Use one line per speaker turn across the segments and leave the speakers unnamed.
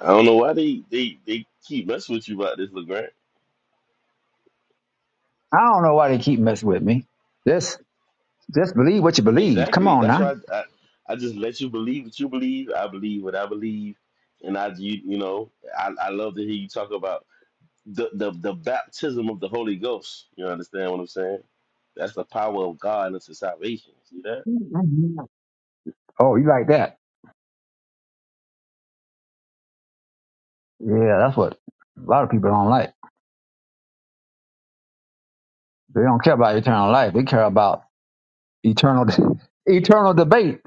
I don't know why they they they keep messing with you about this, LeGrant.
I don't know why they keep messing with me. Just just believe what you believe. Come
Exactly.
on
That's
now.
why I, I I just let you believe what you believe. I believe what I believe, and I you you know I I love to hear you talk about the the the baptism of the Holy Ghost. You understand what I'm saying? That's the power of God unto salvation. See that?
Oh, you like that? Yeah, that's what a lot of people don't like. They don't care about eternal life. They care about eternal eternal debate.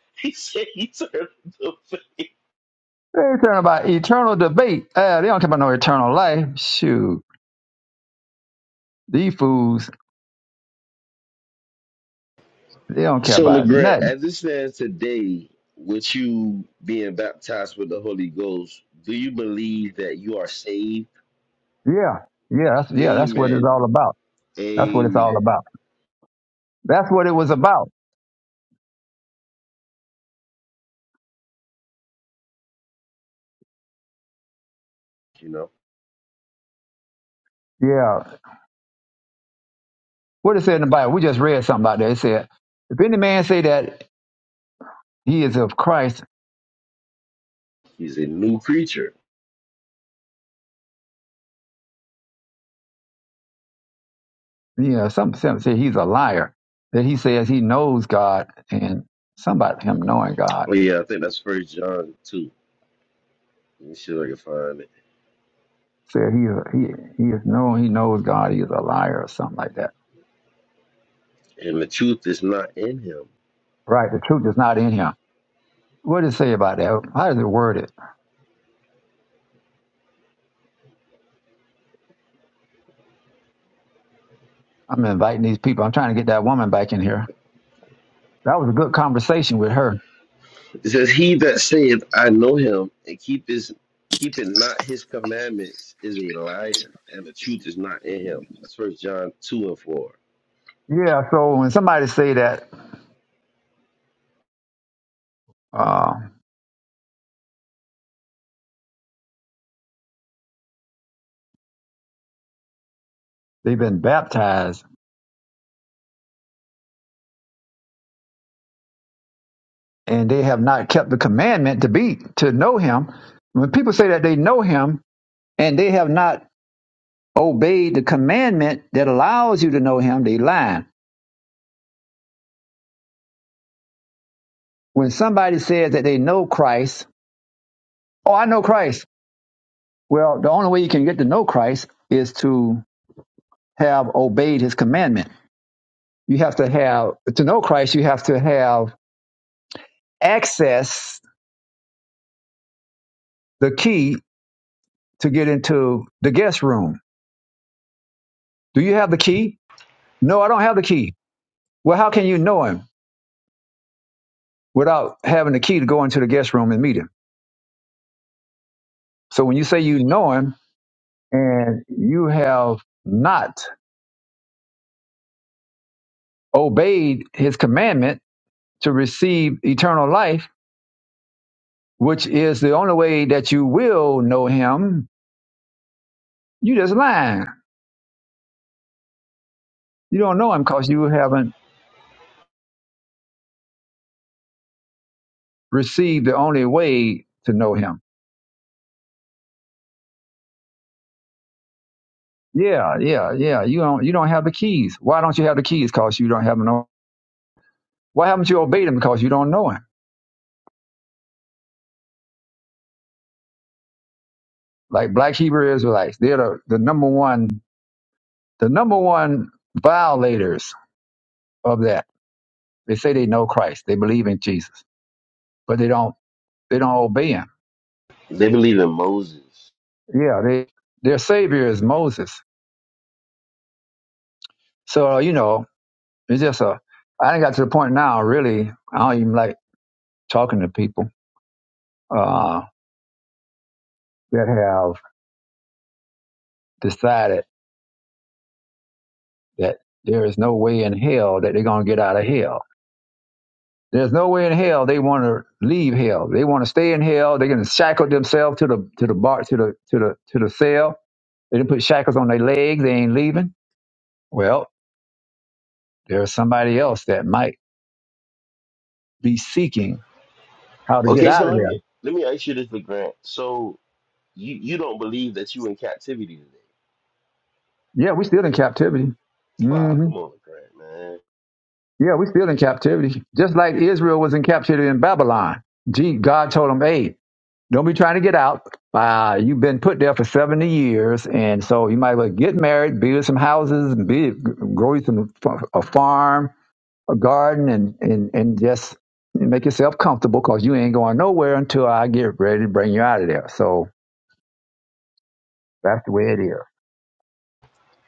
he said he turned the face.
They care about eternal debate. Uh, they don't care about no eternal life. Shoot, these fools. They don't care
So,
about
LeGrand,
nothing.
as it stands today, with you being baptized with the Holy Ghost, do you believe that you are saved?
Yeah, yeah, that's yeah. That's what it's
Amen.
all about. That's what it's all
Amen.
about. That's what it was about.
You know,
Yeah. What it said in the Bible. We just read something about that. It said, if any man say that he is of Christ.
he's a new creature.
You know, some some say he's a liar. That he says he knows God, and somebody him knowing God
Oh, yeah, I think that's First John 2. Let me see if I can find it.
said he he he is known. He knows God. He is a liar or something like that.
And the truth is not in him.
Right? The truth is not in him. What does it say about that? How does it word it? I'm inviting these people. I'm trying to get that woman back in here. That was a good conversation with her.
It says, He that saith, I know him, and keep his keeping not his commandments is a liar, and the truth is not in him. That's First John 2 and 4.
Yeah. So when somebody say that uh, they've been baptized and they have not kept the commandment to be to know Him, when people say that they know Him, and they have not obeyed the commandment that allows you to know him, they lie. When somebody says that they know Christ, oh, I know Christ. Well, the only way you can get to know Christ is to have obeyed his commandment. You have to have, to know Christ, you have to have access, the key to get into the guest room. Do you have the key? No, I don't have the key. Well, how can you know him without having the key to go into the guest room and meet him? So when you say you know him, and you have not obeyed his commandment to receive eternal life, which is the only way that you will know him, you just lying. You don't know him because you haven't received the only way to know him. Yeah, yeah, yeah. You don't you don't have the keys. Why don't you have the keys? Because you don't have no why haven't you obeyed him? Because you don't know him. Like black Hebrew Israelites, they're the, the number one the number one violators of that. They say they know Christ. They believe in Jesus but they don't they don't obey him.
They believe in Moses.
Yeah, they their savior is Moses. So you know, it's just a. I done got to the point now. Really, I don't even like talking to people uh, that have decided that there is no way in hell that they're gonna get out of hell. There's no way in hell they want to leave hell. They want to stay in hell. They're gonna shackle themselves to the to the bar to the to the to the cell. They didn't put shackles on their legs. They ain't leaving. Well, there's somebody else that might be seeking how to get
Okay,
out
so
of
let me
there.
let me ask you this, LeGrant. So you you don't believe that you in captivity today?
Yeah, we still in captivity.
Oh,
hmm
come on, LeGrant, man.
Yeah, we still in captivity. Just like Israel was in captivity in Babylon. Gee, God told them, hey, don't be trying to get out. Uh, you've been put there for 70 years. And so you might as well get married, build some houses, and be, grow you some, f- a farm, a garden, and, and, and just make yourself comfortable because you ain't going nowhere until I get ready to bring you out of there. So that's the way it is.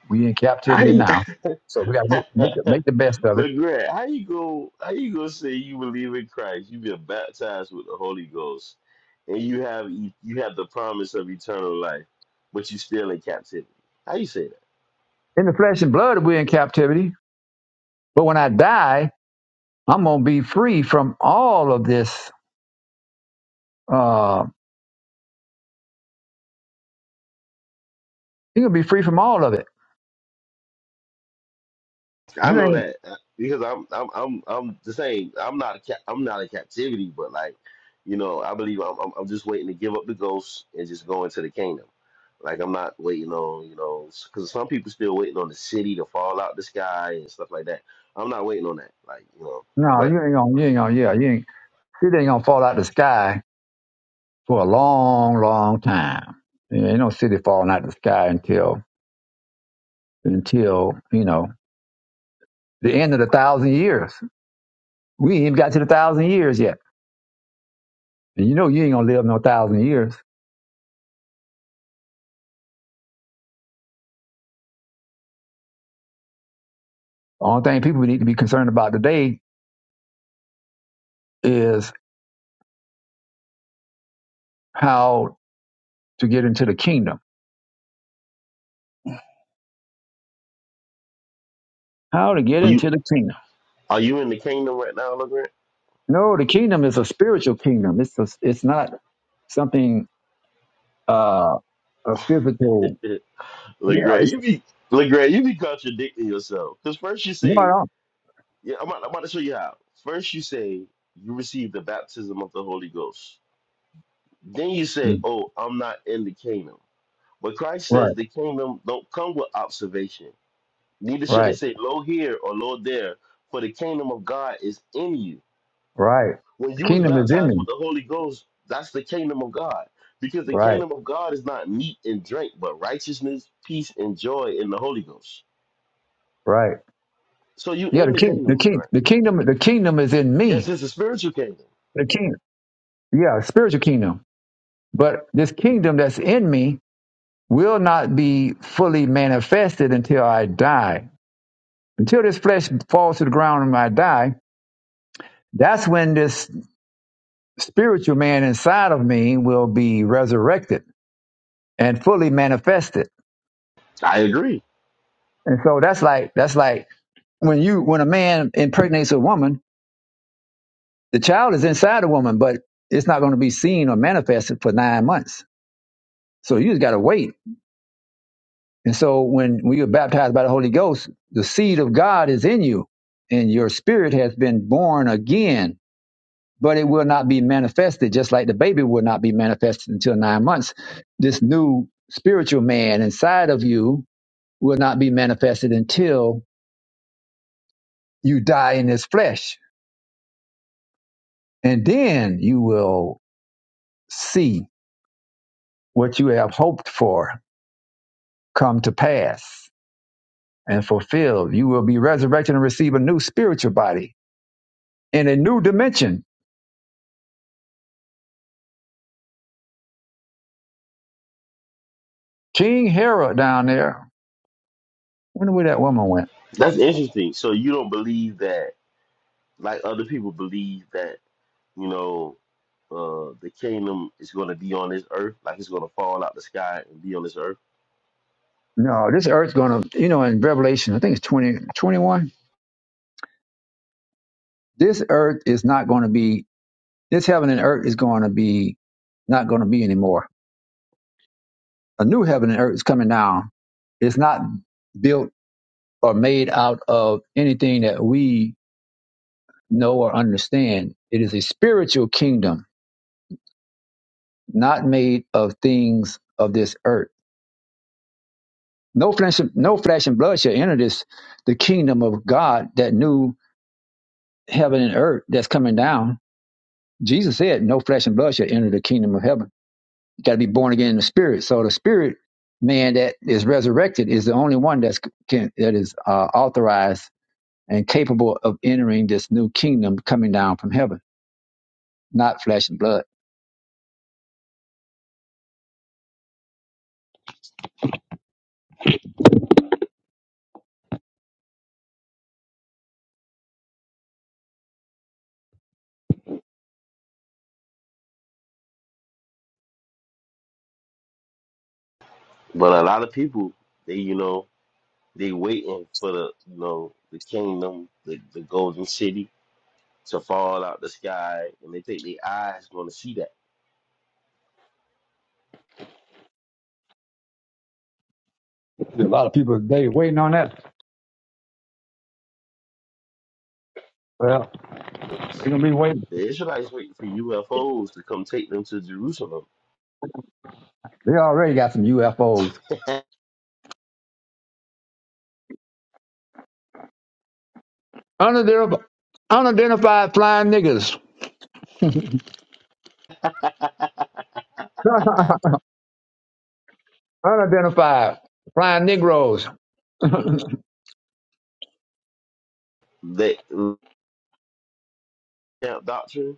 We in
How
captivity
you,
now. So we got to make, make, the, make the best of it
LeGrant, how you go? How you gonna say you believe in Christ? You've been baptized with the Holy Ghost, and you have e, you have the promise of eternal life, but you still in captivity. How you say that?
In the flesh and blood, we're in captivity. But when I die, I'm going to be free from all of this. Uh, you're going to be free from all of it.
I
You
know
ain't,
that uh, because I'm I'm I'm I'm the same. I'm not a ca- I'm not in captivity, but like you know, I believe I'm I'm I'm just waiting to give up the ghost and just go into the kingdom. Like I'm not waiting on you know because some people still waiting on the city to fall out the sky and stuff like that. I'm not waiting on that. Like you know,
no,
but
you ain't going to, you ain't going to, yeah, you ain't, city ain't going to fall out the sky for a long, long time. Yeah, ain't no city falling out the sky until, until, you know, the end of the thousand years. We ain't even got to the thousand years yet. And you know, you ain't going to live no thousand years. The only thing people need to be concerned about today is how to get into the kingdom How to get
are you
into the kingdom?
are you in the kingdom right now, Legrand?
No, the kingdom is a spiritual kingdom. It's a, it's not something uh a physical. Yeah,
Legrand,
it's
you be Legrand, you be contradicting yourself because first you
no,
say
no.
Yeah, I'm about, I'm about to show you how. First, you say you receive the baptism of the Holy Ghost. Then you say,
Mm,
"Oh, I'm not in the kingdom." But Christ says
Right,
the kingdom don't come with observation. Neither should they
right,
say, "Lo here" or "Lo there," for the kingdom of God is in you.
right.
When
The
you was
kingdom is in
baptized with
me.
the Holy Ghost, that's the kingdom of God. Because the
Right,
kingdom of God is not meat and drink, but righteousness, peace, and joy in the Holy Ghost.
right.
So you
Yeah,
in
the
the
king, the
kingdom,
king,
LeGrand.
the kingdom, the kingdom is in
Yes,
me.
it's a spiritual kingdom.
The king. Yeah, spiritual kingdom. But this kingdom that's in me will not be fully manifested until I die. Until this flesh falls to the ground and I die, that's when this spiritual man inside of me will be resurrected and fully manifested.
I agree.
And so that's like that's like when you when a man impregnates a woman, the child is inside a woman, but it's not going to be seen or manifested for nine months. So you just got to wait. And so when when you're baptized by the Holy Ghost, the seed of God is in you, and your spirit has been born again. But it will not be manifested, just like the baby will not be manifested until nine months. This new spiritual man inside of you will not be manifested until you die in this flesh. And then you will see what you have hoped for come to pass and fulfilled. You will be resurrected and receive a new spiritual body in a new dimension. King Herod down there. Wonder where that woman went.
That's interesting. So you don't believe that, like other people believe that, you know, uh, the kingdom is going to be on this earth, like it's going to fall out the sky and be on this earth.
No, this earth's going to, you know, in Revelation, I think it's 20 21. this earth is not going to be, this heaven and earth is going to be, not going to be anymore A new heaven and earth is coming down. It's not built or made out of anything that we know or understand. It is a spiritual kingdom, not made of things of this earth. No flesh, no flesh and blood shall enter this, the kingdom of God, that new heaven and earth that's coming down. Jesus said, no flesh and blood shall enter the kingdom of heaven. You got to be born again in the spirit. So the spirit man that is resurrected is the only one that's can, that is uh, authorized and capable of entering this new kingdom coming down from heaven, not flesh and blood.
But a lot of people, they, you know, they waiting for the, you know, the kingdom, the, the golden city to fall out the sky, and they think their eyes going to see that.
There's a lot of people they waiting on that. Well, they're gonna be waiting.
The Israelites waiting for UFOs to come take them to Jerusalem.
They already got some UFOs. Unidentif- Unidentified flying niggers, unidentified flying Negroes. yeah,
That camp doctrine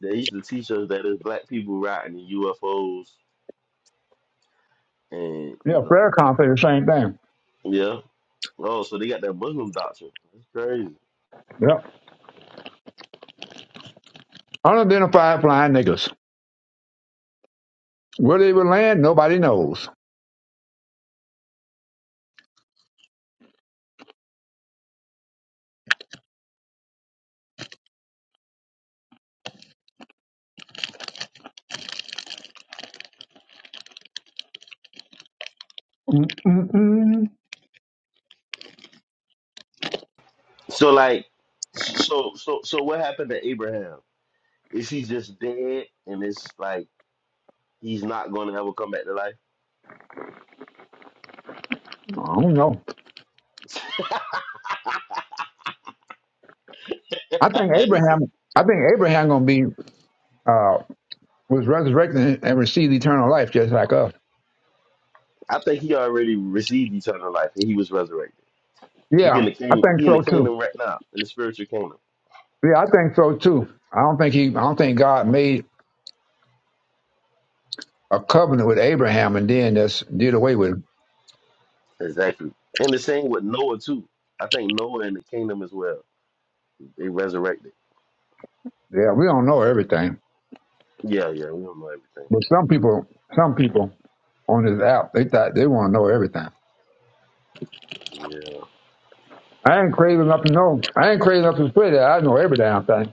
They used to teach us that it's black people riding in UFOs, and you know,
prayer conference, the same thing.
yeah. Oh, so they got that Muslim doctrine. That's crazy.
Yep. Unidentified flying niggers. Where they will land, nobody knows. Mm-mm-mm.
So like, so so so what happened to Abraham? Is he just dead, and it's like he's not going to ever come back to life?
I don't know. I think Abraham. I think Abraham gonna be. uh, was resurrected and received eternal life just like us.
I think he already received eternal life, and he was resurrected. He
Yeah,
in the
I
kingdom.
think
He in the
so too.
kingdom right now, in the spiritual kingdom.
Yeah, I think so too. I don't think he I don't think God made a covenant with Abraham and then just did away with it.
Exactly. And the same with Noah too. I think Noah in the kingdom as well. They resurrected.
Yeah, we don't know everything.
Yeah, yeah, we don't know everything.
But some people some people on this app, they thought they want to know everything.
Yeah,
I ain't crazy enough to know. I ain't crazy enough to say that I know every damn thing.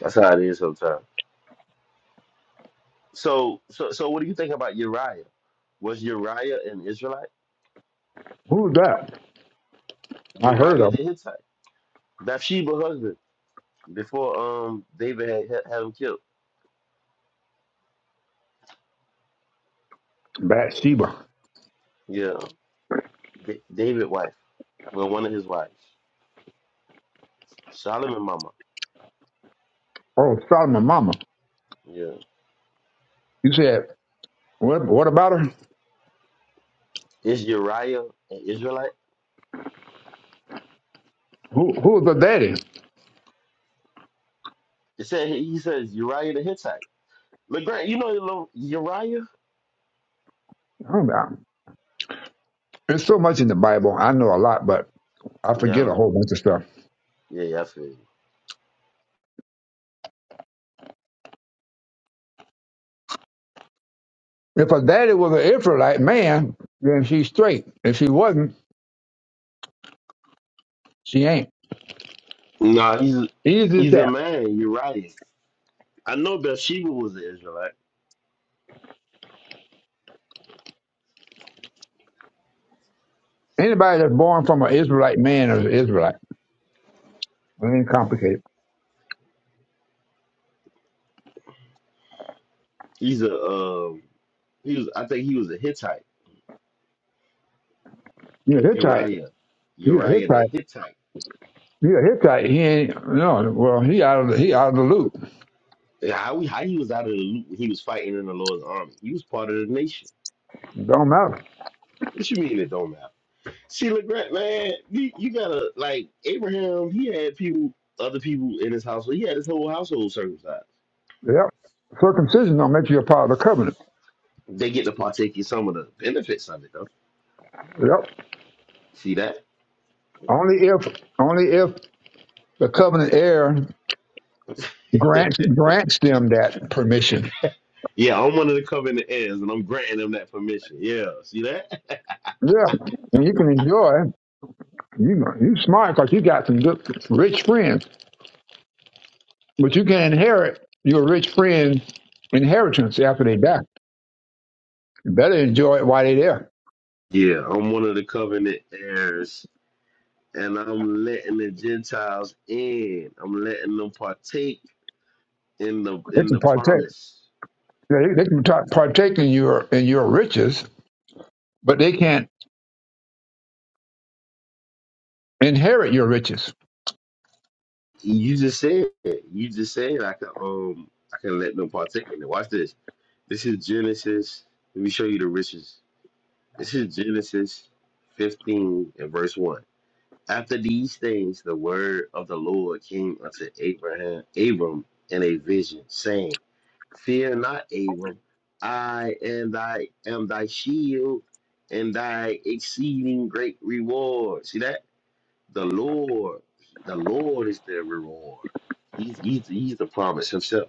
that's how it is sometimes. So, so, so, what do you think about Uriah? Was Uriah an Israelite?
Who's that? I heard
Uriah
of
the Hittite, Bathsheba husband before um David had had had him killed.
Bathsheba.
Yeah, D- David wife, well, one of his wives, Solomon mama.
Oh, Solomon Mama.
Yeah,
You said what? What about her?
is Uriah an Israelite?
Who? Who's the daddy?
It said he says Uriah the Hittite. But Grant, you know your little Uriah?
I don't know. There's so much in the Bible. I know a lot, but I
Yeah, I
forget a
know.
whole bunch of stuff.
Yeah, yeah, I feel
If her daddy was an Israelite man, then she's straight. If she wasn't, she ain't.
you. Nah, he's
Easy as
he's a
that.
man, Uriah. I know Bathsheba was an Israelite.
Anybody that's born from an Israelite man is an Israelite. It ain't complicated.
He's a um, he was I think he was a Hittite.
You're a Hittite.
Uriah,
You're a
Uriah the
Hittite.
Hittite.
You're a Hittite. He ain't no. Well, he out of the, he out of the loop.
Yeah, How he, how he was out of the loop when he was fighting in the Lord's army. He was part of the nation.
It Don't matter.
What you mean it don't matter? See, Legrand, man, you, you gotta like Abraham. He had people, other people in his household. He had his whole household circumcised.
Yep. Circumcision don't make you a part of the covenant.
They get to partake in some of the benefits of it, though.
Yep.
See that?
Only if only if the covenant heir grants grants them that permission
yeah, I'm one of the covenant heirs, and I'm granting them that permission. Yeah, see that?
Yeah, and you can enjoy. You you smart because you got some good, rich friends, but you can inherit your rich friend's inheritance after they die. You better enjoy it while they're there.
Yeah, I'm one of the covenant heirs, and I'm letting the Gentiles in. I'm letting them partake in the
They
in
can
the
partake.
promise.
They, they can ta- partake in your in your riches, but they can't inherit your riches.
You just said it. You just said I can um I can let them partake in it. Watch this. This is Genesis. Let me show you the riches. This is Genesis 15 and verse 1. After these things, the word of the Lord came unto Abraham, Abram, in a vision, saying. Fear not, Abram. I am thy am thy shield and thy exceeding great reward. See that? The Lord, the Lord is the reward. He's he's he's the promise himself.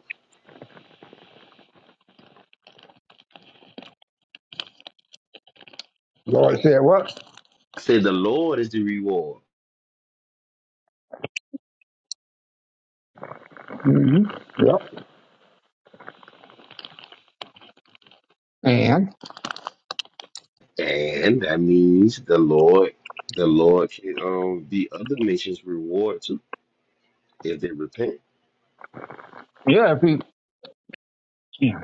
Lord said, "What?
I say the Lord is the reward.
hmm Yep. And
And that means the Lord, the Lord can um the other nations reward too if they repent.
yeah, if we, yeah,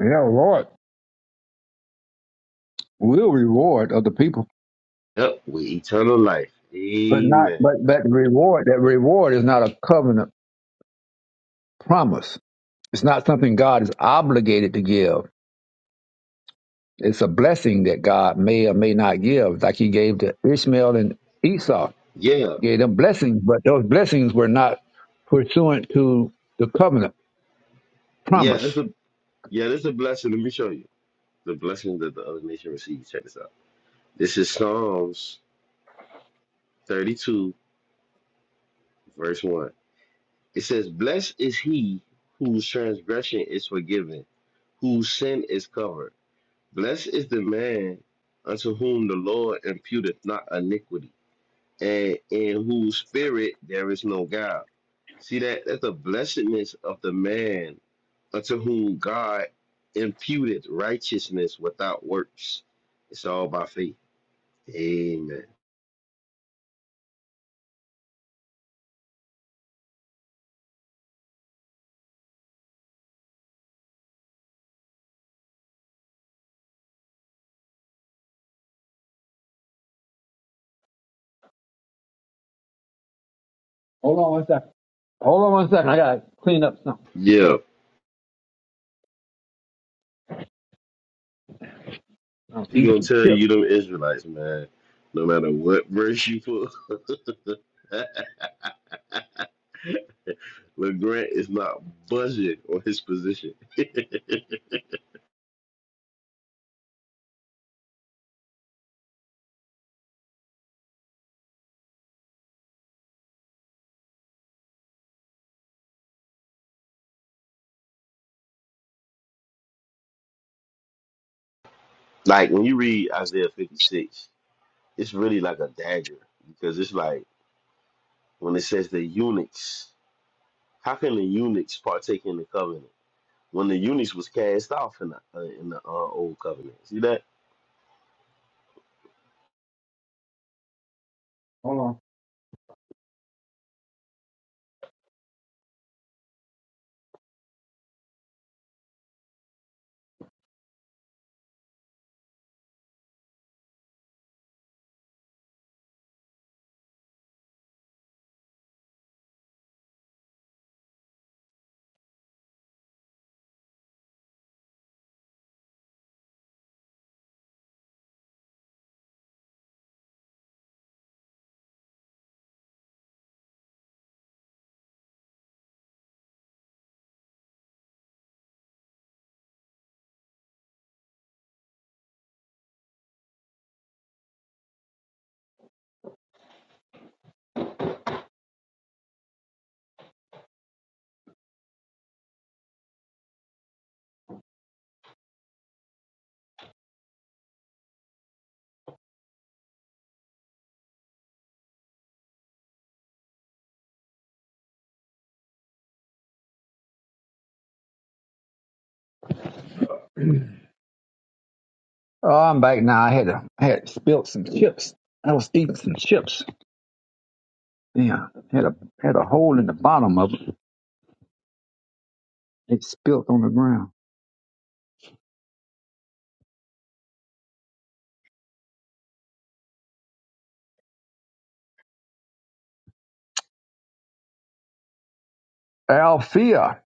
yeah, Lord, will reward other people,
Yep, with eternal life.
but not,
Amen.
but that reward, that reward is not a covenant promise It's not something God is obligated to give. It's a blessing that God may or may not give, like He gave to Ishmael and Esau,
Yeah,
gave them blessings, but those blessings were not pursuant to the covenant
yeah, that's
promise.
a yeah, that's a blessing. Let me show you. the blessing that the other nation receives. Check this out. This is Psalms 32, verse 1. It says, Blessed is he whose transgression is forgiven, whose sin is covered. Blessed is the man unto whom the Lord imputeth not iniquity, and in whose spirit there is no guile. See that that's the blessedness of the man unto whom God imputed righteousness without works. It's all by faith. Amen.
Hold on one second. Hold on one second. I gotta clean up something.
Yeah,
I'm
he
eating
gonna
some
tell
chips.
you them Israelites, man. No matter what verse you put, LeGrant is not budging on his position. like when you read Isaiah 56, it's really like a dagger because it's like when it says the eunuchs. How can the eunuchs partake in the covenant when the eunuchs was cast off in the uh, in the uh, old covenant? See that?
Hold on. Oh, I'm back now. I had to, I had spilled some chips. I was eating some chips. Yeah, had a had a hole in the bottom of it. It spilled on the ground. Althea,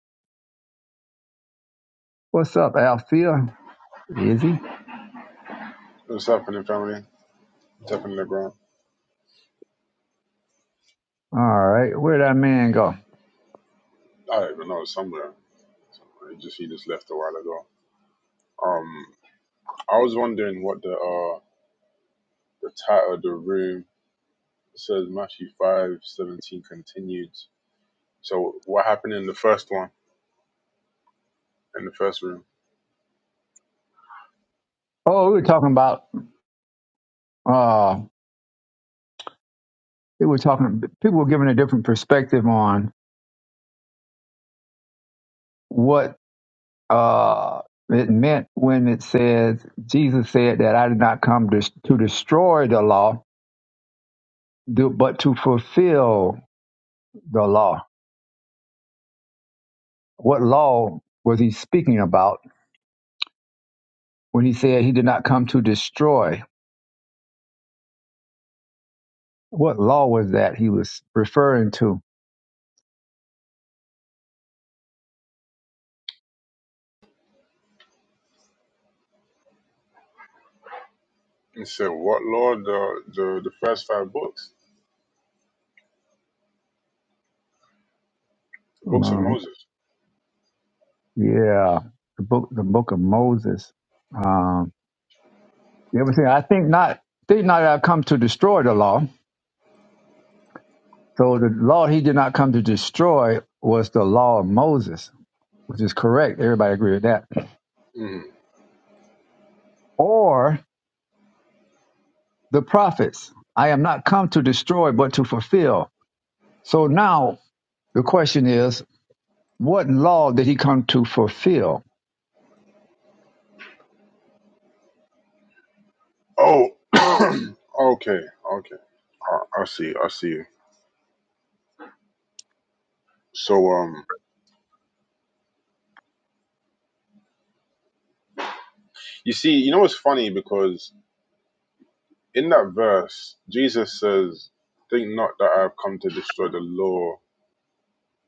what's up, Althea? Is he?
What's happening, family? What's happening, LeBron?
All right. Where did that man go?
I don't even know. It's Somewhere. somewhere. He just he just left a while ago. Um, I was wondering what the uh the title of the room says. Matthew five seventeen continued. So what happened in the first one in the first room?
Oh, we were talking about uh we were talking people were giving a different perspective on what uh it meant when it says Jesus said that I did not come to, to destroy the law, do- but to fulfill the law. What law was he speaking about when he said he did not come to destroy? What law was that he was referring to?
It said what Lord the the, the first five books, the books of
Um,
Moses.
yeah, the book, the book of Moses. Um, You ever see? I think not. Think not I come to destroy the law. So the law he did not come to destroy was the law of Moses, which is correct. Everybody agree with that.
Mm.
Or the prophets. I am not come to destroy, but to fulfill. So now the question is, what law did he come to fulfill?
Oh, okay, okay. I, I see. I see. So um, you see, you know what's funny because in that verse, Jesus says, Think not that I have come to destroy the law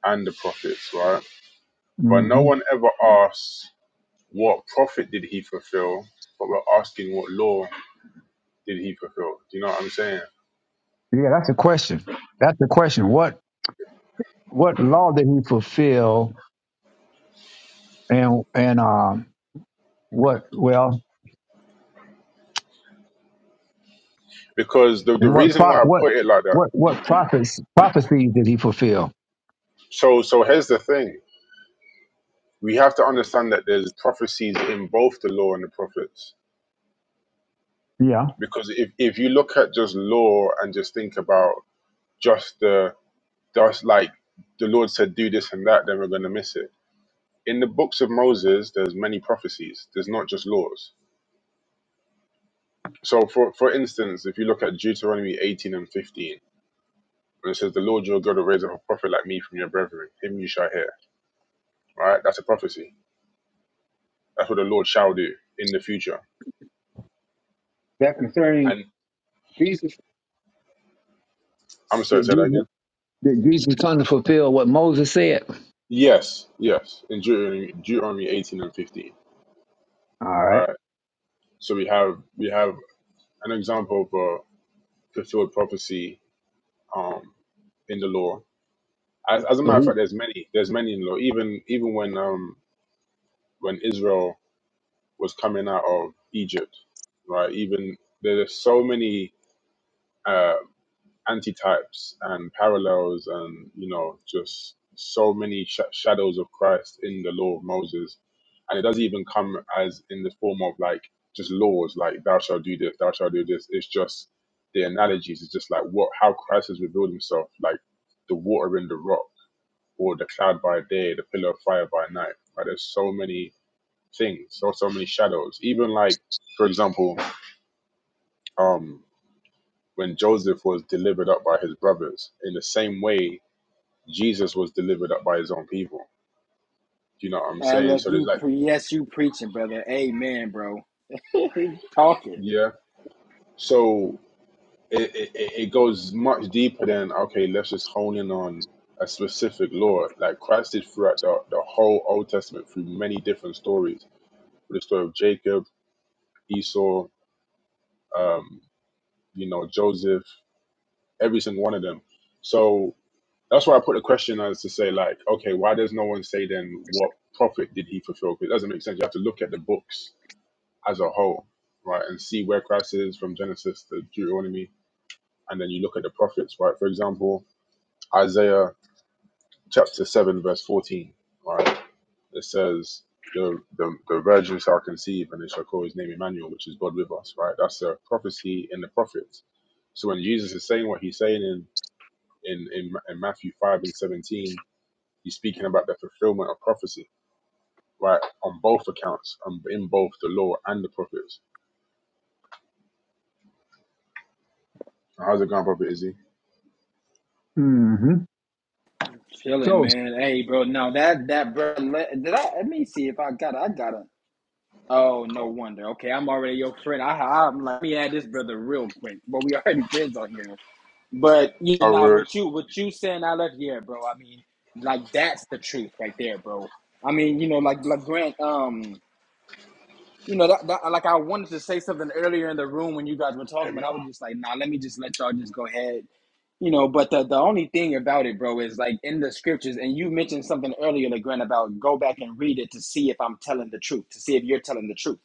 and the prophets, right? But no
hmm
one ever asks, What prophet did he fulfill? But we're asking, What law did he fulfill? Do you know what I'm saying?
Yeah, that's a question. That's the question. What what law did he fulfill, and and um, what? Well,
Because the, the
And what
reason
pro-
why I
what
put it like that,
what what prophets prophecies did he fulfill?
so, so here's the thing we have to understand that there's prophecies in both the law and the prophets.
Yeah.
Because if, if you look at just law and just think about just the, just like the Lord said, do this and that, then we're going to miss it in the books of Moses, there's many prophecies. There's not just laws. So, for for instance, if you look at Deuteronomy 18 and 15, when it says, "The Lord your God will raise up a prophet like me from your brethren; him you shall hear." Right? That's a prophecy. That's what the Lord shall do in the future.
That concerning
And
Jesus
I'm sorry,
did
say that again.
Jesus, did Jesus come to fulfill what Moses said?
Yes, yes. In Deuteronomy, Deuteronomy 18 and 15,
All right.
right? So we have we have an example of a fulfilled prophecy um, in the law. As, as a
So,
matter of fact, there's many. There's many in the law. Even even when um, when Israel was coming out of Egypt, right? Even there's so many uh, antitypes and parallels, and you know, just so many sh- shadows of Christ in the law of Moses, and it doesn't even come as in the form of like just laws, like thou shalt do this, thou shalt do this. It's just the analogies. It's just like what how Christ has revealed Himself, like the water in the rock, or the cloud by day, the pillar of fire by night. Right? There's so many things or so many shadows. Even like, for example, um, when Joseph was delivered up by his brothers, in the same way Jesus was delivered up by his own people. Do you know what I'm
I
saying?
love
So there's
you
like,
pre- yes, you preaching, brother. Amen, bro. Talking,
yeah. So it, it, it it goes much deeper than okay, let's just hone in on a specific law. Like Christ did throughout the, the whole Old Testament through many different stories, with the story of Jacob, Esau, um, you know, Joseph, every single one of them. So That's why I put the question as to say, like, okay, why does no one say then what profit did he fulfill? Because it doesn't make sense. You have to look at the books as a whole, right, and see where Christ is from Genesis to Deuteronomy, and then you look at the prophets, right? For example, Isaiah chapter seven verse fourteen, right? It says the the, the virgin shall conceive and they shall call his name Emmanuel, which is God with us, right? That's a prophecy in the prophets. So when Jesus is saying what he's saying in in, in, in Matthew five and seventeen He's speaking about the fulfillment of prophecy, right? On both accounts, um, in both the law and the prophets. How's it going, Prophet Izzy?
Mm-hmm.
chilling,
so
man. Hey, bro. No, that that bro. Let, did I? Let me see if I got. it. I got it. Oh, no
Oh,
wonder. Okay, I'm already your friend. I, I'm like, let me add this brother real quick. But we already friends on here. But you know,
all
nah,
right.
what you what you saying? I love you, yeah, bro. I mean, like that's the truth right there, bro. I mean, you know, like like Grant. Um, you know, that, that like I wanted to say something earlier in the room when you guys were talking,
There
but
we
I was just like, nah, let me just let y'all just go ahead You know, but the, the only thing about it, bro, is like in the scriptures, and you mentioned something earlier, LeGrand, about go back and read it to see if I'm telling the truth, to see if you're telling the truth.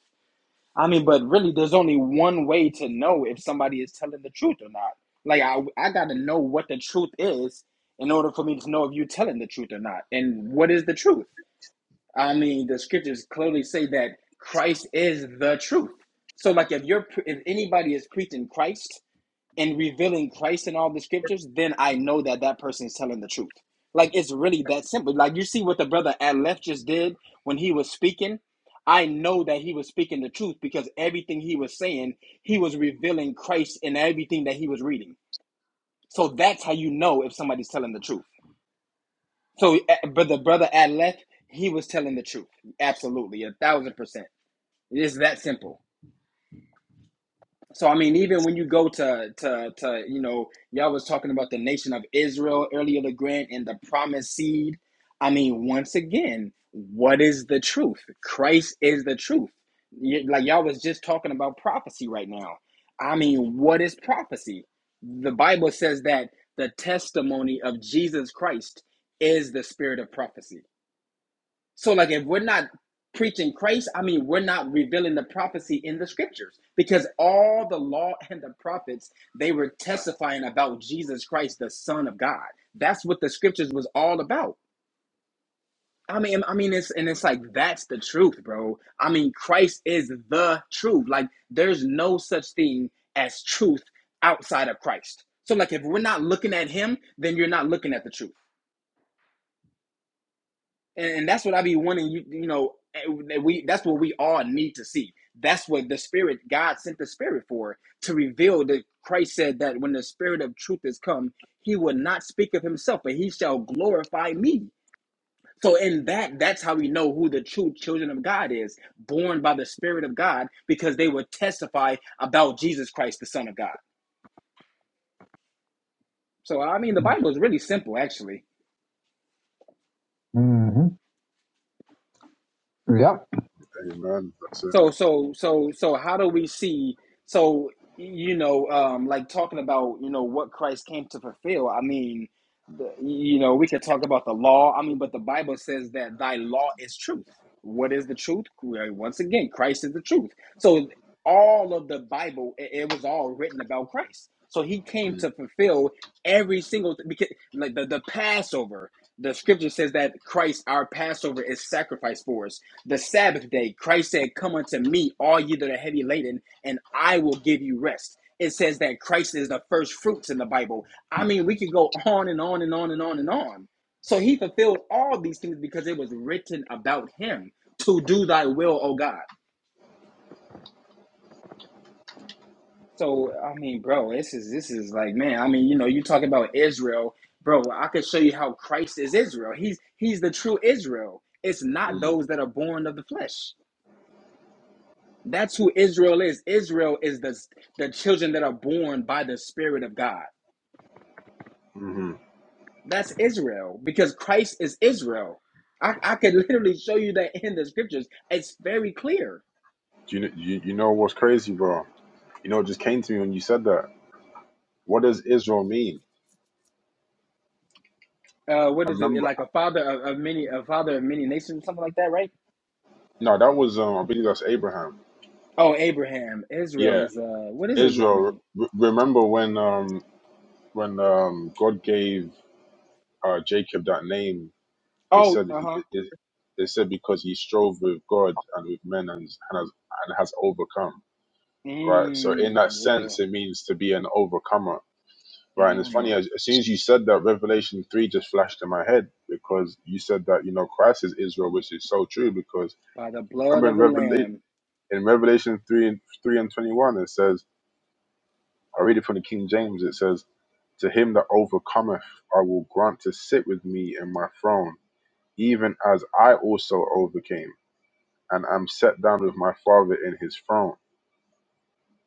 I mean, but really, there's only one way to know if somebody is telling the truth or not. Like, I, I got to know what the truth is in order for me to know if you're telling the truth or not. And what is the truth? I mean, the scriptures clearly say that Christ is the truth. So, like, if you're, pre- if anybody is preaching Christ, and revealing Christ in all the scriptures, then I know that that person is telling the truth. Like it's really that simple. Like you see what the brother at left just did when he was speaking. I know that he was speaking the truth because everything he was saying, he was revealing Christ in everything that he was reading. So that's how you know if somebody's telling the truth. So, uh, but the brother at left, he was telling the truth. Absolutely, a thousand percent. It is that simple. So I mean, even when you go to to to you know, y'all was talking about the nation of Israel earlier, the grant and the promised seed. I mean, once again, what is the truth? Christ is the truth. Y- Like y'all was just talking about prophecy right now. I mean, what is prophecy? The Bible says that the testimony of Jesus Christ is the spirit of prophecy. So, like, if we're not preaching Christ, I mean, we're not revealing the prophecy in the scriptures because all the law and the prophets they were testifying about Jesus Christ, the Son of God. That's what the scriptures was all about. I mean, I mean, it's and it's like that's the truth, bro. I mean, Christ is the truth. Like, there's no such thing as truth outside of Christ. So, like, if we're not looking at Him, then you're not looking at the truth. and, that's what I be wanting you you know we that's what we all need to see. That's what the spirit God sent the spirit for to reveal that Christ said that when the spirit of truth is come, he will not speak of himself, but he shall glorify me. So in that, that's how we know who the true children of God is, born by the Spirit of God, because they will testify about Jesus Christ, the Son of God. So I mean the Bible is really simple actually.
Mm-hmm. yep.
are. Amen. That's it.
So so so so how do we see so you know um like talking about you know what Christ came to fulfill I mean the, you know we could talk about the law I mean but the Bible says that thy law is truth what is the truth Well, once again Christ is the truth so all of the Bible it, it was all written about Christ so he came
Mm,
to fulfill every single th- because like the the Passover the scripture says that Christ our Passover is sacrificed for us the Sabbath day, Christ said, Come unto me, all ye that are heavy laden, and I will give you rest. It says that Christ is the first fruits in the Bible. I mean, we could go on and on and on and on and on. So he fulfilled all these things because it was written about him to do thy will, O God. So I mean, bro, this is this is like, man, I mean, you know, you talk about Israel, bro. I could show you how Christ is Israel. He's he's the true Israel. It's not
mm,
those that are born of the flesh. That's who Israel is. Israel is the, the children that are born by the Spirit of God.
hmm
That's Israel because Christ is Israel. I, I could literally show you that in the scriptures. It's very clear.
Do you, kn- you, you know what's crazy, bro? You know, it just came to me when you said that. What does Israel mean?
Uh, what
I
is it?
remember.
Like a father of, of many, a father of many nations, something like that, right?
No, that was, um, I believe that's Abraham.
Oh, Abraham. Israel
Yeah.
is, uh, what does Israel
Israel.
mean?
R- remember when, um, when um, God gave uh, Jacob that name They
Oh,
said that
uh
he.
huh.
They, they said because he strove with God and with men and and has, and has overcome. Right. So in that
Mm, yeah.
sense, it means to be an overcomer. Right. And it's funny
Mm.
as, as soon as you said that, Revelation three just flashed in my head because you said that you know Christ is Israel, which is so true. Because
By the blood
remember
of
in
the
Revelation
Lamb
in Revelation three and three and twenty one, it says I read it from the King James. It says. To him that overcometh, I will grant to sit with me in my throne, even as I also overcame. and I'm set down with my father in his throne.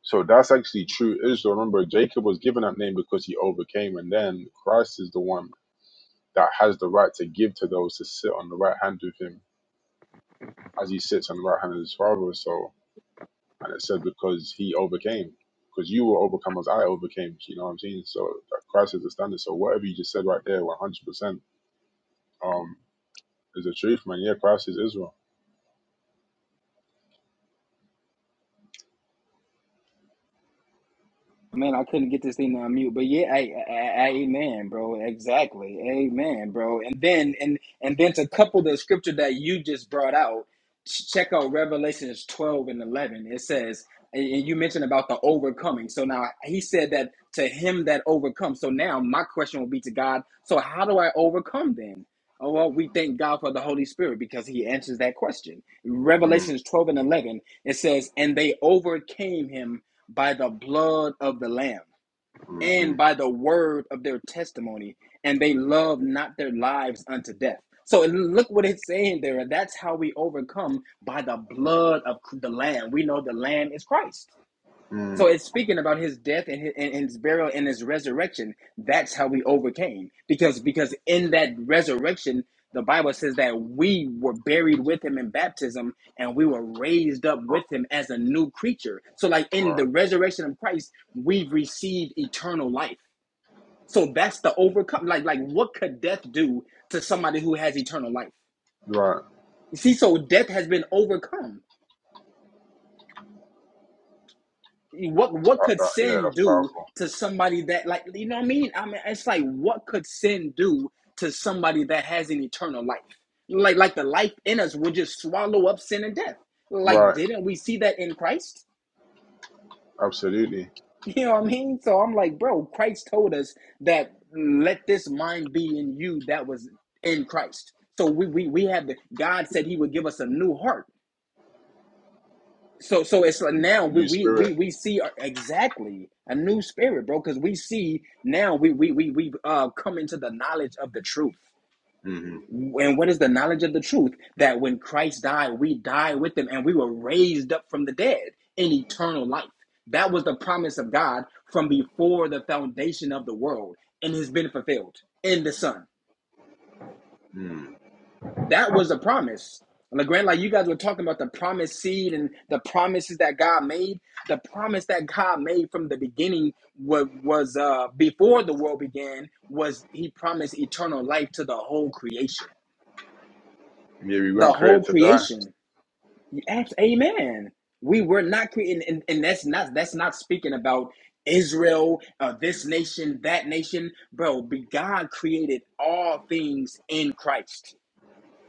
So that's actually true Israel. Remember, Jacob was given that name because he overcame, and then Christ is the one that has the right to give to those to sit on the right hand with him as he sits on the right hand of his father. So, and it said because he overcame, because you were overcome as I overcame. You know what I'm saying? So that Christ is the standard. So whatever you just said right there, 100% um, is the truth, man. Yeah, Christ is Israel.
Man, I couldn't get this thing to unmute, but yeah, I, I, I- amen, bro. Exactly, amen, bro. And then, and and then to couple the scripture that you just brought out, ch- check out Revelations twelve and eleven. It says, and and you mentioned about the overcoming. So now he said that to him that overcomes. So now my question will be to God. So how do I overcome then? Oh well, we thank God for the Holy Spirit because He answers that question.
Mm,
Revelations twelve and eleven. It says, and they overcame him by the blood of the Lamb
mm-hmm,
and by the word of their testimony, and they loved not their lives unto death. So look what it's saying there. That's how we overcome by the blood of the Lamb. We know the Lamb is Christ.
mm,
So it's speaking about his death and his, and his burial and his resurrection. That's how we overcame. Because because in that resurrection, the Bible says that we were buried with him in baptism and we were raised up
right,
with him as a new creature. So like in
right.
the resurrection of Christ, we've received eternal life. So that's the overcome. Like like what could death do to somebody who has eternal life?
right.
You see, so death has been overcome. what what
That-
could
that- yeah,
sin
that's
do
powerful.
to somebody that like you know what I mean? I mean it's like what could sin do to somebody that has an eternal life? Like like the life in us would just swallow up sin and death. Like
Right.
didn't we see that in Christ?
Absolutely.
You know what I mean? So I'm like, bro, Christ told us that let this mind be in you that was in Christ. So we we we have the God said he would give us a new heart. So so it's like
And
now
A
we
new
we
spirit.
we we see our- exactly a new spirit, bro, because we see now we we we we uh come into the knowledge of the truth.
hmm
And what is the knowledge of the truth? That when Christ died, we died with him and we were raised up from the dead in eternal life. That was the promise of God from before the foundation of the world and has been fulfilled in the Son.
mm
That was the promise. LeGrand, like you guys were talking about the promised seed and the promises that God made. The promise that God made from the beginning was, was uh, before the world began was He promised eternal life to the whole creation.
Yeah, we
The
weren't
whole
created to die.
creation. You ask, Amen. We were not created, and, and that's not that's not speaking about Israel, uh, this nation, that nation, bro. God created all things in Christ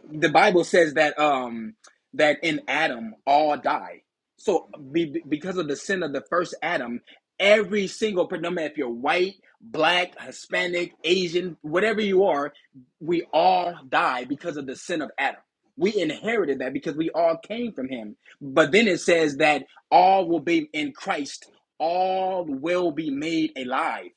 the Bible says that um that in Adam all die. So be, because of the sin of the first Adam, every single person, no matter if you're white, black, Hispanic, Asian, whatever you are, we all die because of the sin of Adam. We inherited that because we all came from him. But then it says that all will be in Christ, all will be made alive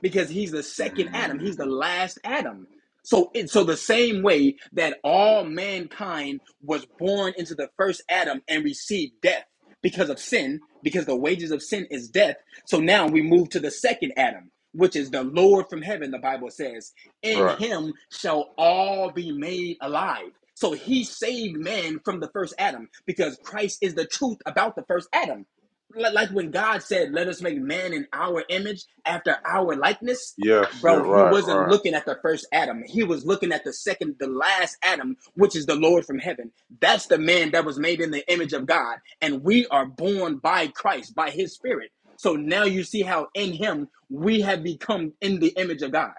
because he's the second Adam.
mm
He's the last Adam. So, it, so the same way that all mankind was born into the first Adam and received death because of sin, because the wages of sin is death. So now we move to the second Adam, which is the Lord from heaven. The Bible says, "In
Right.
Him shall all be made alive." So he saved man from the first Adam because Christ is the truth about the first Adam li- like when God said, "Let us make man in our image, after our likeness."
Yes. Yeah.
Bro, he
Right.
wasn't
Right.
looking at the first Adam. He was looking at the second, the last Adam, which is the Lord from heaven. That's the man that was made in the image of God. And we are born by Christ, by his spirit. So now you see how in him we have become in the image of God.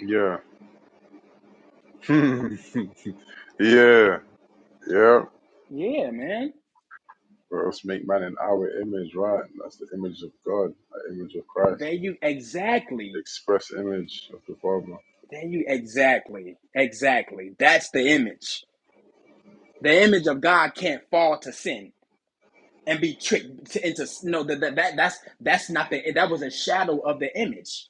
Yeah. yeah. Yeah.
Yeah, man.
Let us make man in our image. Right. That's the image of God. The image of
There
Christ.
you
The
exactly.
express image of the Father.
There you exactly. Exactly. That's the image. The image of God can't fall to sin. and be tricked to, into no that, that that that's that's not the that was a shadow of the image.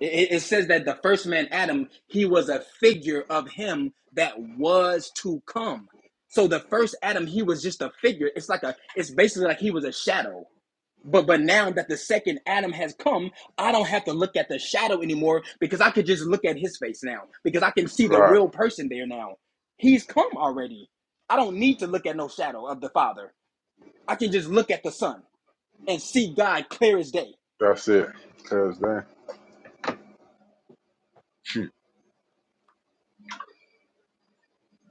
It, it it says that the first man Adam he was a figure of him that was to come. So the first Adam he was just a figure. It's like a it's basically like he was a shadow. But but now that the second Adam has come, I don't have to look at the shadow anymore because I could just look at his face now because I can see the
Right.
real person there now. He's come already. I don't need to look at no shadow of the Father. I can just look at the sun and see God clear as day.
That's it. Clear as day.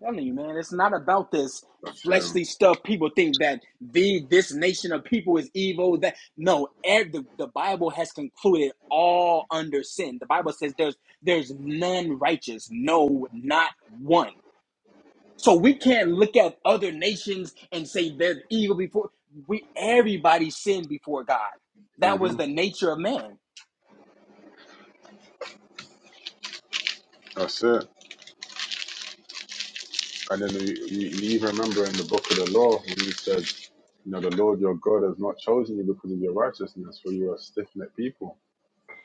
I'm telling you, man, it's not about this
That's him.
fleshly stuff. People think that the this nation of people is evil. That no, the, the Bible has concluded all under sin. The Bible says there's there's none righteous, no, not one. So we can't look at other nations and say they're evil before we. Everybody sinned before God. That
hmm
was the nature of man.
That's it. And then you, you, you even remember in the book of the law when he said, you know, the Lord your God has not chosen you because of your righteousness, for you are stiff necked people.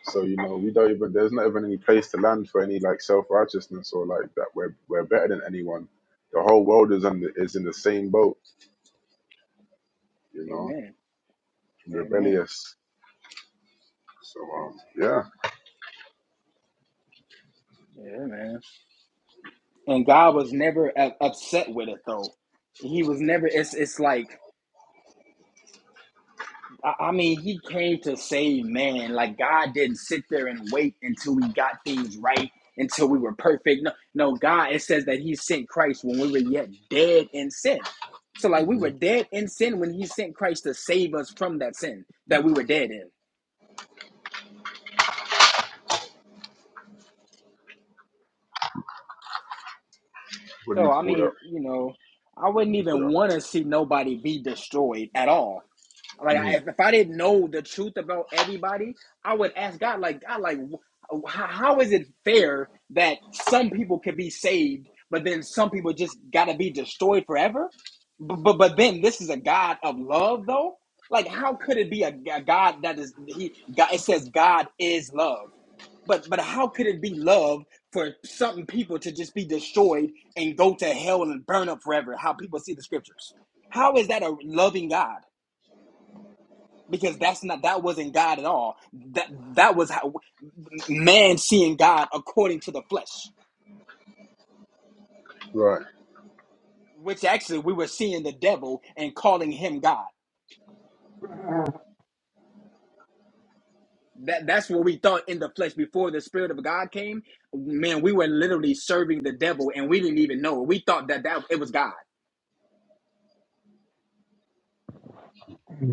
So, you know, we don't even, there's not even any place to land for any like self righteousness or like that. We're, we're better than anyone. The whole world is in the, is in the same boat, you know,
Amen. Amen.
rebellious. So, um, yeah.
Yeah, man. and God was never u- upset with it though. He was never. It's it's like I I mean, he came to save man. Like God didn't sit there and wait until we got things right, until we were perfect. No, no, God. It says that He sent Christ when we were yet dead in sin. So like we
hmm
were dead in sin when He sent Christ to save us from that sin that we were dead in.
What do you
So I
call that?
mean, you know, I wouldn't
You call
even
that?
want to see nobody be destroyed at all Like
Mhm.
if, if I didn't know the truth about everybody, I would ask God, like God, like how, how is it fair that some people could be saved, but then some people just gotta be destroyed forever? But but, but then this is a God of love, though. Like how could it be a, a God that is he? God, it says God is love, but but how could it be love for some people to just be destroyed and go to hell and burn up forever? How people see the scriptures? How is that a loving God? because that's not that wasn't God at all. That that was how man seeing God according to the flesh,
Right.
which actually we were seeing the devil and calling him God. That that's what we thought in the flesh before the spirit of God came. Man, we were literally serving the devil and we didn't even know. it. We thought that that it was God.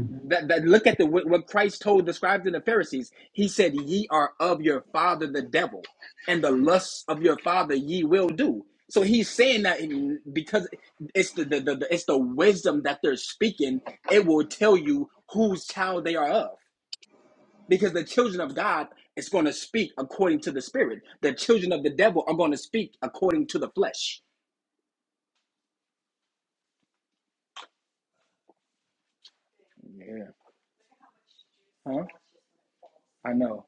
that, that look at the what Christ told the scribes and the Pharisees. He said, "Ye are of your father the devil, and the lusts of your father ye will do." So he's saying that in- because it's the, the, the, the it's the wisdom that they're speaking. It will tell you whose child they are of, because the children of God is going to speak according to the spirit. The children of the devil are going to speak according to the flesh. Yeah, I know.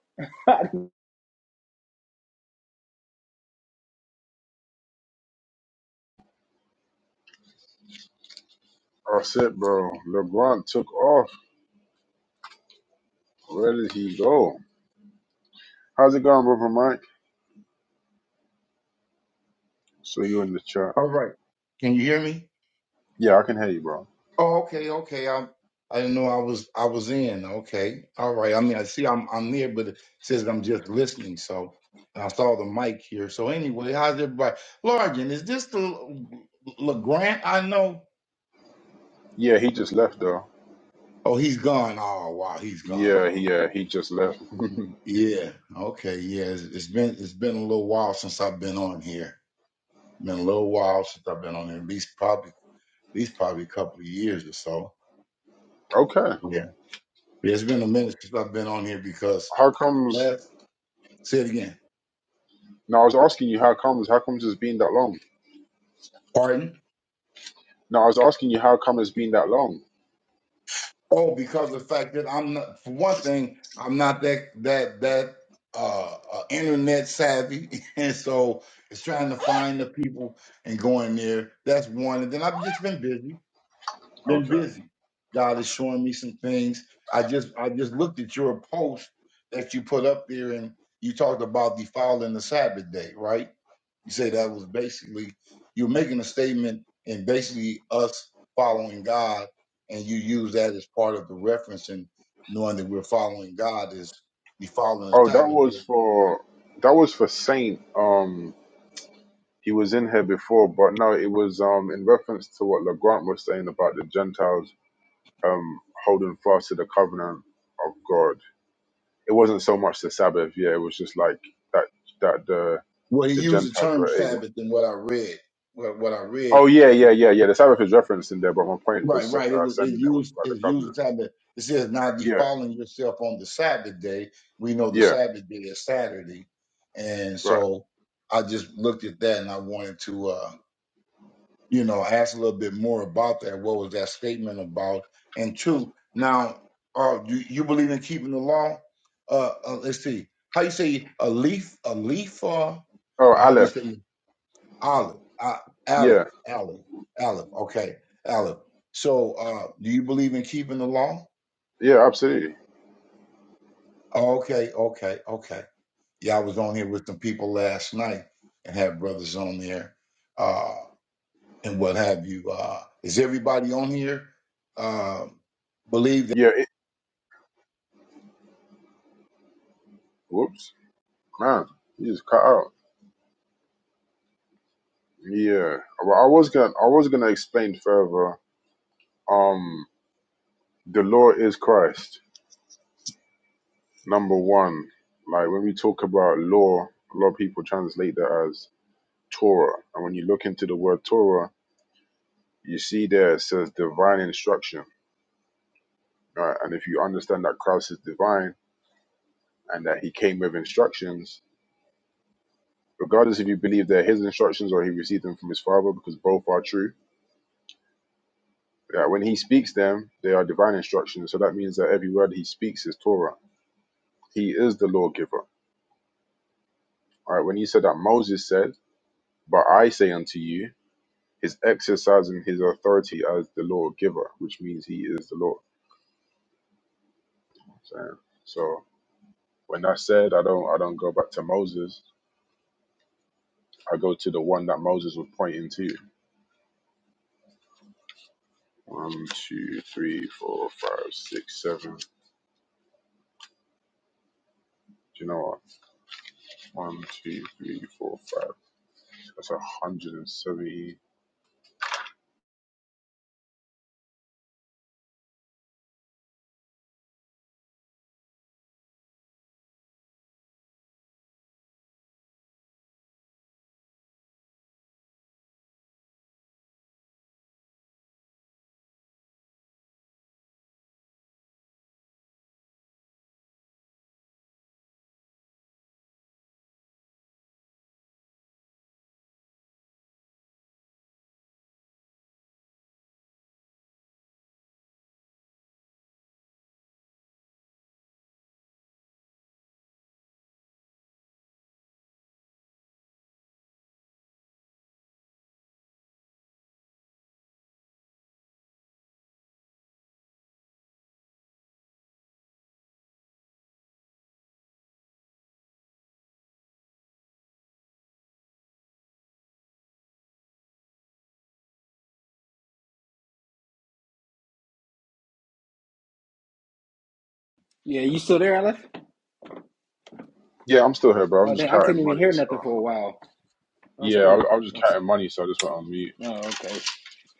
That's it, bro. LeBron took off. Where did he go? How's it going, brother Mike? So you in the chat.
All right. Can you hear me?
Yeah, I can hear you, bro.
Oh, okay, okay. I I didn't know I was I was in. Okay. All right. I mean, I see I'm I'm there, but it says I'm just listening. So and I saw the mic here. So anyway, how's everybody? Largen, is this the LeGrant I know?
Yeah, he just left though.
Oh, he's gone. Oh wow, he's gone.
Yeah,
All
he
right.
uh, he just left.
Yeah. Okay. Yeah. It's, it's been it's been a little while since I've been on here. Been a little while since I've been on here. At least probably at least probably a couple of years or so.
okay.
Yeah. It's been a minute since I've been on here because
How comes?
last say it again.
No, I was asking you how comes. How comes it's been that long?
Pardon?
No, I was asking you how come it's been that long.
Oh, because of the fact that I'm not for one thing, I'm not that that that uh, uh internet savvy. and so it's trying to find the people and going there. That's one. And then I've just been busy. been
Okay.
busy. God is showing me some things. I just I just looked at your post that you put up there and you talked about defiling the Sabbath day, right? You say that was basically you're making a statement and basically us following God and you use that as part of the reference and knowing that we're following God is defiling the
Oh, that
Sabbath
was
day.
for that was for Saint. Um, he was in here before, but no, it was um in reference to what Legrand was saying about the Gentiles um holding fast to the covenant of God. It wasn't so much the Sabbath. Yeah, it was just like that that the
Well he
the
used the
Gentiles
term
were able
Sabbath in what I read. What what I
Oh
read
yeah, yeah, yeah, yeah. The Sabbath is referenced in there, but my point for
Right,
s-
right. It
uh,
was it
sending that was
used
about the
it used
covenant.
the time that it says not
Yeah,
defiling yourself on the Sabbath day. We know the
yeah,
Sabbath day is Saturday. And
right.
so I just looked at that and I wanted to uh, you know, ask a little bit more about that. What was that statement about? And two, now uh you, you believe in keeping the law? Uh, uh let's see. How you say a leaf a leaf uh
Oh,
or how do you
Aleph.
say Olive, uh, Olive,
Yeah,
Olive, Olive. Okay, Olive. So, uh, do you believe in keeping the law?
yeah, absolutely.
Okay, okay, okay. Yeah, I was on here with some people last night and had brothers on there, uh, and what have you. Uh, is everybody on here? Uh, believe
Yeah. It, whoops, man, you just cut out. Yeah. Well, I was gonna, I was gonna explain further. Um, the law is Christ. Number one, like when we talk about law, a lot of people translate that as Torah, and when you look into the word Torah, you see there it says divine instruction. Right? And if you understand that Christ is divine and that he came with instructions, regardless if you believe they're his instructions or he received them from his father, because both are true. That when he speaks them, they are divine instructions. So that means that every word he speaks is Torah. He is the lawgiver. All right. When he said that Moses said, "But I say unto you," is exercising his authority as the lawgiver, which means he is the law. So, so when that's said, I don't I don't go back to Moses. I go to the one that Moses was pointing to. One, two, three, four, five, six, seven. Do you know what? One, two, three, four, five. That's a hundred and seventy.
Yeah, you still there, Aleph?
Yeah, I'm still here, bro. I'm
Oh,
just
dang, I
counting
couldn't even
money.
hear
So
nothing for a while. That was
yeah, I,
crazy.
I was just counting money, so I just went on mute.
Oh, okay.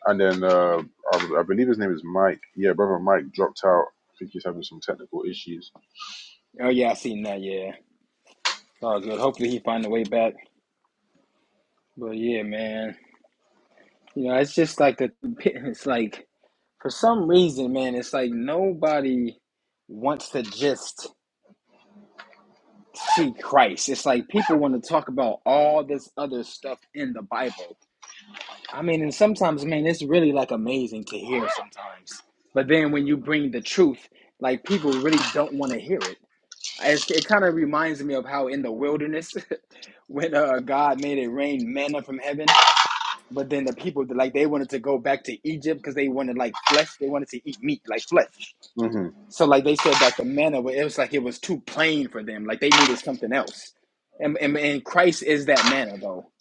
And then uh, I, I believe his name is Mike. Yeah, brother Mike dropped out. I think he's having some technical issues.
Oh, yeah, I seen that. Yeah, it's all good. Hopefully, he find a way back. But yeah, man, you know, it's just like the it's like for some reason, man, it's like nobody wants to just see Christ. It's like people want to talk about all this other stuff in the Bible. I mean, and sometimes, man, it's really like amazing to hear sometimes. But then when you bring the truth, like people really don't want to hear it. It's, it kind of reminds me of how in the wilderness when uh, God made it rain manna from heaven. But then the people like they wanted to go back to Egypt because they wanted like flesh. They wanted to eat meat like flesh.
Mhm.
So like they said that the manna it was like it was too plain for them. Like they needed something else. And and, and Christ is that manna though.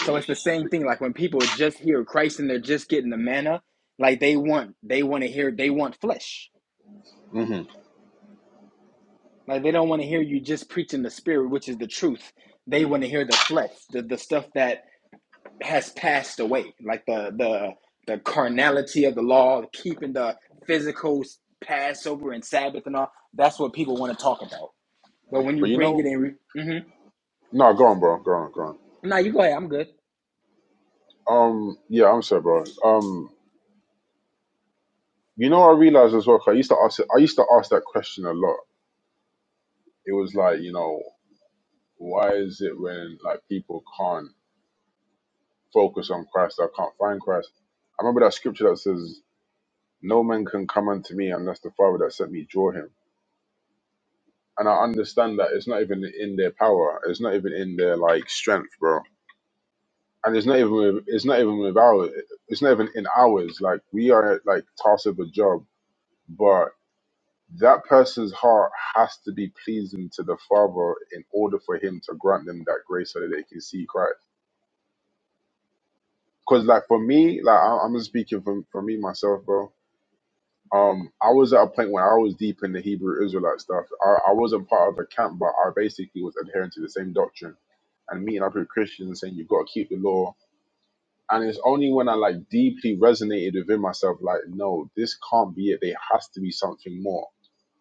So it's the same thing. Like when people just hear Christ and they're just getting the manna, like they want they want to hear they want flesh.
Mhm.
Like they don't want to hear you just preaching the spirit, which is the truth. They want to hear the flesh, the, the stuff that has passed away. Like the the the carnality of the law, keeping the physical Passover and Sabbath and all. That's what people want to talk about. But when you
But you
bring
know,
it in, mm-hmm.
no, go on, bro. Go on, go on.
nah, you go ahead. I'm good.
Um, yeah, I'm sorry, bro. Um, you know, I realized as well. 'cause I used to ask. I used to ask that question a lot. It was like, you know, why is it when like people can't focus on Christ. I can't find Christ. I remember that scripture that says, No man can come unto me unless the Father that sent me draw him. And I understand that it's not even in their power. It's not even in their like strength, bro. And it's not even with, it's not even with ours. It's not even in ours. Like we are like tasked with a job, but that person's heart has to be pleasing to the Father in order for Him to grant them that grace so that they can see Christ. Because like for me, like I- I'm just speaking for for me myself, bro Um, I was at a point where I was deep in the Hebrew Israelite stuff. I, I wasn't part of a camp, but I basically was adhering to the same doctrine and meeting up with Christians and saying you've got to keep the law. And it's only when I like deeply resonated within myself, like, no, this can't be it. There has to be something more.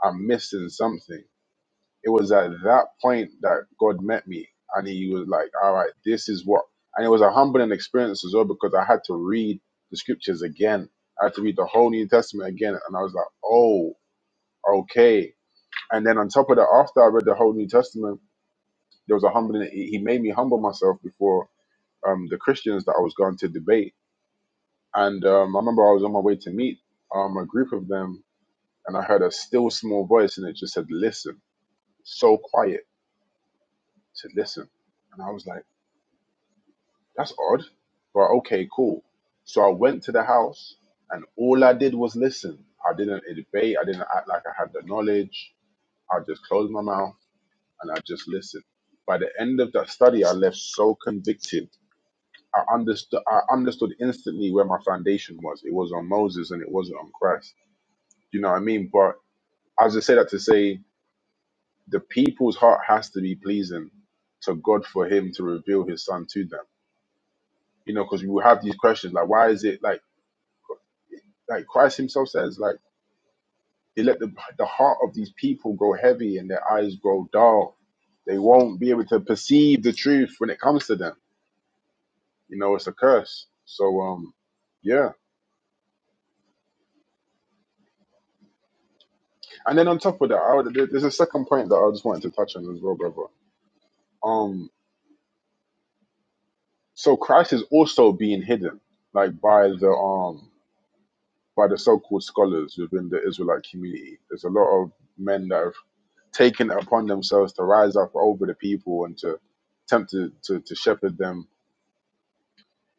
I'm missing something. It was at that point that God met me and he was like, all right, this is what. And it was a humbling experience as well because I had to read the scriptures again. I had to read the whole New Testament again. And I was like, oh. Okay. And then on top of that, after I read the whole New Testament, there was a humbling. He he made me humble myself before um, the Christians that I was going to debate. And um, I remember I was on my way to meet um, a group of them, and I heard a still small voice, and it just said, "Listen." So quiet. It said, "Listen," and I was like, "That's odd," but okay, cool. So I went to the house, and all I did was listen. I didn't debate. I didn't act like I had the knowledge. I just closed my mouth and I just listened. By the end of that study, I left so convicted. I understood. I understood instantly where my foundation was. It was on Moses, and it wasn't on Christ. You know what I mean? But I just say that to say the people's heart has to be pleasing to God for Him to reveal His Son to them. You know, because we will have these questions like, why is it like like Christ Himself says like He let the the heart of these people grow heavy and their eyes grow dull. They won't be able to perceive the truth when it comes to them You know, it's a curse. So um, yeah. And then on top of that, I would, there- there's a second point that I just wanted to touch on as well, brother. Um, so Christ is also being hidden, like by the um by the so-called scholars within the Israelite community. There's a lot of men that have taken it upon themselves to rise up over the people and to attempt to to, to shepherd them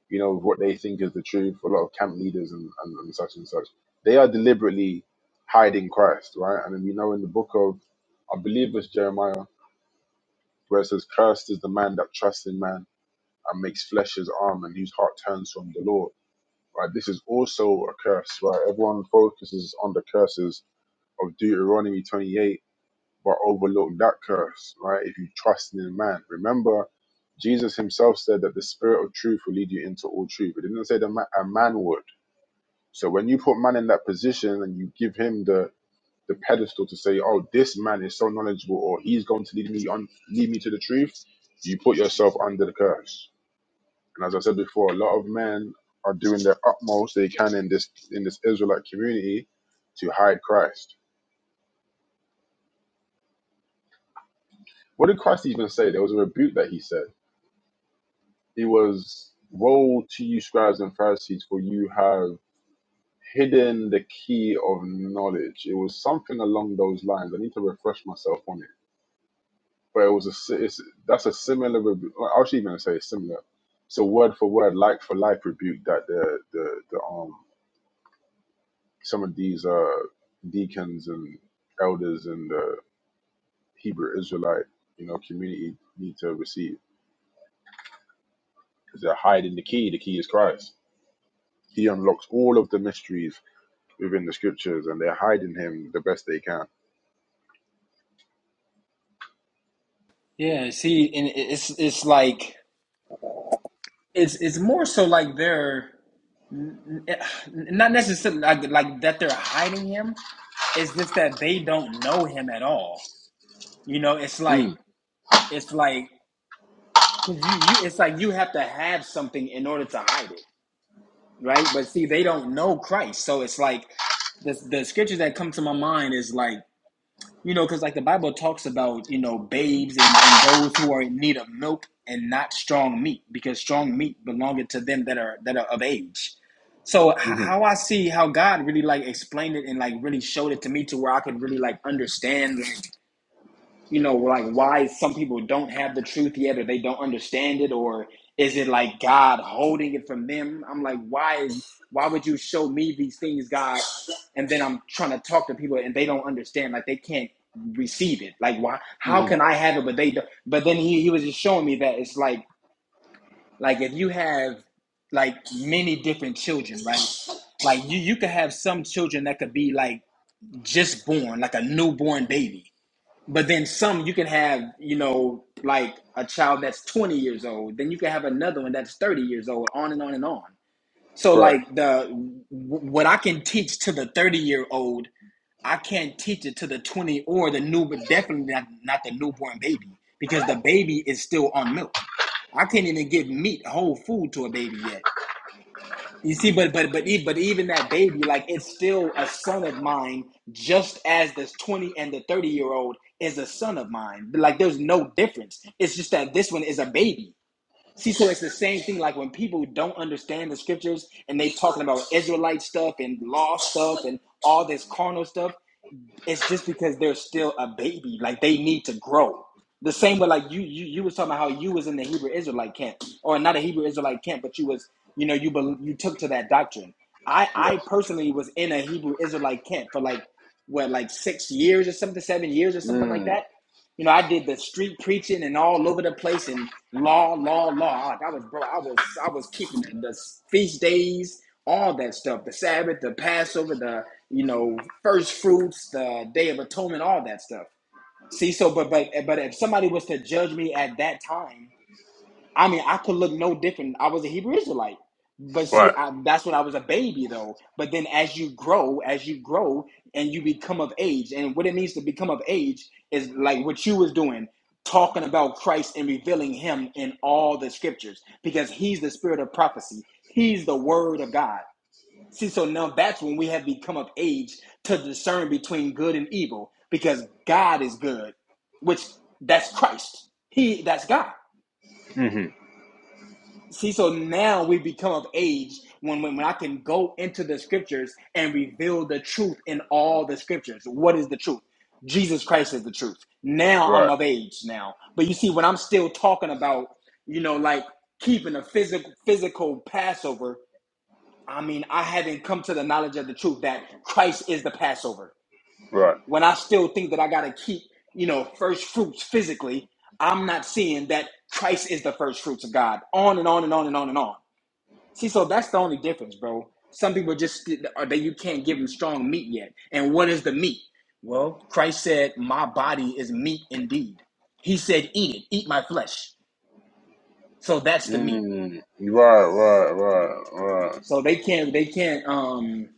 you know, what they think is the truth, a lot of camp leaders and, and, and such and such, they are deliberately hiding Christ, right? And then we know in the book of, I believe it's Jeremiah, where it says, Cursed is the man that trusts in man and makes flesh his arm and whose heart turns from the Lord, right? This is also a curse, right? Everyone focuses on the curses of Deuteronomy 28, but overlook that curse, right? If you trust in man. Remember, Jesus himself said that the spirit of truth will lead you into all truth. It didn't say that ma- a man would. So when you put man in that position and you give him the the pedestal to say, "Oh, this man is so knowledgeable," or "He's going to lead me on, lead me to the truth," you put yourself under the curse. And as I said before, a lot of men are doing their utmost they can in this in this Israelite community to hide Christ. What did Christ even say? There was a rebuke that he said. He was, "Woe to you, scribes and Pharisees, for you have." Hidden the key of knowledge. It was something along those lines. I need to refresh myself on it but it was a si- it's, that's a similar rebu- well, I was even gonna say it's similar. It's a word for word, like for life rebuke that the the the um some of these uh deacons and elders and the Hebrew Israelite you know community need to receive because they're hiding the key. The key is Christ. He unlocks all of the mysteries within the scriptures, and they're hiding him the best they can.
Yeah, see, and it's it's like It's it's more so like they're not necessarily like, like that they're hiding him. It's just that they don't know him at all. You know, it's like
Mm,
it's like because you, you it's like you have to have something in order to hide it. right? But see, they don't know Christ, so it's like the the scriptures that come to my mind is like you know because like the Bible talks about you know babes and and those who are in need of milk and not strong meat because strong meat belongeth to them that are that are of age. So h-
mm-hmm,
how I see how God really like explained it and like really showed it to me to where I could really like understand you know, like why some people don't have the truth yet or they don't understand it or is it like God holding it from them? I'm like, why is why would you show me these things, God? And then I'm trying to talk to people and they don't understand, like they can't receive it. Like why how can
mm-hmm.
I have it but they don't but then he, he was just showing me that it's like like if you have like many different children, right? Like you you could have some children that could be like just born, like a newborn baby but then some you can have, you know, like a child that's 20 years old, then you can have another one that's 30 years old, on and on and on. So
Right.
like the what I can teach to the 30 year old, I can't teach it to the 20 or the new, but definitely not, not the newborn baby because the baby is still on milk. I can't even give meat, whole food to a baby yet. You see, but but but even but even that baby, like it's still a son of mine, just as this twenty and the thirty year old is a son of mine. Like there's no difference. It's just that this one is a baby. See, so it's the same thing. Like when people don't understand the scriptures and they talking about Israelite stuff and law stuff and all this carnal stuff, it's just because they're still a baby. Like they need to grow. The same way, like you, you, you was talking about how you was in the Hebrew Israelite camp, or not a Hebrew Israelite camp, but you was, you know, you bel you took to that doctrine. I, I
Yes.
personally was in a Hebrew Israelite camp for like what, like six years or something, seven years or something like
Mm,
that. You know, I did the street preaching and all over the place and law, law, law. Like I was, bro, I was, I was keeping the, the feast days, all that stuff, the Sabbath, the Passover, the you know, first fruits, the Day of Atonement, all that stuff. See, so but but but if somebody was to judge me at that time, I mean, I could look no different. I was a Hebrew Israelite, but see,
right.
I, that's when I was a baby, though. But then, as you grow, as you grow, and you become of age, and what it means to become of age is like what you was doing, talking about Christ and revealing Him in all the scriptures, because He's the Spirit of prophecy. He's the Word of God. See, so now that's when we have become of age to discern between good and evil, because God is good, which that's Christ. He that's God.
Mm-hmm.
See, so now we become of age when, when, when I can go into the scriptures and reveal the truth in all the scriptures. What is the truth? Jesus Christ is the truth. Now I'm
Right.
of age now. But you see, when I'm still talking about, you know, like keeping a physical physical Passover, I mean, I haven't come to the knowledge of the truth that Christ is the Passover.
Right.
When I still think that I got to keep, you know, first fruits physically, I'm not seeing that Christ is the first fruits of God. On and on and on and on and on. See, so that's the only difference, bro. Some people just or that you can't give them strong meat yet. And what is the meat? Well, Christ said, "My body is meat indeed." He said, "Eat it, eat my flesh." So that's the meat.
Mm, right, right, right, right.
So they can't, they can't, um,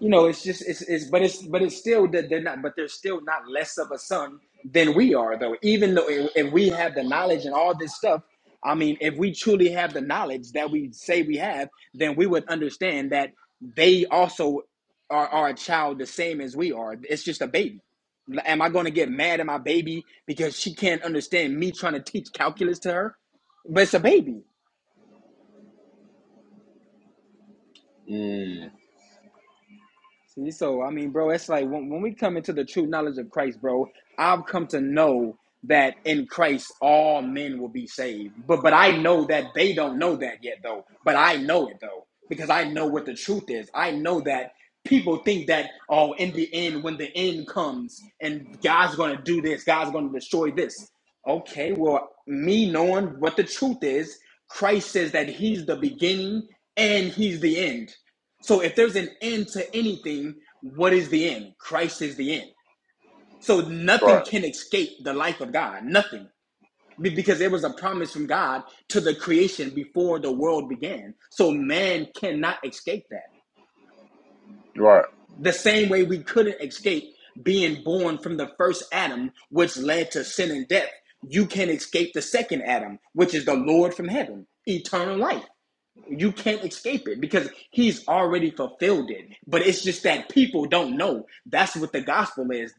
you know, it's just it's it's but it's but it's still that they're not but they're still not less of a son than we are though. Even though if if we have the knowledge and all this stuff, I mean, if we truly have the knowledge that we say we have, then we would understand that they also are, are a child the same as we are. It's just a baby. Am I going to get mad at my baby because she can't understand me trying to teach calculus to her? But it's a baby.
Mm,
See, so I mean, bro, it's like when, when we come into the true knowledge of Christ, bro, I've come to know that in Christ all men will be saved. But but I know that they don't know that yet though. But I know it though. Because I know what the truth is. I know that people think that oh in the end when the end comes and God's gonna do this, God's gonna destroy this. Okay, well, me knowing what the truth is, Christ says that he's the beginning and he's the end. So if there's an end to anything, what is the end? Christ is the end. So nothing
right,
can escape the life of God. Nothing. Because it was a promise from God to the creation before the world began. So man cannot escape that.
right.
The same way we couldn't escape being born from the first Adam, which led to sin and death, you can escape the second Adam, which is the Lord from heaven, eternal life. You can't escape it because he's already fulfilled it. But it's just that people don't know. That's what the gospel is.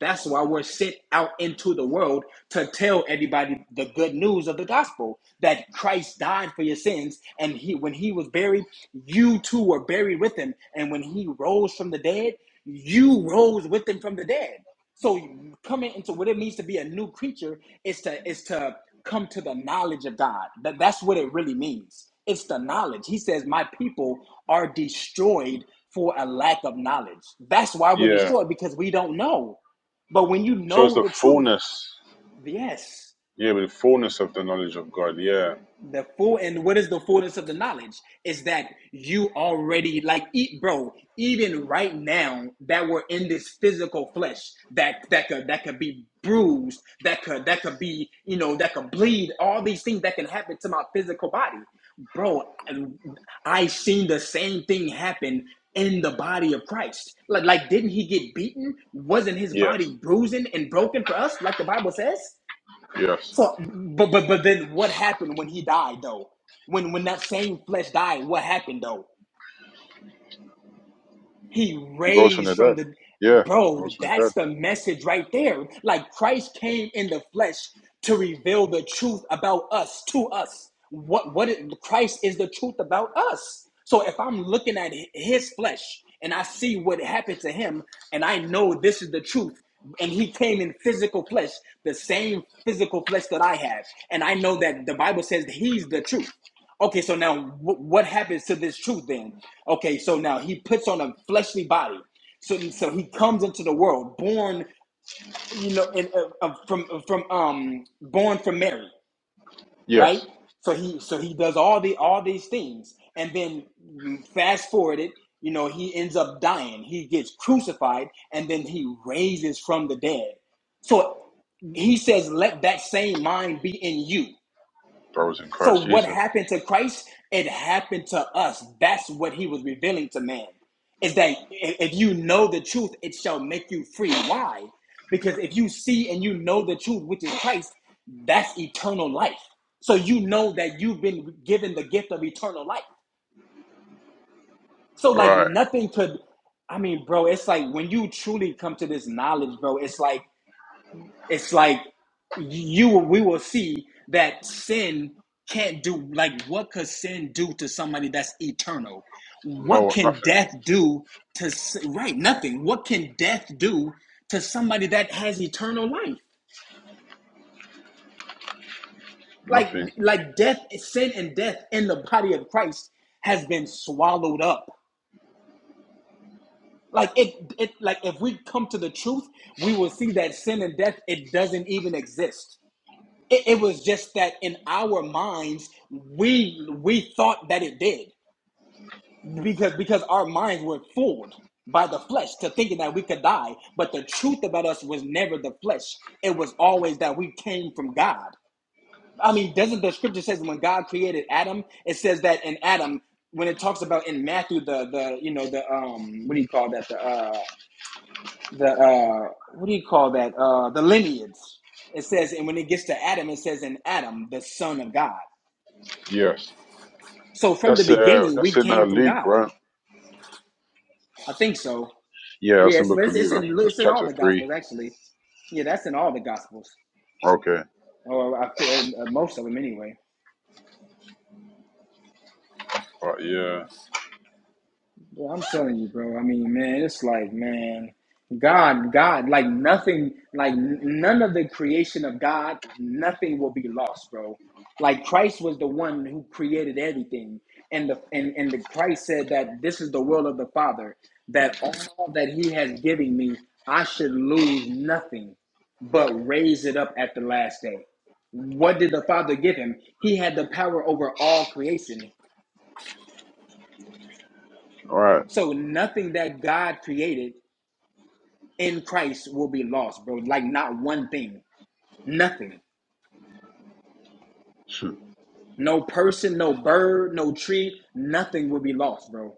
That's why we're sent out into the world to tell everybody the good news of the gospel that Christ died for your sins. And he, when he was buried, you too were buried with him. And when he rose from the dead, you rose with him from the dead. So coming into what it means to be a new creature is to is to come to the knowledge of God. That that's what it really means. It's the knowledge. He says, "My people are destroyed for a lack of knowledge." That's why we're
Yeah.
destroyed because we don't know. But when you
So it's
know
the
the truth,
fullness.
yes.
Yeah, with the fullness of the knowledge of God. Yeah.
The full and what is the fullness of the knowledge is that you already like eat, bro. Even right now that we're in this physical flesh that that could that could be bruised, that could that could be you know that could bleed. All these things that can happen to my physical body, bro. I, I seen the same thing happen in the body of Christ. Like like didn't he get beaten? Wasn't his
Yes.
body bruising and broken for us, like the Bible says?
Yes.
So, but but but then what happened when he died though? When when that same flesh died, what happened though? He
He rose from
raised
the
from
dead.
the
Yeah. Rose
bro,
from the dead.
that's the message right there. Like Christ came in the flesh to reveal the truth about us to us. What what is, Christ is the truth about us. So if I'm looking at his flesh and I see what happened to him and I know this is the truth and he came in physical flesh, the same physical flesh that I have, and I know that the Bible says he's the truth. Okay, so now wh- what happens to this truth then? Okay, so now he puts on a fleshly body, so so he comes into the world, born, you know, and uh, uh, from uh, from um born from Mary, right?
Yes.
So he so he does all the all these things, and then mm, fast forwarded, you know, he ends up dying. He gets crucified, and then he raises from the dead. So he says, "Let that same mind be in you."
I was in Christ
So what
Jesus.
happened to Christ? It happened to us. That's what he was revealing to man. Is that if you know the truth, it shall make you free. Why? Because if you see and you know the truth, which is Christ, that's eternal life. So you know that you've been given the gift of eternal life. So like
Right.
nothing could I mean, bro, it's like when you truly come to this knowledge, bro, it's like it's like you we will see that sin can't do like what could sin do to somebody that's eternal what
No,
can
nothing.
death do to right nothing what can death do to somebody that has eternal life like
Nothing.
like death sin and death in the body of christ has been swallowed up like it it like if we come to the truth we will see that sin and death it doesn't even exist It, it was just that in our minds, we we thought that it did because because our minds were fooled by the flesh to thinking that we could die. But the truth about us was never the flesh. It was always that we came from God. I mean, doesn't the scripture says when God created Adam, it says that in Adam, when it talks about in Matthew the the you know the um what do you call that the uh the uh what do you call that uh the lineage. It says, and when it gets to Adam, it says, in Adam, the son of God.
Yes.
So from the
That's uh
beginning, we
that's in uh,
came from
Luke,
God.
right?
I think so.
Yeah, that's
Yeah,
in
it's, but
Book of
it's, it's
Luke.
in
That's
it's in all
chapter
the
three.
gospels actually. Yeah, that's in all the gospels,
Okay.
or I, uh, most of them anyway.
Right, yeah.
Well, I'm telling you, bro. I mean, man, it's like, man, God, God, like nothing, like n- none of the creation of God, nothing will be lost, bro. Like Christ was the one who created everything, and the and and the Christ said that this is the will of the Father, that all that He has given me, I should lose nothing, but raise it up at the last day. What did the Father give him? He had the power over all creation.
All All right.
So nothing that God created in Christ will be lost, bro. Like not one thing, nothing, no person, no bird, no tree, nothing will be lost, bro.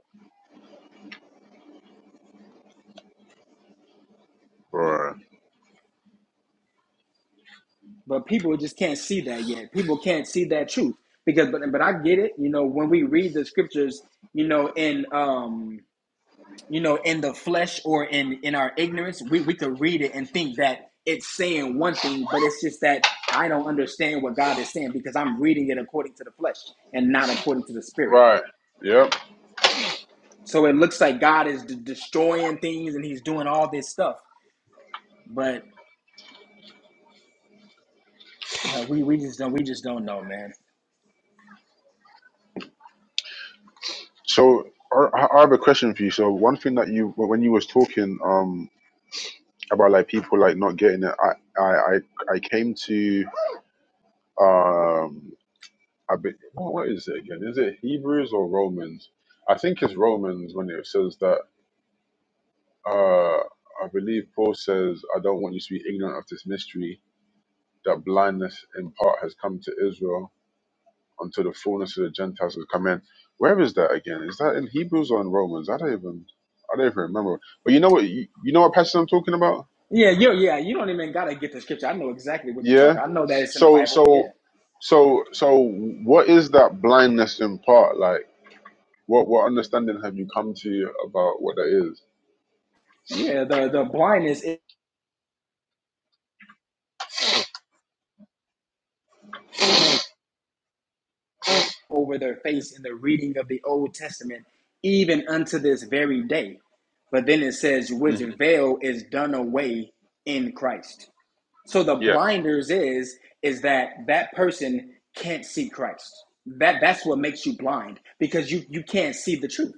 right. Right.
But people just can't see that yet. People can't see that truth because, but but I get it. You know, when we read the scriptures, you know, in um, you know, in the flesh or in in our ignorance, we we could read it and think that it's saying one thing, but it's just that I don't understand what God is saying because I'm reading it according to the flesh and not according to the spirit.
Right. Yeah.
So it looks like God is de- destroying things and He's doing all this stuff, but uh, we we just don't we just don't know, man.
So I, I have a question for you. So one thing that you when you was talking um about like people like not getting it, I I I, I came to um I be, what, what is it again? Is it Hebrews or Romans? I think it's Romans when it says that uh I believe Paul says I don't want you to be ignorant of this mystery that blindness in part has come to Israel until the fullness of the Gentiles has come in. Where is that again? Is that in Hebrews or in Romans? I don't even I don't even remember. But you know what you, you know what passage I'm talking about?
Yeah, you yeah you don't even gotta get the scripture. I know exactly what you're
Yeah.
talking. I know that it's in the
So
Bible.
so
Yeah,
so so what is that blindness in part? Like what what understanding have you come to about what that is?
yeah. The the blindness is over their face in the reading of the Old Testament, even unto this very day. But then it says, which
Mhm.
veil is done away in Christ. So the
Yes.
blinders is is that that person can't see Christ. That that's what makes you blind because you you can't see the truth.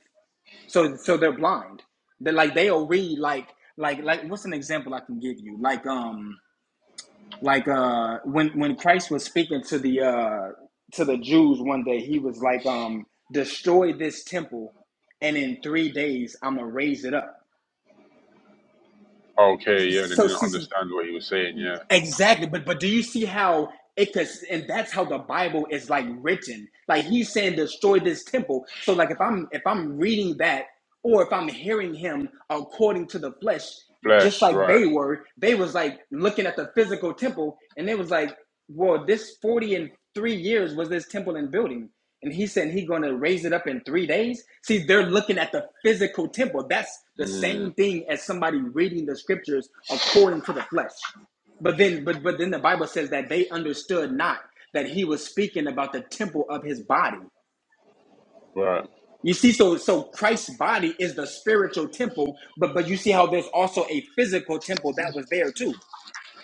So so they're blind. They're like they'll read like like like what's an example I can give you? Like um like uh when when Christ was speaking to the uh to the Jews one day, he was like um destroy this temple and in 3 days I'm going to raise it up.
Okay, yeah, they
So
didn't
see
understand what he was saying, yeah.
Exactly, but but do you see how it could? And that's how the Bible is like written. Like he's saying, destroy this temple. So like if I'm if I'm reading that, or if I'm hearing him according to the flesh, just
Flesh,
like
right.
they were, they was like looking at the physical temple, and they was like, well, this forty and three years was this temple in building. And he said he going to raise it up in three days. See, they're looking at the physical temple. That's the
Mm,
same thing as somebody reading the scriptures according to the flesh. But then, but but then the Bible says that they understood not that he was speaking about the temple of his body.
right.
You see, so so Christ's body is the spiritual temple, but but you see how there's also a physical temple that was there too.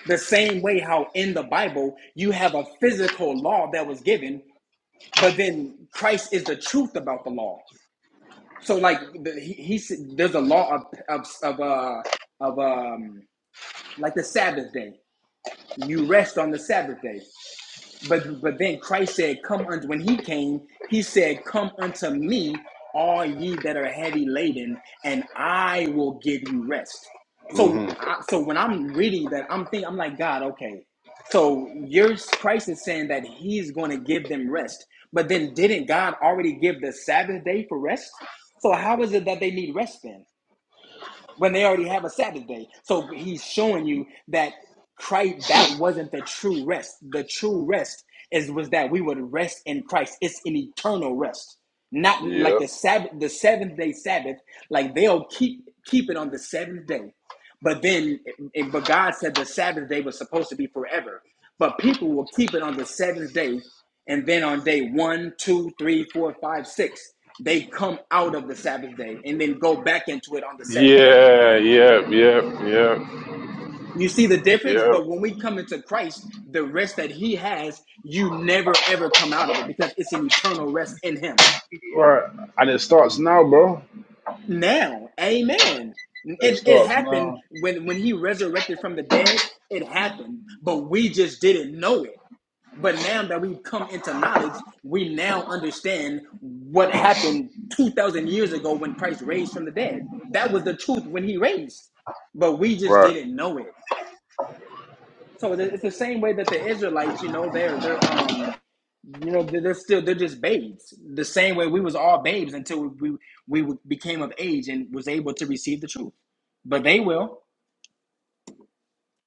The same way how in the Bible you have a physical law that was given, but then Christ is the truth about the law. So like the, he, he said- there's a law of of of uh of um like the Sabbath day. You rest on the Sabbath day. But but then Christ said, Come unto when he came, he said, Come unto me, all ye that are heavy laden, and I will give you rest. So
hmm
I, so when I'm reading that, I'm thinking I'm like, God, okay. So your Christ is saying that he's going to give them rest. But then didn't God already give the Sabbath day for rest? So how is it that they need rest then? when they already have a Sabbath day. So he's showing you that Christ that wasn't the true rest. The true rest is was that we would rest in Christ. It's an eternal rest. Not like
Yeah.
the Sabbath the seventh day Sabbath, like they'll keep keep it on the seventh day. But then eh, but God said the Sabbath day was supposed to be forever. But people will keep it on the seventh day, and then on day one, two, three, four, five, six, they come out of the Sabbath day and then go back into it on the seventh day.
Yeah, yeah, yeah, yeah,
You see the difference?
yeah.
But when we come into Christ, the rest that He has, you never ever come out of it because it's an eternal rest in Him.
Right. And it starts now, bro.
Now, amen.
It
It, it
starts
happened
now.
when, when He resurrected from the dead, it happened, but we just didn't know it. But now that we've come into knowledge, we now understand what happened 2,000 years ago when Christ raised from the dead. That was the truth when He raised, but we just
Right.
didn't know it. So it's the same way that the Israelites, you know, they're they're um, you know, they're, still they're just babes. The same way we was all babes until we we, we became of age and was able to receive the truth. But they will.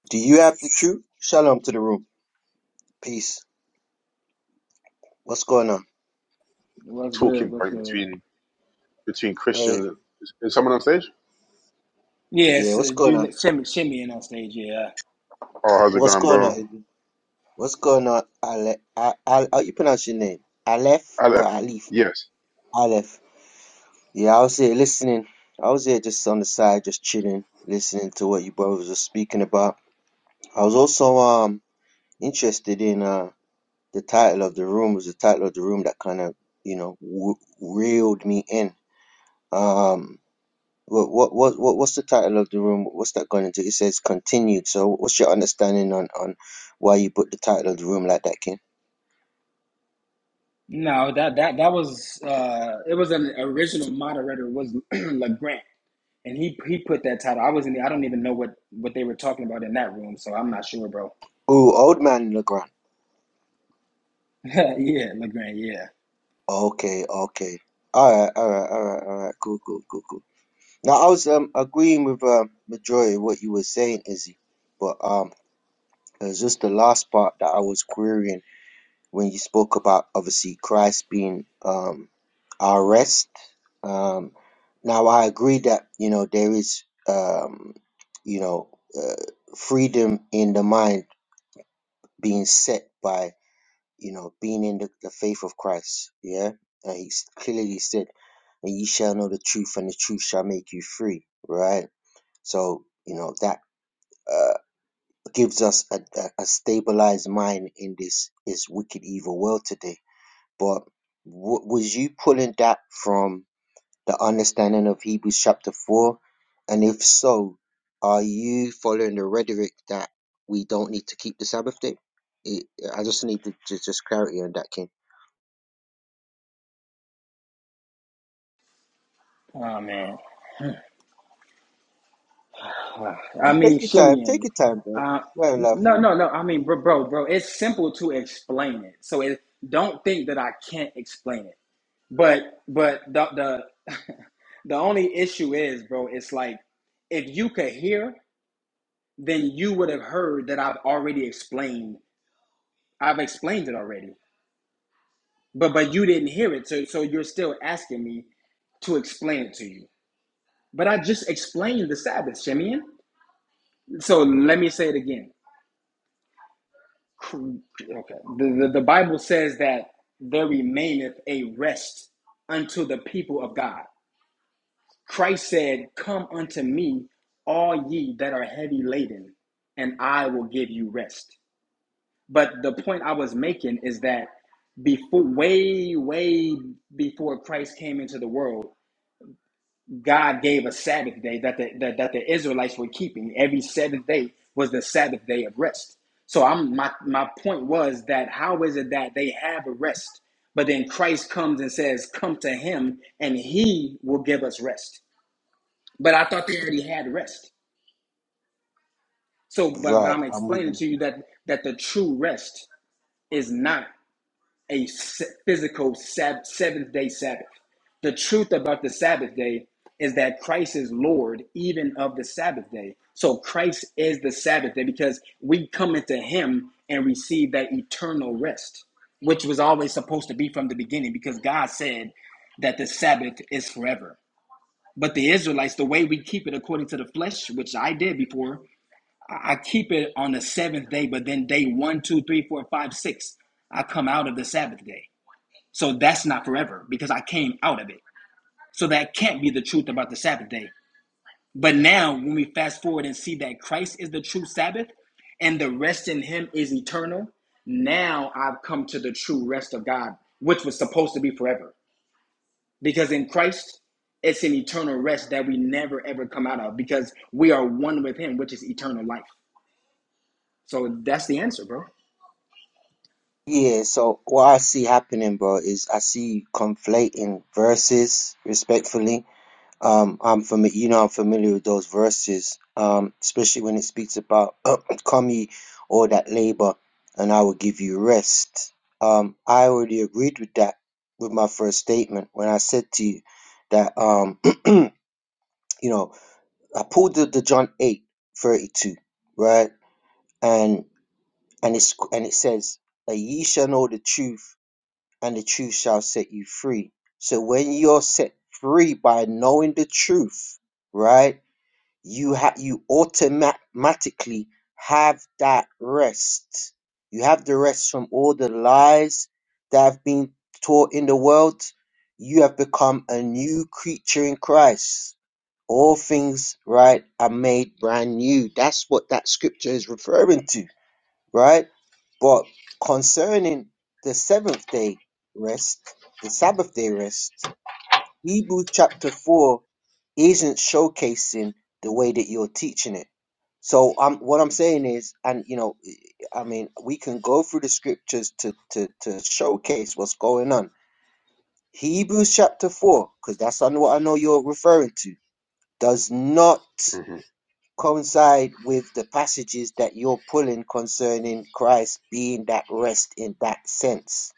Do you have the truth? Shalom to the room. Peace. What's going on?
Well, that's good.
Talking
That's
point
good.
between between
Hey,
Christians. Is, is someone on stage?
yeah,
Yes,
what's
uh,
going
do
on?
shimmy shimmy in on stage. Yeah.
Oh, how's it
What's
going,
going on?
bro?
Adrian? What's going on? Ale, I, I, how you pronounce your name? Aleph or
Aleph.
Alif?
Yes.
Aleph. Yeah, I was here listening. I was here just on the side, just chilling, listening to what you brothers were speaking about. I was also um interested in uh the title of the room. It was the title of the room that kind of you know w- reeled me in. Um, What what what what- what's the title of the room? What's that going into? It says continued. So what's your understanding on on why you put the title of the room like that, King?
No, that that that was uh, it was an original moderator was LeGrant, and he he put that title. I wasn't. I don't even know what what they were talking about in that room, so I'm not sure, bro.
Ooh, old man Legrand.
yeah, LeGrant. Yeah.
Okay, okay. All right, all right, all right, all right. Cool, cool, cool, cool. Now I was um agreeing with um majority of what you were saying, Izzy, but um it was just the last part that I was querying when you spoke about obviously Christ being um, our rest. Um, now I agree that you know there is um, you know uh, freedom in the mind being set by you know being in the, the faith of Christ. Yeah, and he s- clearly said, "And ye shall know the truth, and the truth shall make you free." Right. So you know that. Uh, gives us a, a, a stabilized mind in this this wicked evil world today But w- was you pulling that from the understanding of Hebrews chapter 4? And if so, are you following the rhetoric that we don't need to keep the Sabbath day? It, I just need to, ju- just clarity on that, King.
Oh man. Uh, I
Well, take
mean,
your time. Take
Simeon.
your time, bro.
Uh,
Fair enough.
no, no,
Eugene.
no. I mean, bro, bro, bro. It's simple to explain it. So it, don't think that I can't explain it. But, but the the the only issue is, bro. It's like if you could hear, then you would have heard that I've already explained. I've explained it already. But but you didn't hear it. So so you're still asking me to explain it to you. But I just explained the Sabbath, Simeon. So let me say it again. okay the, the, the bible says that there remaineth a rest unto the people of god christ said come unto me all ye that are heavy laden and i will give you rest but the point i was making is that before way way before christ came into the world God gave a Sabbath day that the, that, that the Israelites were keeping. Every seventh day was the Sabbath day of rest. So I'm my my point was that how is it that they have a rest, but then Christ comes and says, "Come to Him, and He will give us rest." But I thought they already had rest. So, but but
Right.
I'm
I'm with
explaining
you.
to you that that the true rest is not. A physical sab- seventh day Sabbath. The truth about the Sabbath day is that Christ is Lord even of the Sabbath day. So Christ is the Sabbath day because we come into Him and receive that eternal rest, which was always supposed to be from the beginning because God said that the Sabbath is forever. But the Israelites, the way we keep it according to the flesh, which I did before, I keep it on the seventh day, but then day one, two, three, four, five, six, I come out of the Sabbath day. So that's not forever because I came out of it. So that can't be the truth about the Sabbath day. But now, when we fast forward and see that Christ is the true Sabbath and the rest in Him is eternal, now I've come to the true rest of God, which was supposed to be forever. Because in Christ, it's an eternal rest that we never ever come out of because we are one with Him, which is eternal life. So that's the answer, bro.
Yeah, so what I see happening, bro, is I see you conflating verses respectfully. Um, I'm familiar, you know, I'm familiar with those verses, um, especially when it speaks about come ye all that labor and I will give you rest. Um, I already agreed with that with my first statement when I said to you that, um, you know, I pulled the, the John 8 32, right? And, and it's, and it says that ye shall know the truth and the truth shall set you free. So when you're set free by knowing the truth, right? you have you automatically have that rest. You have the rest from all the lies that have been taught in the world. You have become a new creature in Christ. All things, right, are made brand new. That's what that scripture is referring to, right? But concerning the seventh day rest, the Sabbath day rest, Hebrews chapter 4 isn't showcasing the way that you're teaching it. So um, what I'm saying is, and you know, I mean, we can go through the scriptures to to to showcase what's going on. Hebrews chapter four, because that's I what I know you're referring to, does not
hmm
coincide with the passages that you're pulling concerning Christ being that rest in that sense.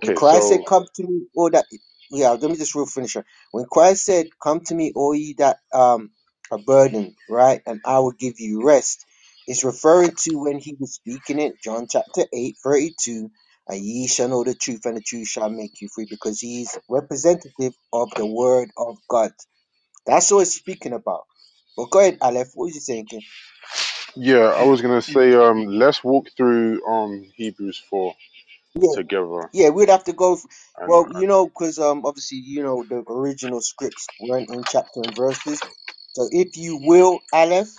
When Christ said,
So
Come to me, all that yeah, let me just real finish it. When Christ said, Come to me, all ye that um are burdened, right, and I will give you rest, is referring to when he was speaking it, John chapter 8, 32, and ye shall know the truth, and the truth shall make you free, because he is representative of the word of God. That's what it's speaking about. But go ahead, Aleph, what was you saying?
yeah, I
And,
was gonna
and
say um, let's walk through um Hebrews four
Yeah,
together.
yeah, we'd have to go. f
And
well, you know, because um, obviously, you know, the original scripts weren't in chapter and verses. So, if you will, Aleph,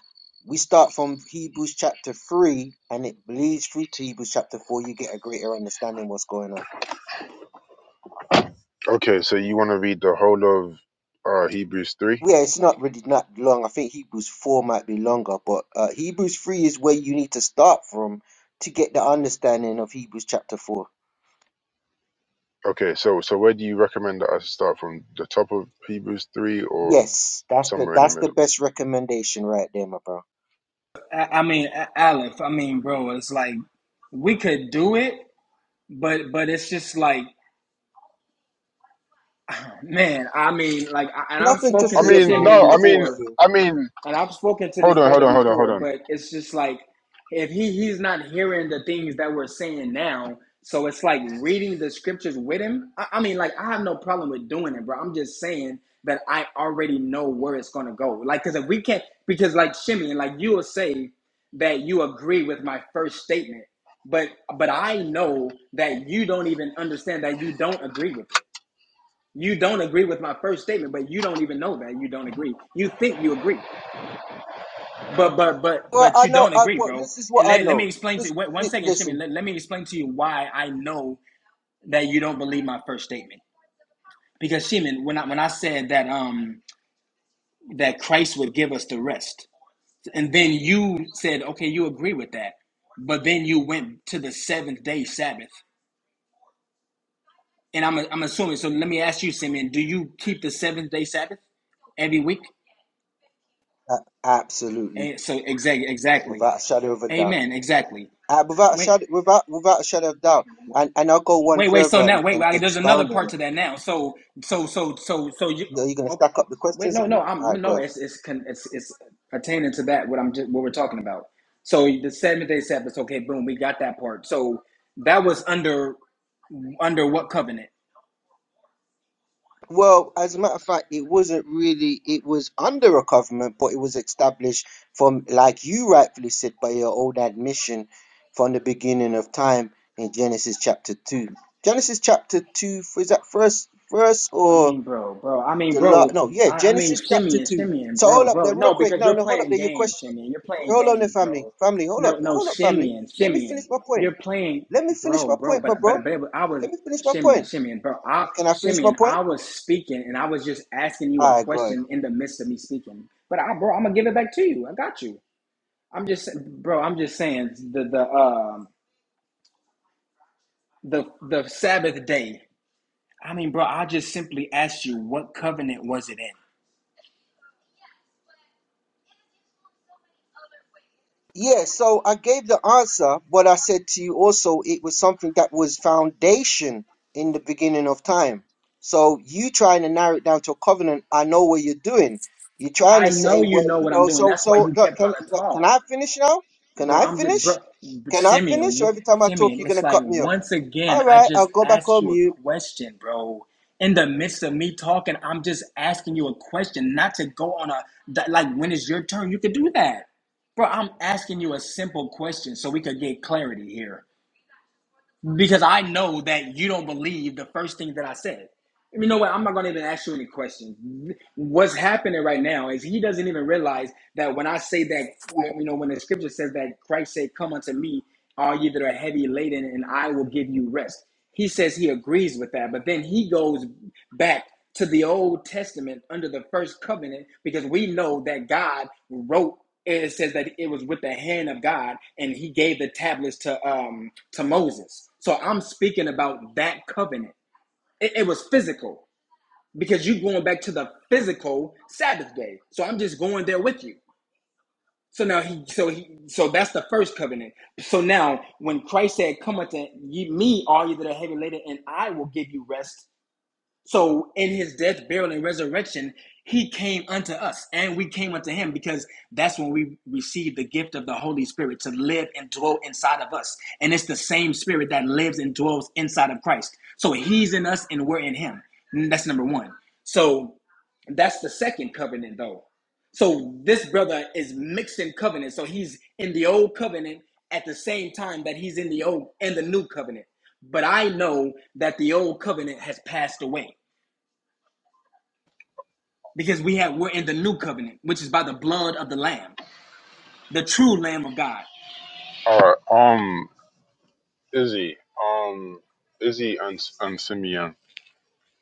we start from Hebrews chapter three, and it bleeds through to Hebrews chapter four. You get a greater understanding what's going on.
okay, so you want to read the whole of uh Hebrews three?
Yeah, it's not really not long. I think Hebrews four might be longer, but uh, Hebrews three is where you need to start from to get the understanding of Hebrews chapter four.
Okay. So so where do you recommend that I start from? The top of Hebrews three or
Yes, that's the
somewhere in the
that's the
middle?
best recommendation right there, my bro.
I, I mean, Aleph, I mean, bro, it's like we could do it, but but it's just like man i mean like I, and i've
Nothing to
spoken
I
to
fear,
mean,
bro.
simeon
no. I
Nothing
mean,
to
before
fear.
I mean.
and i've spoken to
Hold
this
on, hold
brother
on, hold on,
before
hold on.
but it's just like if he he's not hearing the things that we're saying now so it's like reading the scriptures with him i, I mean like i have no problem with doing it bro i'm just saying that i already know where it's gonna go like because if we can't because like simeon like you will say that you agree with my first statement but but i know that you don't even understand that you don't agree with it You don't agree with my first statement, but you don't even know that you don't agree. You think you agree, but but but
Well,
but
I
you
know.
don't
I,
agree,
well,
bro.
this is what
And
I
let, let me
know.
explain to
This,
you. Wait, one
li-
second, Shimon.
listen,
Let, let me explain to you why I know that you don't believe my first statement. Because Shimon, when I when I said that um that Christ would give us the rest, and then you said, okay, you agree with that, but then you went to the seventh day Sabbath, and I'm I'm assuming. So let me ask you, Shimon, do you keep the seventh day Sabbath? every week.
uh, absolutely,
And so exactly, exactly.
without a shadow of a doubt,
Amen. Exactly.
uh, without a
Wait,
shadow, without without a shadow of doubt, and and I'll go one
wait, wait. So
further
now,
and,
wait,
and
wait. There's another
expound on
part
it.
to that now. So, so, so, so, so you.
You know, you're gonna
Okay.
stack up the
Wait.
questions
No,
on me.
no. I'm
All right, go ahead.
no. It's it's con- it's it's attaining to that. What I'm just what we're talking about. So the seventh day Sabbath. Okay. Boom. We got that part. So that was under under what covenant?
Well, as a matter of fact, it wasn't really, it was under a government, but it was established from, like you rightfully said, by your old admission from the beginning of time in Genesis chapter 2. Genesis chapter 2, is that first verse
I
or
mean, bro, bro. I mean,
the last?
bro.
No, yeah,
I, I mean,
Genesis chapter
Simeon,
2.
Simeon,
So
bro,
hold up
bro.
there, real
No,
quick.
because you're
No, no, hold up
playing
there. Your question,
games, Simeon. You're playing
hold on there,
games,
family.
bro.
Family, hold up,
No, no,
hold up, family.
Simeon,
Let me finish
Simeon.
my point.
You're playing,
Let me finish
bro,
my
bro.
point, my
But
bro.
but but it was- I was
Let me finish my
Simeon,
point.
Simeon, bro. I
Can I finish my
Simeon.
point?
I was speaking, and I was just asking you a
All right, go ahead.
question in the midst of me speaking. But I, bro, I'm gonna give it back to you. I got you. I'm just, bro. I'm just saying the the um the the Sabbath day. I mean, bro. I just simply asked you what covenant was it in.
Yeah, so I gave the answer, but I said to you also it was something that was foundation in the beginning of time. So you trying to narrow it down to a covenant, I know what you're doing. You're trying
I
to
know
say,
you
well,
know
you
what I'm
know,
doing.
so
That's why
so
you
look,
kept
can
trying to
look, can
talk,
I finish now? Can
bro.
I
I'm just, bro,
finish? Can I
Simeon,
finish? Or
wh-
every time I talk,
Simeon.
you're
It's
gonna
like
cut me off.
once again,
All
I
right,
just
I'll go back
asked
on
you a
mute.
question, bro. In the midst of me talking, I'm just asking you a question, not to go on a that, like. When is your turn? You could do that, bro. I'm asking you a simple question so we could get clarity here because I know that you don't believe the first thing that I said. You know what? I'm not gonna even ask you any questions. What's happening right now is he doesn't even realize that when I say that, you know, when the scripture says that Christ said, "Come unto me, all ye that are heavy laden, and I will give you rest." He says he agrees with that, but then he goes back to the Old Testament under the first covenant because we know that God wrote and it says that it was with the hand of God and he gave the tablets to um to Moses. So I'm speaking about that covenant. It, it was physical because you are going back to the physical Sabbath day. So I'm just going there with you. So now he so he so that's the first covenant. So now when Christ said, Come unto ye me all ye that are heavy laden and I will give you rest so in his death, burial, and resurrection, he came unto us, and we came unto him because that's when we receive the gift of the Holy Spirit to live and dwell inside of us. And it's the same spirit that lives and dwells inside of Christ. So he's in us and we're in him. And That's number one. So that's the second covenant, though. So this brother is mixing covenants. So he's in the old covenant at the same time that he's in the old and the new covenant. But I know that the old covenant has passed away because we have we're in the new covenant, which is by the blood of the Lamb, the true Lamb of God.
All right, um, Izzy, um, Izzy and and Simeon,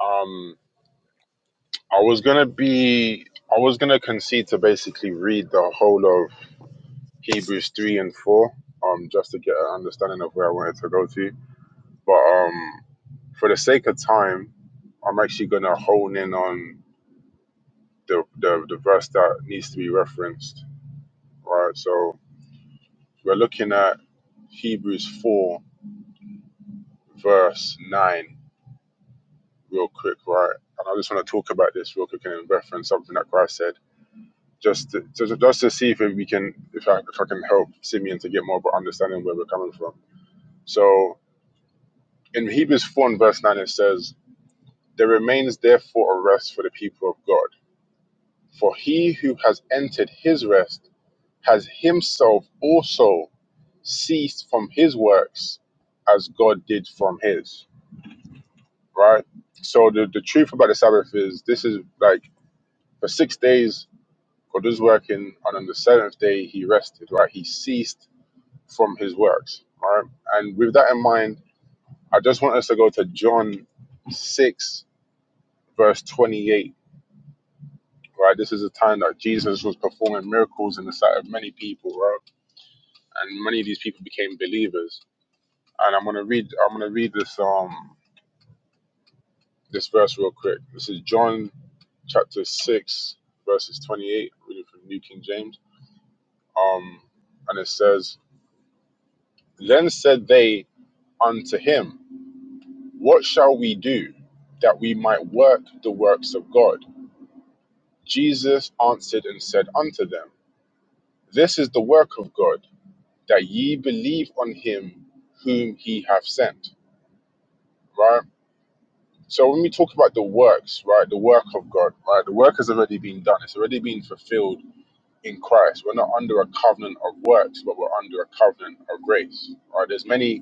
um, I was gonna be, I was gonna concede to basically read the whole of Hebrews three and four, um, just to get an understanding of where I wanted to go to, but um, for the sake of time, I'm actually gonna hone in on the the, the verse that needs to be referenced, right? So we're looking at Hebrews four, verse nine real quick, right? And I just want to talk about this real quick and reference something that Christ said, just to, to, just to see if we can, if I, if I can help Simeon to get more of an understanding where we're coming from. So in Hebrews 4 and verse 9, it says, There remains therefore a rest for the people of God. For he who has entered his rest has himself also ceased from his works as God did from his, right? So the, the truth about the Sabbath is this is like for six days God was working, and on the seventh day he rested, right? He ceased from his works, right? And with that in mind, I just want us to go to John 6, verse 28, right? This is a time that Jesus was performing miracles in the sight of many people, right? And many of these people became believers. And I'm gonna read I'm gonna read this um this verse real quick. This is John chapter six, verses twenty-eight, reading from New King James. Um and it says, Then said they unto him, What shall we do that we might work the works of God? Jesus answered and said unto them, This is the work of God, that ye believe on him whom he hath sent. Right? So when we talk about the works, right, the work of God, right, the work has already been done, it's already been fulfilled in Christ. We're not under a covenant of works, but we're under a covenant of grace. Right? There's many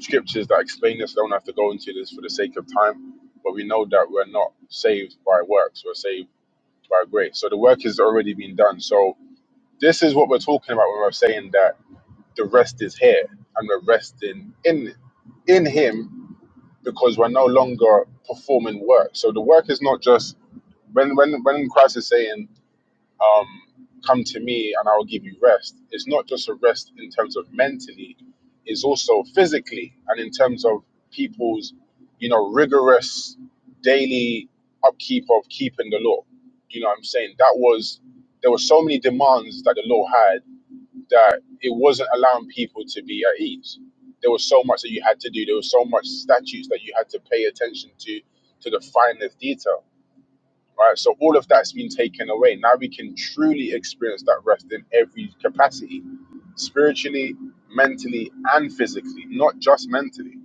scriptures that explain this. I don't have to go into this for the sake of time, but we know that we're not saved by works, we're saved by grace. So the work has already been done. So this is what we're talking about when we're saying that the rest is here and we're resting in in him because we're no longer performing work. So the work is not just when when when Christ is saying um, come to me and I will give you rest. It's not just a rest in terms of mentally, it's also physically and in terms of people's, you know, rigorous daily upkeep of keeping the law. You know what I'm saying? That was, there were so many demands that the law had that it wasn't allowing people to be at ease. There was so much that you had to do. There was so much statutes that you had to pay attention to, to the finest detail right? So all of that's been taken away. Now we can truly experience that rest in every capacity, spiritually, mentally, and physically, not just mentally.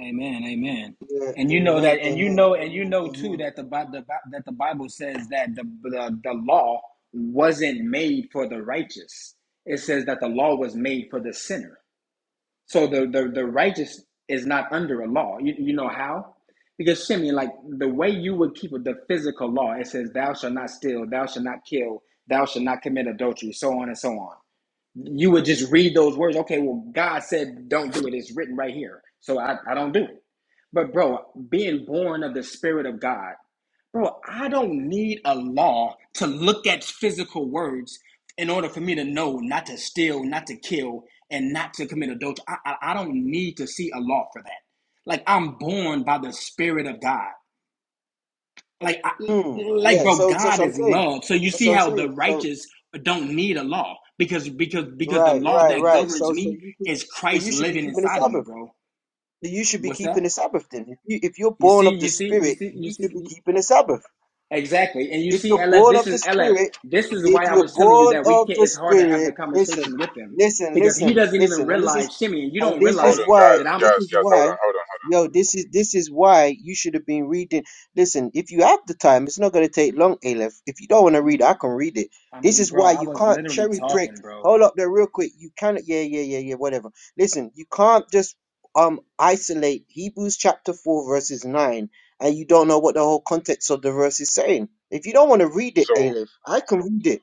Amen. Amen.
Yeah,
And you know that,
amen,
and you
amen,
know, and you
amen,
know too
amen.
that the the that the Bible says that the, the the law wasn't made for the righteous. It says that the law was made for the sinner. So the the, the righteous is not under a law. You, you know how? Because Simeon, like the way you would keep the physical law, it says, "Thou shalt not steal, thou shalt not kill, thou shalt not commit adultery," so on and so on. you would just read those words. Okay, well, God said, don't do it. It's written right here. So I, I don't do it. But, bro, being born of the Spirit of God, bro, I don't need a law to look at physical words in order for me to know not to steal, not to kill, and not to commit adultery. I, I, I don't need to see a law for that. Like, I'm born by the Spirit of God. Like, I,
Hmm.
like,
Yeah,
bro,
so so that's
God
what I'm
is
saying.
love. So you
That's
see
what I'm
how the
saying. So
righteous don't need a law because because because the
Right,
law
right,
that
right.
governs
So, so
me
you, should-
is
so you
Christ
should be
living
keeping the
inside of me,
Sabbath.
bro.
So You should be
What's that?
keeping the Sabbath then. If, you, if you're
You
born
see,
of the
you see, you
Spirit,
see, you
you
see.
should be
You,
keeping the Sabbath.
exactly, and you
If
see,
you're
LF.
born
This
of the
is LF.
Spirit,
This is
if
why I
you're
was telling you
born
that we
of
can't.
the
It's hard to have the
Spirit, listen,
conversation with him
listen,
because he
listen,
doesn't even
listen, and this is,
realize, Shimmy. You
and
don't
this
Hold
realize
is
on,
why,
that
guys,
I'm.
this
guys,
is
guys. Hold
why,
on, hold on. Hold on.
yo, this is this is why you should have been reading. Listen, if you have the time, it's not going to take long, Aleph. If you don't want to
I
read,
mean,
I can read it.
I
This
mean,
is
bro.
why
I
you
was
can't
literally
cherry prick.
talking, bro.
Hold up there, real quick. You cannot, yeah, yeah, yeah, yeah, whatever. Listen, you can't just um isolate Hebrews chapter four verses nine and you don't know what the whole context of the verse is saying. If you don't want to read it,
So
Aleph, I can read it.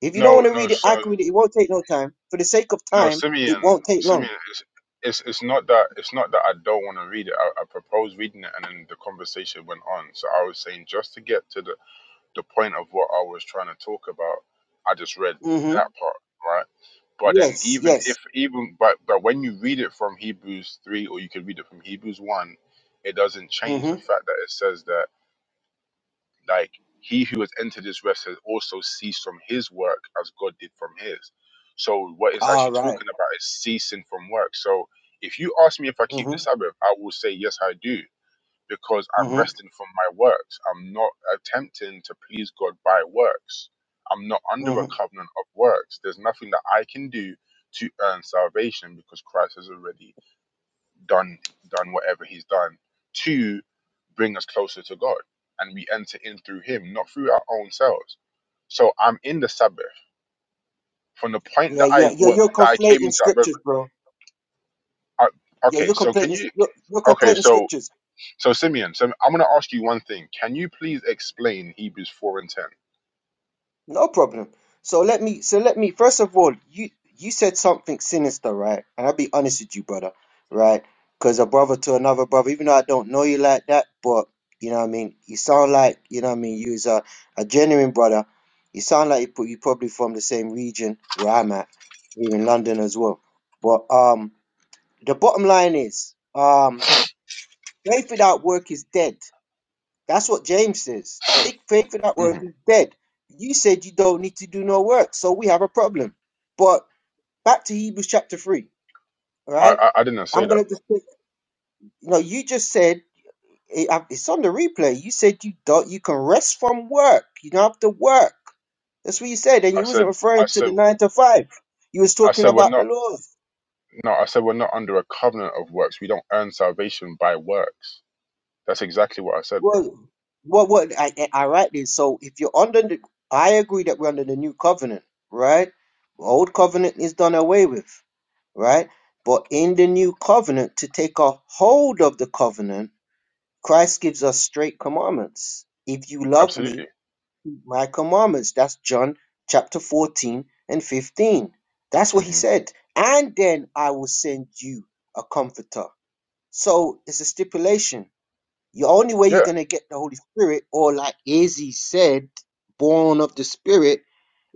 If you don't
no,
want to
no,
read it,
so
I can read it. It won't take no time. For the sake of
no,
time, it
Simeon,
won't take long.
Simeon is. It's, it's not that it's not that I don't want to read it. I, I proposed reading it, and then the conversation went on. So I was saying just to get to the the point of what I was trying to talk about, I just read
hmm
that part, right? But then
Yes,
even if
yes.
even but but when you read it from Hebrews three or you can read it from Hebrews one, it doesn't change the
hmm
fact that it says that like he who has entered his rest has also ceased from his work as God did from his. So what it's
All
actually
right.
talking about is ceasing from work. So if you ask me if I keep the
Mm-hmm.
Sabbath, I will say yes I do because I'm
Mm-hmm.
resting from my works. I'm not attempting to please God by works. I'm not under a
Mm-hmm.
covenant of works. There's nothing that I can do to earn salvation because Christ has already done done whatever he's done to bring us closer to God. And we enter in through him, not through our own selves. So I'm in the Sabbath. From the point
Yeah,
that I
yeah. You're,
wa-
you're
that I came
conflating
into that, rev-
scriptures, bro.
I,
Yeah,
okay.
you're
So can
conflating.
you?
You're, you're
Okay,
conflating
so
scriptures.
So Simeon, so I'm going to ask you one thing. Can you please explain Hebrews four and 10
No problem. So let me so let me first of all, you you said something sinister, right? And I'll be honest with you, brother, right? Because a brother to another brother, even though I don't know you like that, but you know what I mean, you sound like, you know what I mean, you's a, a genuine brother. You sound like you pro- you probably from the same region where I'm at, here in London as well. But um the bottom line is, um faith without work is dead. That's what James says. Faith, faith without
hmm
work is dead. You said you don't need to do no work, so we have a problem. But back to Hebrews chapter 3, all
I,
right?
I I didn't say
I'm
that,
going to
bro.
just, you know, you just said, it- I- it's on the replay. You said you don't, you can rest from work. You don't have to work. That's what you said. And
I
you wasn't
said I
referring to
said
the nine to five. You was
I
talking
said we're
about the
not
laws.
no. I said we're not under a covenant of works. We don't earn salvation by works. That's exactly what I said, bro.
Well, what, what, I, I, I write this. So if you're under the, I agree that we're under the new covenant, right? The old covenant is done away with, right? But in the new covenant, to take a hold of the covenant, Christ gives us straight commandments. If you love me,
Absolutely.
keep my commandments. That's John chapter 14 and 15. That's what he
hmm
said. And then I will send you a comforter. So it's a stipulation the only way you're
Yeah.
gonna get the Holy Spirit, or like Izzy said, born of the Spirit,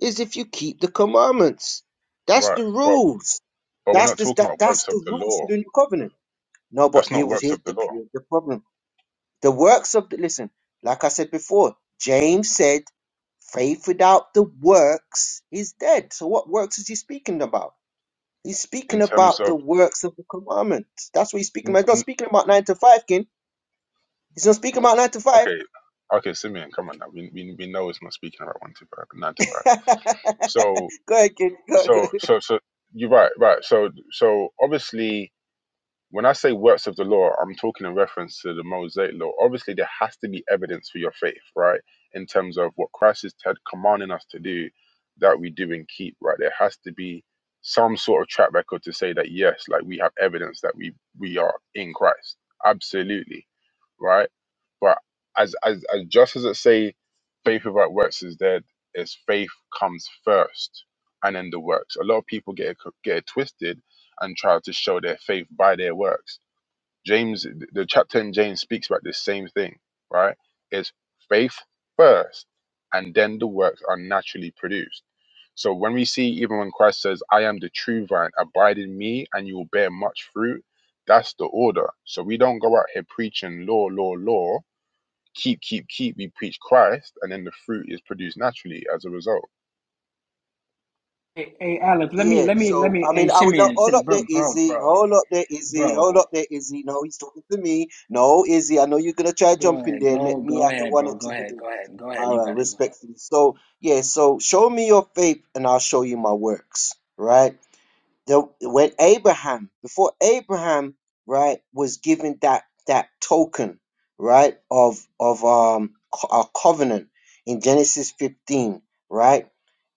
is if you keep the commandments. That's
Right.
the
But
rules.
but we're
That's
not
the
talking
that,
about
that's
works of
the
the
rules
law.
for the new covenant. No, but
That's not
here was
works
here's
of the
the
law.
here's the problem. The works of the listen, like I said before, James said, faith without the works is dead. So what works is he speaking about? He's
In
speaking
terms
about
of
the works of the commandments. That's what he's speaking
n-
about. He's not
n-
speaking about nine to five, kin. He's not speaking about nine to five.
okay, okay, Simeon, come on now. We we, we know it's not speaking about one to five, nine to five. So
Go ahead, kid. Go, go.
So so so you're right, right. So so obviously. When I say works of the law, I'm talking in reference to the Mosaic law. Obviously, there has to be evidence for your faith, right? In terms of what Christ is t- commanding us to do, that we do and keep, right? There has to be some sort of track record to say that yes, like we have evidence that we we are in Christ. Absolutely, right? But as as, as just as it say, faith without works is dead. Is faith comes first, and then the works. A lot of people get it, co- get it twisted and try to show their faith by their works. James, the chapter in James speaks about this same thing, right? It's faith first, and then the works are naturally produced. So when we see, even when Christ says, I am the true vine, abide in me, and you will bear much fruit, that's the order. So we don't go out here preaching law, law, law, keep, keep, keep. We preach Christ, and then the fruit is produced naturally as a result.
Hey, hey Aleph, let me,
Yeah,
let me, let
so
me,
I
hey,
mean, I would
Shimmy,
not.
and
Hold
Shimmy,
up
bro,
there,
bro,
Izzy.
bro.
Hold up there, Izzy. Hold
Bro,
up there, Izzy. No, he's talking to me. No, Izzy, I know you're gonna try
go
jumping
ahead.
there.
Go
Let me
go
have the
ahead,
one
bro.
or
Go
two with
ahead.
him.
Go ahead. Go ahead.
All
You
right,
got it. Go ahead.
respectfully. So yeah, so show me your faith, and I'll show you my works. Right? the when Abraham before Abraham right was given that that token right of of um co- a covenant in Genesis 15 right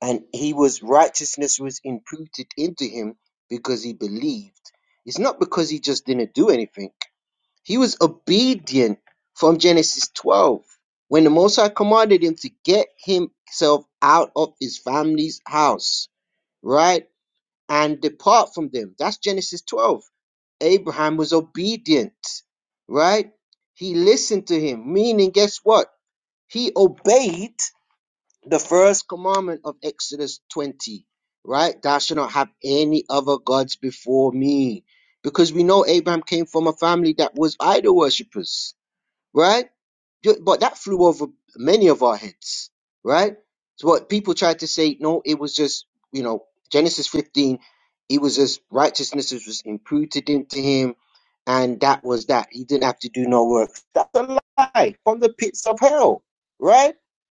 and he was righteousness was imputed into him because he believed it's not because he just didn't do anything he was obedient from Genesis 12 when the Most High commanded him to get himself out of his family's house right and depart from them. That's Genesis 12. Abraham was obedient, right? He listened to him, meaning, guess what? He obeyed the first commandment of Exodus 20, right? Thou shalt not have any other gods before me. Because we know Abraham came from a family that was idol worshippers right? Ju- But that flew over many of our heads, right? So what people tried to say, no, it was just, you know, Genesis 15, it was just righteousness was imputed into him, and that was that. He didn't have to do no work. That's a lie from the pits of hell, right?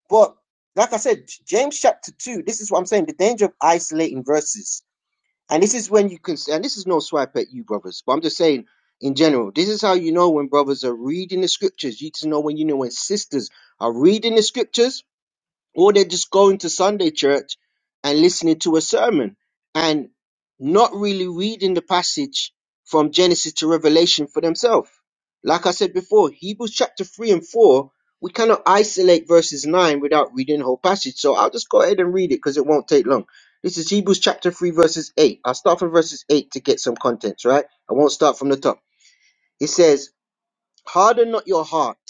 But like I said, James chapter 2, this is what I'm saying the danger of isolating verses and this is when you can, and this is no swipe at you, brothers, but I'm just saying in general, this is how you know when brothers are reading the scriptures. You just know when you know when sisters are reading the scriptures or they're just going to Sunday church and listening to a sermon and not really reading the passage from Genesis to Revelation for themselves. Like I said before, Hebrews chapter 3 and 4, we cannot isolate verses 9 without reading the whole passage. So I'll just go ahead and read it because it won't take long. This is Hebrews chapter 3, verses 8. I'll start from verses 8 to get some contents, right? I won't start from the top. It says, Harden not your heart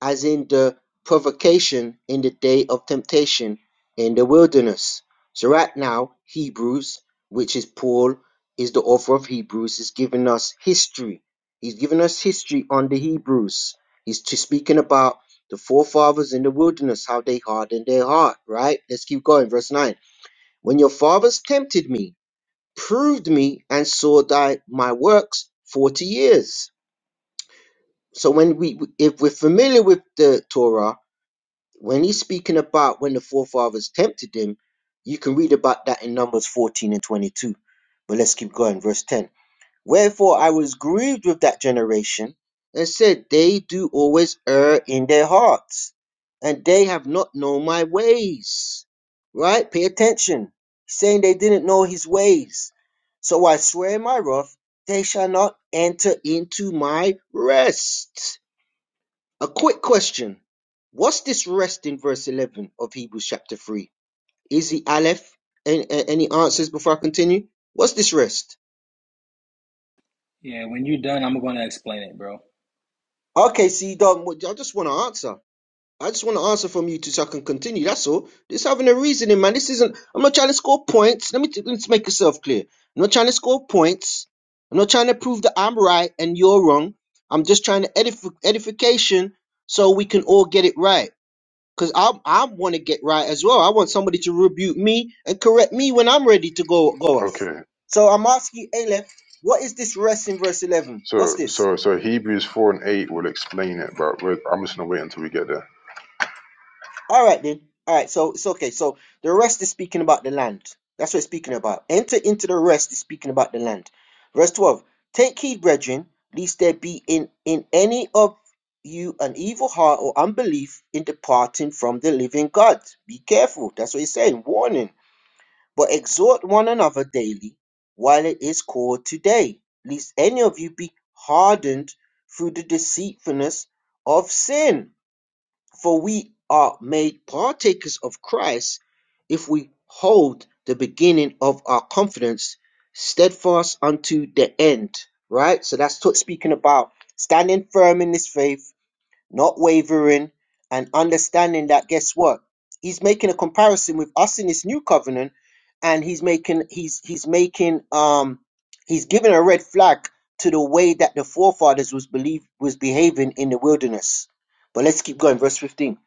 as in the provocation in the day of temptation in the wilderness. So, right now, Hebrews, which is Paul, is the author of Hebrews, is giving us history. He's giving us history on the Hebrews. He's t- speaking about the forefathers in the wilderness, how they hardened their heart, right? Let's keep going. Verse 9. When your fathers tempted me, proved me, and saw thy, my works 40 years. So, when we, if we're familiar with the Torah, when he's speaking about when the forefathers tempted him, you can read about that in Numbers 14 and 22. But let's keep going. Verse 10 Wherefore I was grieved with that generation and said, They do always err in their hearts, and they have not known my ways. Right? Pay attention. He's saying they didn't know his ways. So I swear in my wrath, they shall not enter into my rest. A quick question. What's this rest in verse 11 of Hebrews chapter 3? Is it Aleph? Any, any answers before I continue? What's this rest?
Yeah, when you're done, I'm gonna explain it, bro.
Okay, see, Dom, I just want to answer. I just want to answer from you two so I can continue. That's all. This having a reasoning, man. This isn't, I'm not trying to score points. Let me, t- let's make yourself clear. I'm not trying to score points. I'm not trying to prove that I'm right and you're wrong. I'm just trying to edify edification so we can all get it right. Cause I I want to get right as well. I want somebody to rebuke me and correct me when I'm ready to go go off.
Okay.
So I'm asking you, Aleph, what is this rest in verse eleven? What's
So,
this?
so, so Hebrews four and eight will explain it, but we're, I'm just gonna wait until we get there.
All right then. All right. So it's okay. So the rest is speaking about the land. That's what it's speaking about. Enter into the rest is speaking about the land. Verse twelve. Take heed, brethren, lest there be in in any of you an evil heart or unbelief in departing from the living God. Be careful. That's what he's saying. Warning. But exhort one another daily, while it is called today, lest any of you be hardened through the deceitfulness of sin. For we are made partakers of Christ if we hold the beginning of our confidence steadfast unto the end. Right? So that's t- speaking about standing firm in this faith not wavering, and understanding that guess what? He's making a comparison with us in this new covenant, and he's making he's he's making um he's giving a red flag to the way that the forefathers was believe was behaving in the wilderness. But let's keep going, verse 15.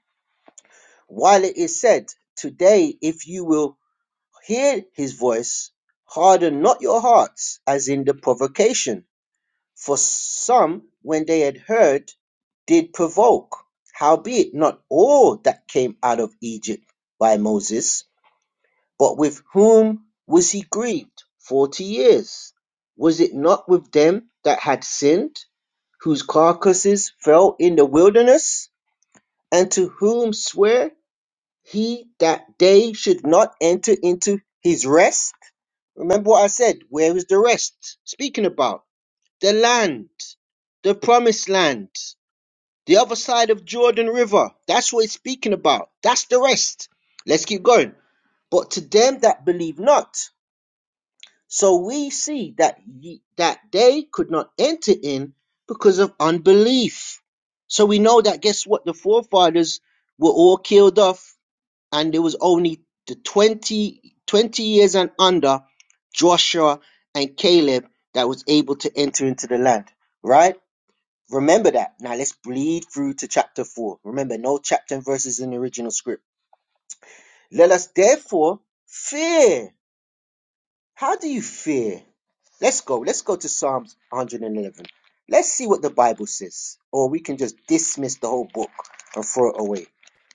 While it is said, Today, if you will hear his voice, harden not your hearts, as in the provocation for some, when they had heard, did provoke. Howbeit, not all that came out of Egypt by Moses, but with whom was he grieved forty years? Was it not with them that had sinned, whose carcasses fell in the wilderness, and to whom swear he that they should not enter into his rest? Remember what I said, where is the rest? Speaking about the land, the promised land, the other side of Jordan River. That's what it's speaking about. That's the rest. Let's keep going. But to them that believe not. So we see that ye, that they could not enter in because of unbelief. So we know that guess what? The forefathers were all killed off, and there was only the 20 20 years and under Joshua and Caleb that was able to enter into the land. Right? Remember that. Now let's bleed through to chapter 4. Remember, no chapter and verses in the original script. Let us therefore fear. How do you fear? Let's go. Let's go to Psalms 111. Let's see what the Bible says. Or we can just dismiss the whole book and throw it away.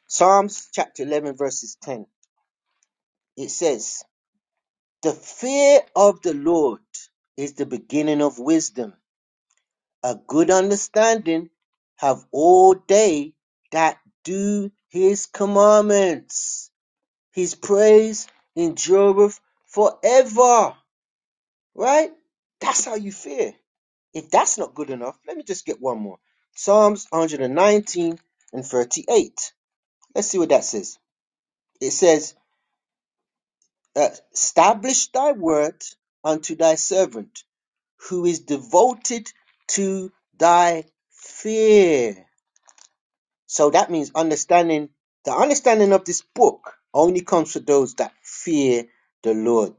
Psalms chapter 11, verses 10. It says, The fear of the Lord is the beginning of wisdom. a good understanding, have all they that do his commandments. His praise endureth forever. Right? That's how you fear. If that's not good enough, let me just get one more. Psalms 119 and 38. Let's see what that says. It says, uh, Establish thy word unto thy servant, who is devoted to thy fear. So that means understanding the understanding of this book only comes to those that fear the Lord.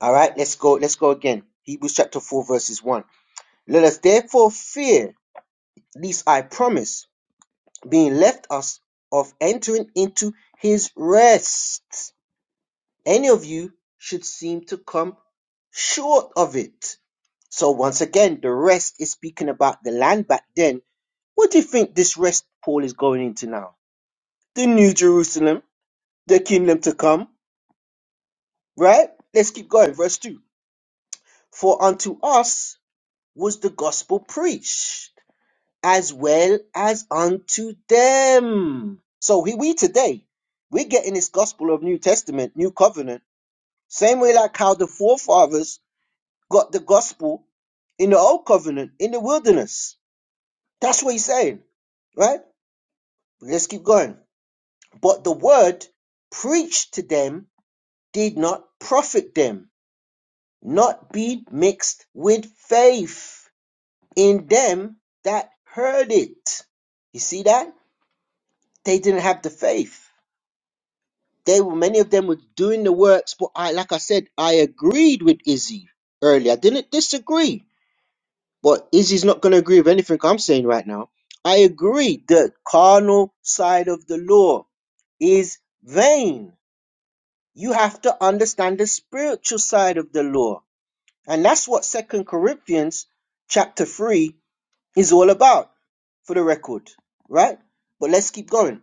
All right, let's go. Let's go again. Hebrews chapter 4, verses 1. Let us therefore fear, lest I promise, being left us of entering into his rest. Any of you should seem to come short of it. So, once again, the rest is speaking about the land back then. What do you think this rest Paul is going into now? The New Jerusalem the kingdom to come, right? Let's keep going. Verse 2 For unto us was the gospel preached, as well as unto them. So here we today, we're getting this gospel of New Testament, New Covenant, same way like how the forefathers got the gospel in the Old Covenant in the wilderness. That's what he's saying, right? Let's keep going. But the word preached to them did not profit them not be mixed with faith in them that heard it. You see that? They didn't have the faith. They were many of them were doing the works, but I like I said, I agreed with Izzy earlier. I didn't disagree. But Izzy's not gonna agree with anything I'm saying right now. I agree the carnal side of the law is vain. You have to understand the spiritual side of the law. And that's what Second Corinthians chapter 3 is all about, for the record, right? But let's keep going.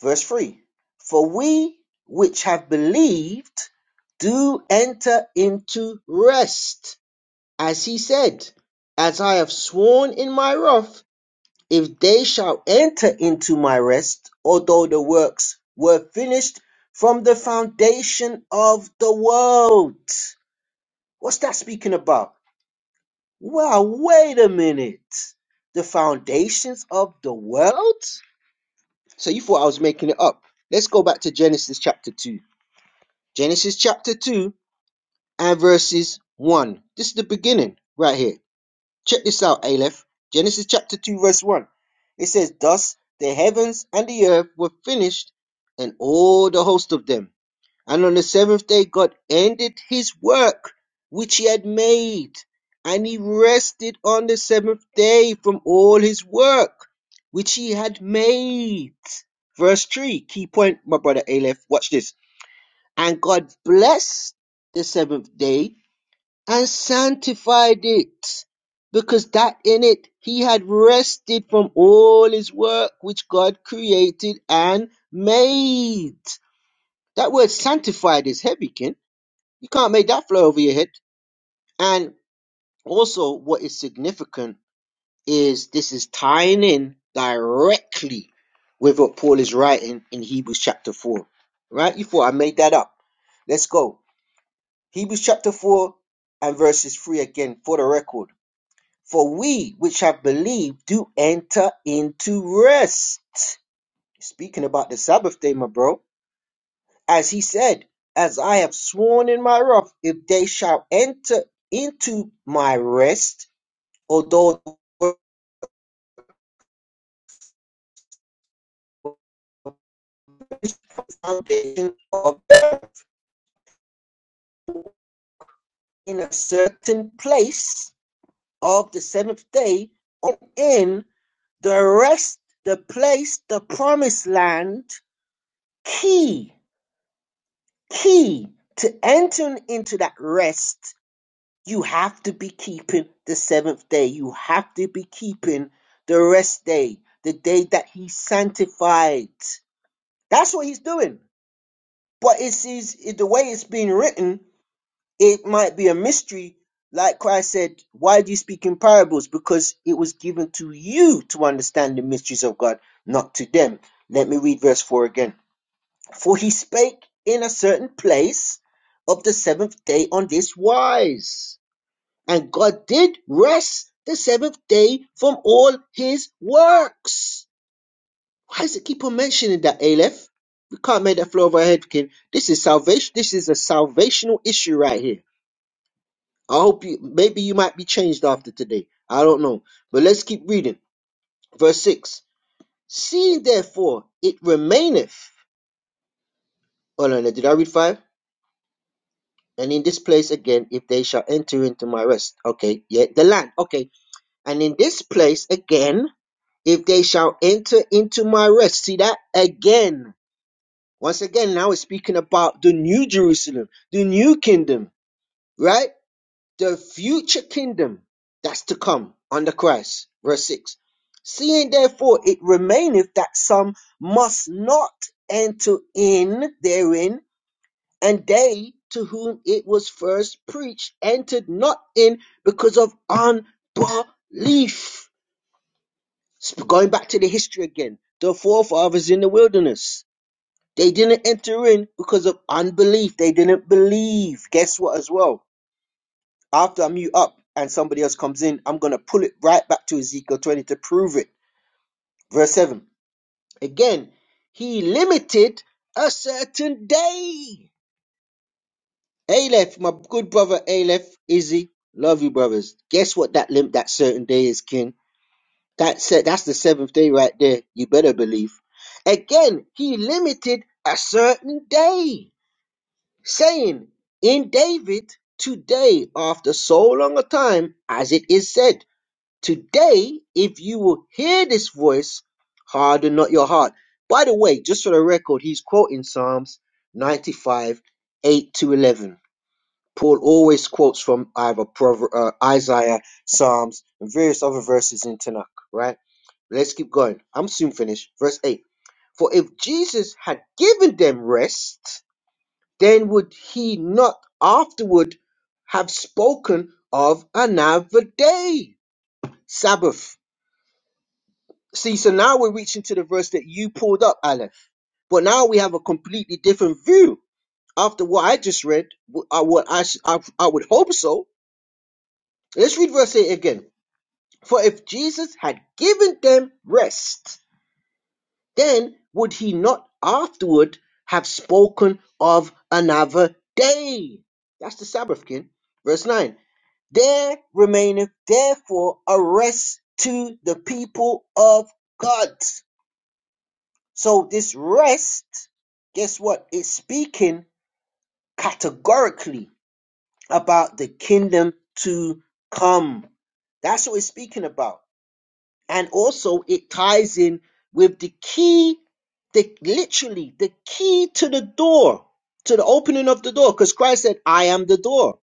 Verse 3 For we which have believed do enter into rest, as he said, As I have sworn in my wrath, if they shall enter into my rest, although the works were finished from the foundation of the world. What's that speaking about? Wow, wait a minute. The foundations of the world? So you thought I was making it up. Let's go back to Genesis chapter 2. Genesis chapter 2 and verses 1. This is the beginning right here. Check this out, Aleph. Genesis chapter 2, verse 1. It says, Thus the heavens and the earth were finished, and all the host of them. And on the seventh day, God ended his work which he had made, and he rested on the seventh day from all his work which he had made. Verse 3, key point, my brother Aleph, watch this. And God blessed the seventh day and sanctified it, because that in it he had rested from all his work which God created and made. That word sanctified is heavy, Ken you can't make that fly over your head. And also, what is significant is this is tying in directly with what Paul is writing in Hebrews chapter 4. Right? You thought I made that up. Let's go. Hebrews chapter 4 and verses 3 again for the record. For we which have believed do enter into rest. Speaking about the Sabbath day, my bro. as he said, As I have sworn in my wrath, if they shall enter into my rest, although the world is the foundation of in a certain place of the seventh day, on in the rest, the place, the promised land, key, key to enter into that rest You have to be keeping the seventh day. You have to be keeping the rest day, the day that he sanctified. That's what he's doing. But it's, it's it, the way it's being written, it might be a mystery. Like Christ said, why do you speak in parables? Because it was given to you to understand the mysteries of God, not to them. Let me read verse 4 again. For he spake in a certain place of the seventh day on this wise. And God did rest the seventh day from all his works. Why does it keep on mentioning that, Aleph? We can't make that flow over our head, King. This is salvation. This is a salvational issue right here. I hope you, maybe you might be changed after today. I don't know. But let's keep reading. Verse 6. Seeing therefore it remaineth. Hold on, did I read 5? And in this place again, if they shall enter into my rest. Okay, yeah, the land. Okay. And in this place again, if they shall enter into my rest. See that again. Once again, now it's speaking about the new Jerusalem, the new kingdom, right? The future kingdom that's to come under Christ. Verse 6. Seeing therefore it remaineth that some must not enter in therein, and they to whom it was first preached entered not in because of unbelief. Sp- Going back to the history again, the forefathers in the wilderness, they didn't enter in because of unbelief. They didn't believe. Guess what, as well? After I mute up and somebody else comes in, I'm going to pull it right back to Ezekiel 20 to prove it. Verse 7. Again, he limited a certain day. Aleph, my good brother Aleph, Izzy, love you, brothers. Guess what that limp, that certain day is, King? That's it. That's the seventh day right there. You better believe. Again, he limited a certain day, saying, In David, today, after so long a time, as it is said, today, if you will hear this voice, harden not your heart. By the way, just for the record, he's quoting Psalms 95, 8 to 11. Paul always quotes from either Prover- uh, Isaiah, Psalms, and various other verses in Tanakh, right? Let's keep going. I'm soon finished. Verse 8. For if Jesus had given them rest, then would he not afterward have spoken of another day? Sabbath. See, so now we're reaching to the verse that you pulled up, Aleph. But now we have a completely different view. After what I just read, wh- uh, I I, s- I, I would hope so. Let's read verse 8 again. For if Jesus had given them rest, Then would he not afterward have spoken of another day? That's the Sabbath, kin. Verse 9 There remaineth therefore a rest to the people of God. So this rest, guess what? It's speaking categorically about the kingdom to come. That's what it's speaking about and also it ties in with the key the literally the key to the door to the opening of the door because christ said i am the door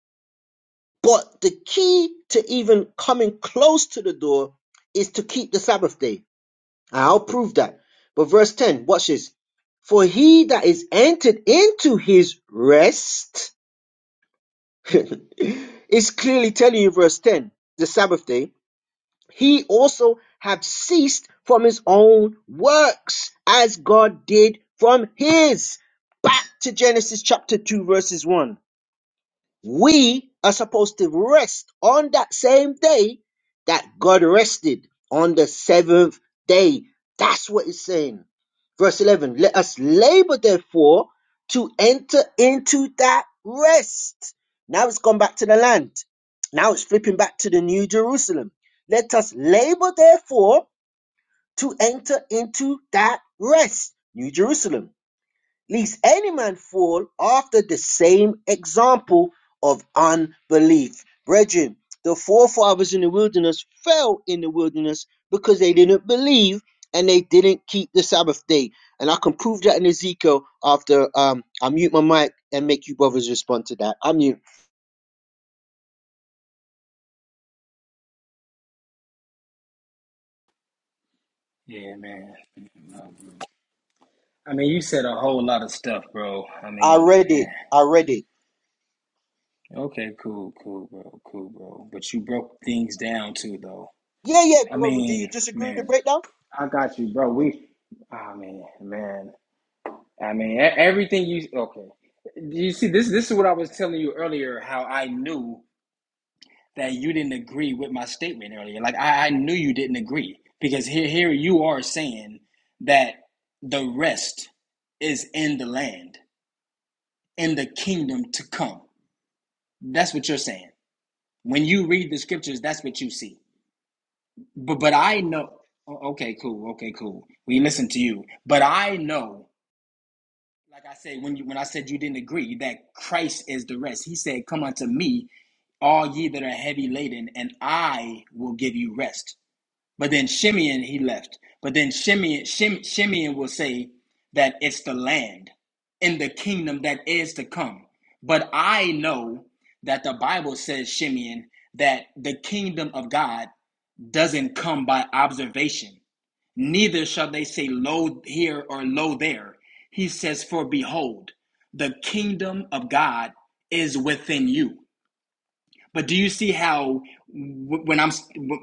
but the key to even coming close to the door is to keep the sabbath day And i'll prove that but verse 10 watch this for he that is entered into his rest is clearly telling you verse 10 the sabbath day he also have ceased from his own works as God did from his. Back to Genesis chapter 2, verses 1. We are supposed to rest on that same day that God rested on the seventh day. That's what it's saying. Verse 11 Let us labor, therefore, to enter into that rest. Now it's gone back to the land. Now it's flipping back to the New Jerusalem. Let us labor, therefore, to enter into that rest. New Jerusalem lest any man fall after the same example of unbelief. Brethren, the forefathers in the wilderness fell in the wilderness because they didn't believe and they didn't keep the Sabbath day. And I can prove that in Ezekiel after um, I mute my mic and make you brothers respond to that. I mute.
Yeah, man. I mean, you said a whole lot of stuff, bro. I
I
mean,
read it.
man.
I read it.
Okay, cool, cool, bro, cool, bro. But you broke things down too, though.
Yeah, yeah,
I
brother. Do you
mean,
disagree with the
man,
breakdown?
I got you, bro. We, I mean, man, I mean, e- everything you. Okay, you see, this this is what I was telling you earlier. How I knew. that you didn't agree with my statement earlier. Like I, I knew you didn't agree because here here you are saying that the rest is in the land, in the kingdom to come. That's what you're saying. When you read the scriptures, that's what you see. But but I know okay, cool, okay, cool. We listen to you. But I know, like I said, when you when I said you didn't agree, that Christ is the rest. He said, Come unto me, all ye that are heavy laden, and I will give you rest. But then Shimeon he left. But then Shimeon Shim, Shimeon will say that it's the land in the kingdom that is to come. But I know that the Bible says Shimeon that the kingdom of God doesn't come by observation. Neither shall they say lo here or lo there. He says for behold the kingdom of God is within you. But do you see how when I'm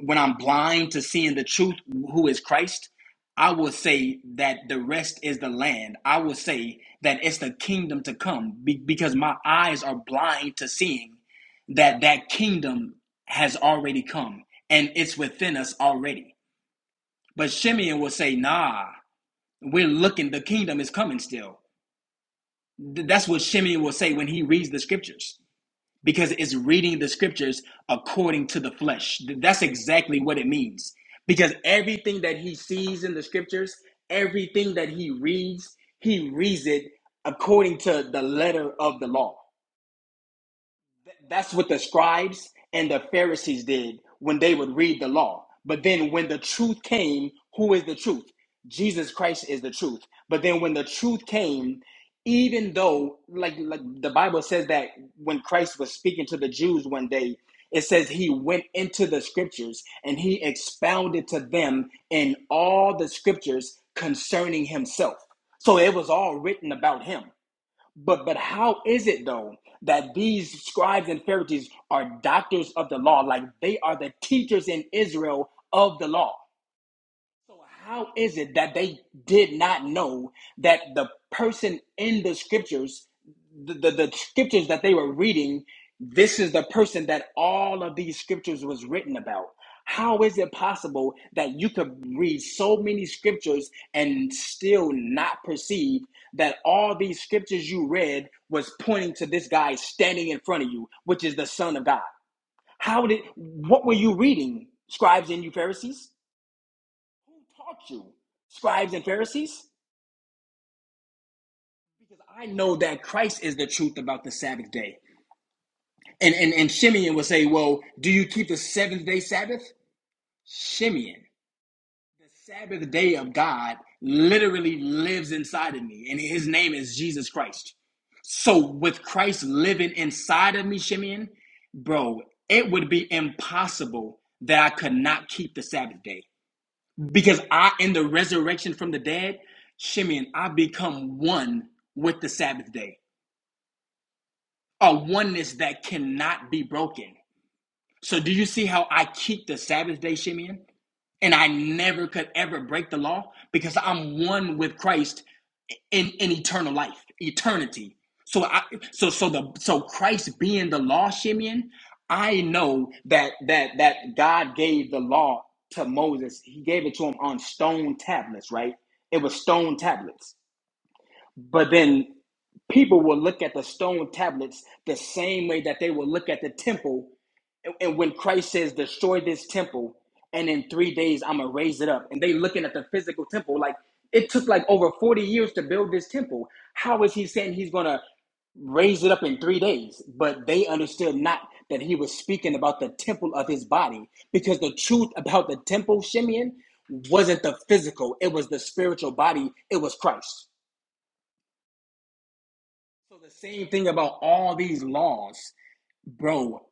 when I'm blind to seeing the truth, who is Christ? I will say that the rest is the land. I will say that it's the kingdom to come be- because my eyes are blind to seeing that that kingdom has already come and it's within us already. But Shimeon will say, "Nah, we're looking. The kingdom is coming still." Th- That's what Shimeon will say when he reads the scriptures because it's reading the scriptures according to the flesh. That's exactly what it means. Because everything that he sees in the scriptures, everything that he reads, he reads it according to the letter of the law. That's what the scribes and the Pharisees did when they would read the law. But then when the truth came, who is the truth? Jesus Christ is the truth. But then when the truth came, even though like like the Bible says that when Christ was speaking to the Jews one day, it says he went into the scriptures and he expounded to them in all the scriptures concerning himself. So it was all written about him. But but how is it though that these scribes and Pharisees are doctors of the law, like they are the teachers in Israel of the law? So How is it that they did not know that the person in the scriptures, the, the, the scriptures that they were reading, this is the person that all of these scriptures was written about? How is it possible that you could read so many scriptures and still not perceive that all these scriptures you read was pointing to this guy standing in front of you, which is the Son of God? How did what were you reading, scribes and you Pharisees? taught you, scribes and Pharisees? Because I know that Christ is the truth about the Sabbath day. And and, and Shimeon would say, Well, do you keep the seventh day Sabbath? Shimeon, the Sabbath day of God literally lives inside of me, and his name is Jesus Christ. So with Christ living inside of me, Shimeon, bro, it would be impossible that I could not keep the Sabbath day. Because I, in the resurrection from the dead, Shimeon, I become one with the Sabbath day, a oneness that cannot be broken. So, do you see how I keep the Sabbath day, Shimeon? and I never could ever break the law because I'm one with Christ in, in eternal life, eternity. So I so so the so Christ being the law, Shimeon, I know that that that God gave the law to Moses. He gave it to him on stone tablets, right? It was stone tablets. But then people will look at the stone tablets the same way that they will look at the temple and when Christ says, destroy this temple, and in three days I'm gonna raise it up. And they looking at the physical temple, like it took like over 40 years to build this temple. How is he saying he's gonna raise it up in three days? But they understood not that he was speaking about the temple of his body, because the truth about the temple, Shimeon, wasn't the physical, it was the spiritual body, it was Christ. So the same thing about all these laws, bro.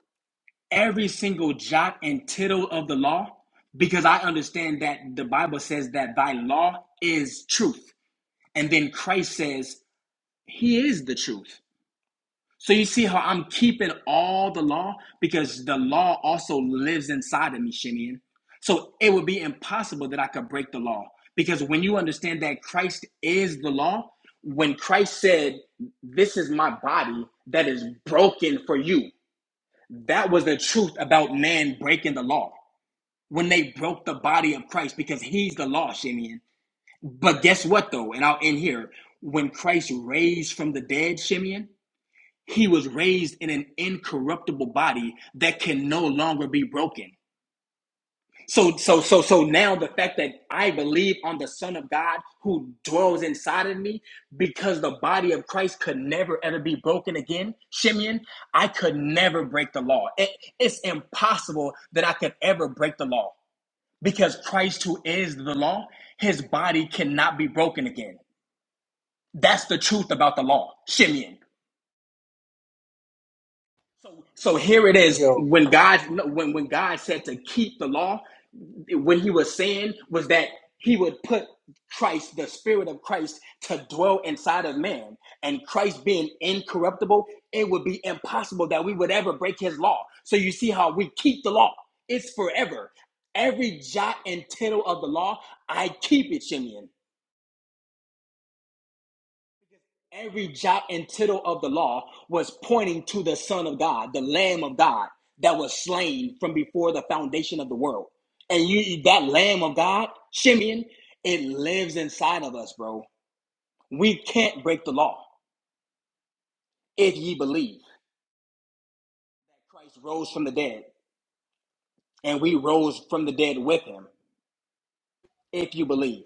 every single jot and tittle of the law because I understand that the Bible says that thy law is truth. And then Christ says, He is the truth. So you see how I'm keeping all the law because the law also lives inside of me, Shimeon. So it would be impossible that I could break the law because when you understand that Christ is the law, when Christ said, This is my body that is broken for you, that was the truth about man breaking the law when they broke the body of Christ because he's the law, Shimeon. But guess what though? And I'll end here. When Christ raised from the dead, Shimeon, he was raised in an incorruptible body that can no longer be broken. So so so so now the fact that I believe on the Son of God who dwells inside of me, because the body of Christ could never ever be broken again, Shimeon, I could never break the law. It- it's impossible that I could ever break the law because Christ, who is the law, his body cannot be broken again. That's the truth about the law, Shimeon. So, so here it is.
Yo.
When God, when when God said to keep the law, when He was saying was that He would put Christ, the Spirit of Christ, to dwell inside of man, and Christ being incorruptible, it would be impossible that we would ever break His law. So you see how we keep the law; it's forever every jot and tittle of the law, I keep it, Shimeon. Every jot and tittle of the law was pointing to the Son of God, the Lamb of God that was slain from before the foundation of the world. And you, that Lamb of God, Shimeon, it lives inside of us, bro. We can't break the law if ye believe. Christ rose from the dead, and we rose from the dead with him if you believe.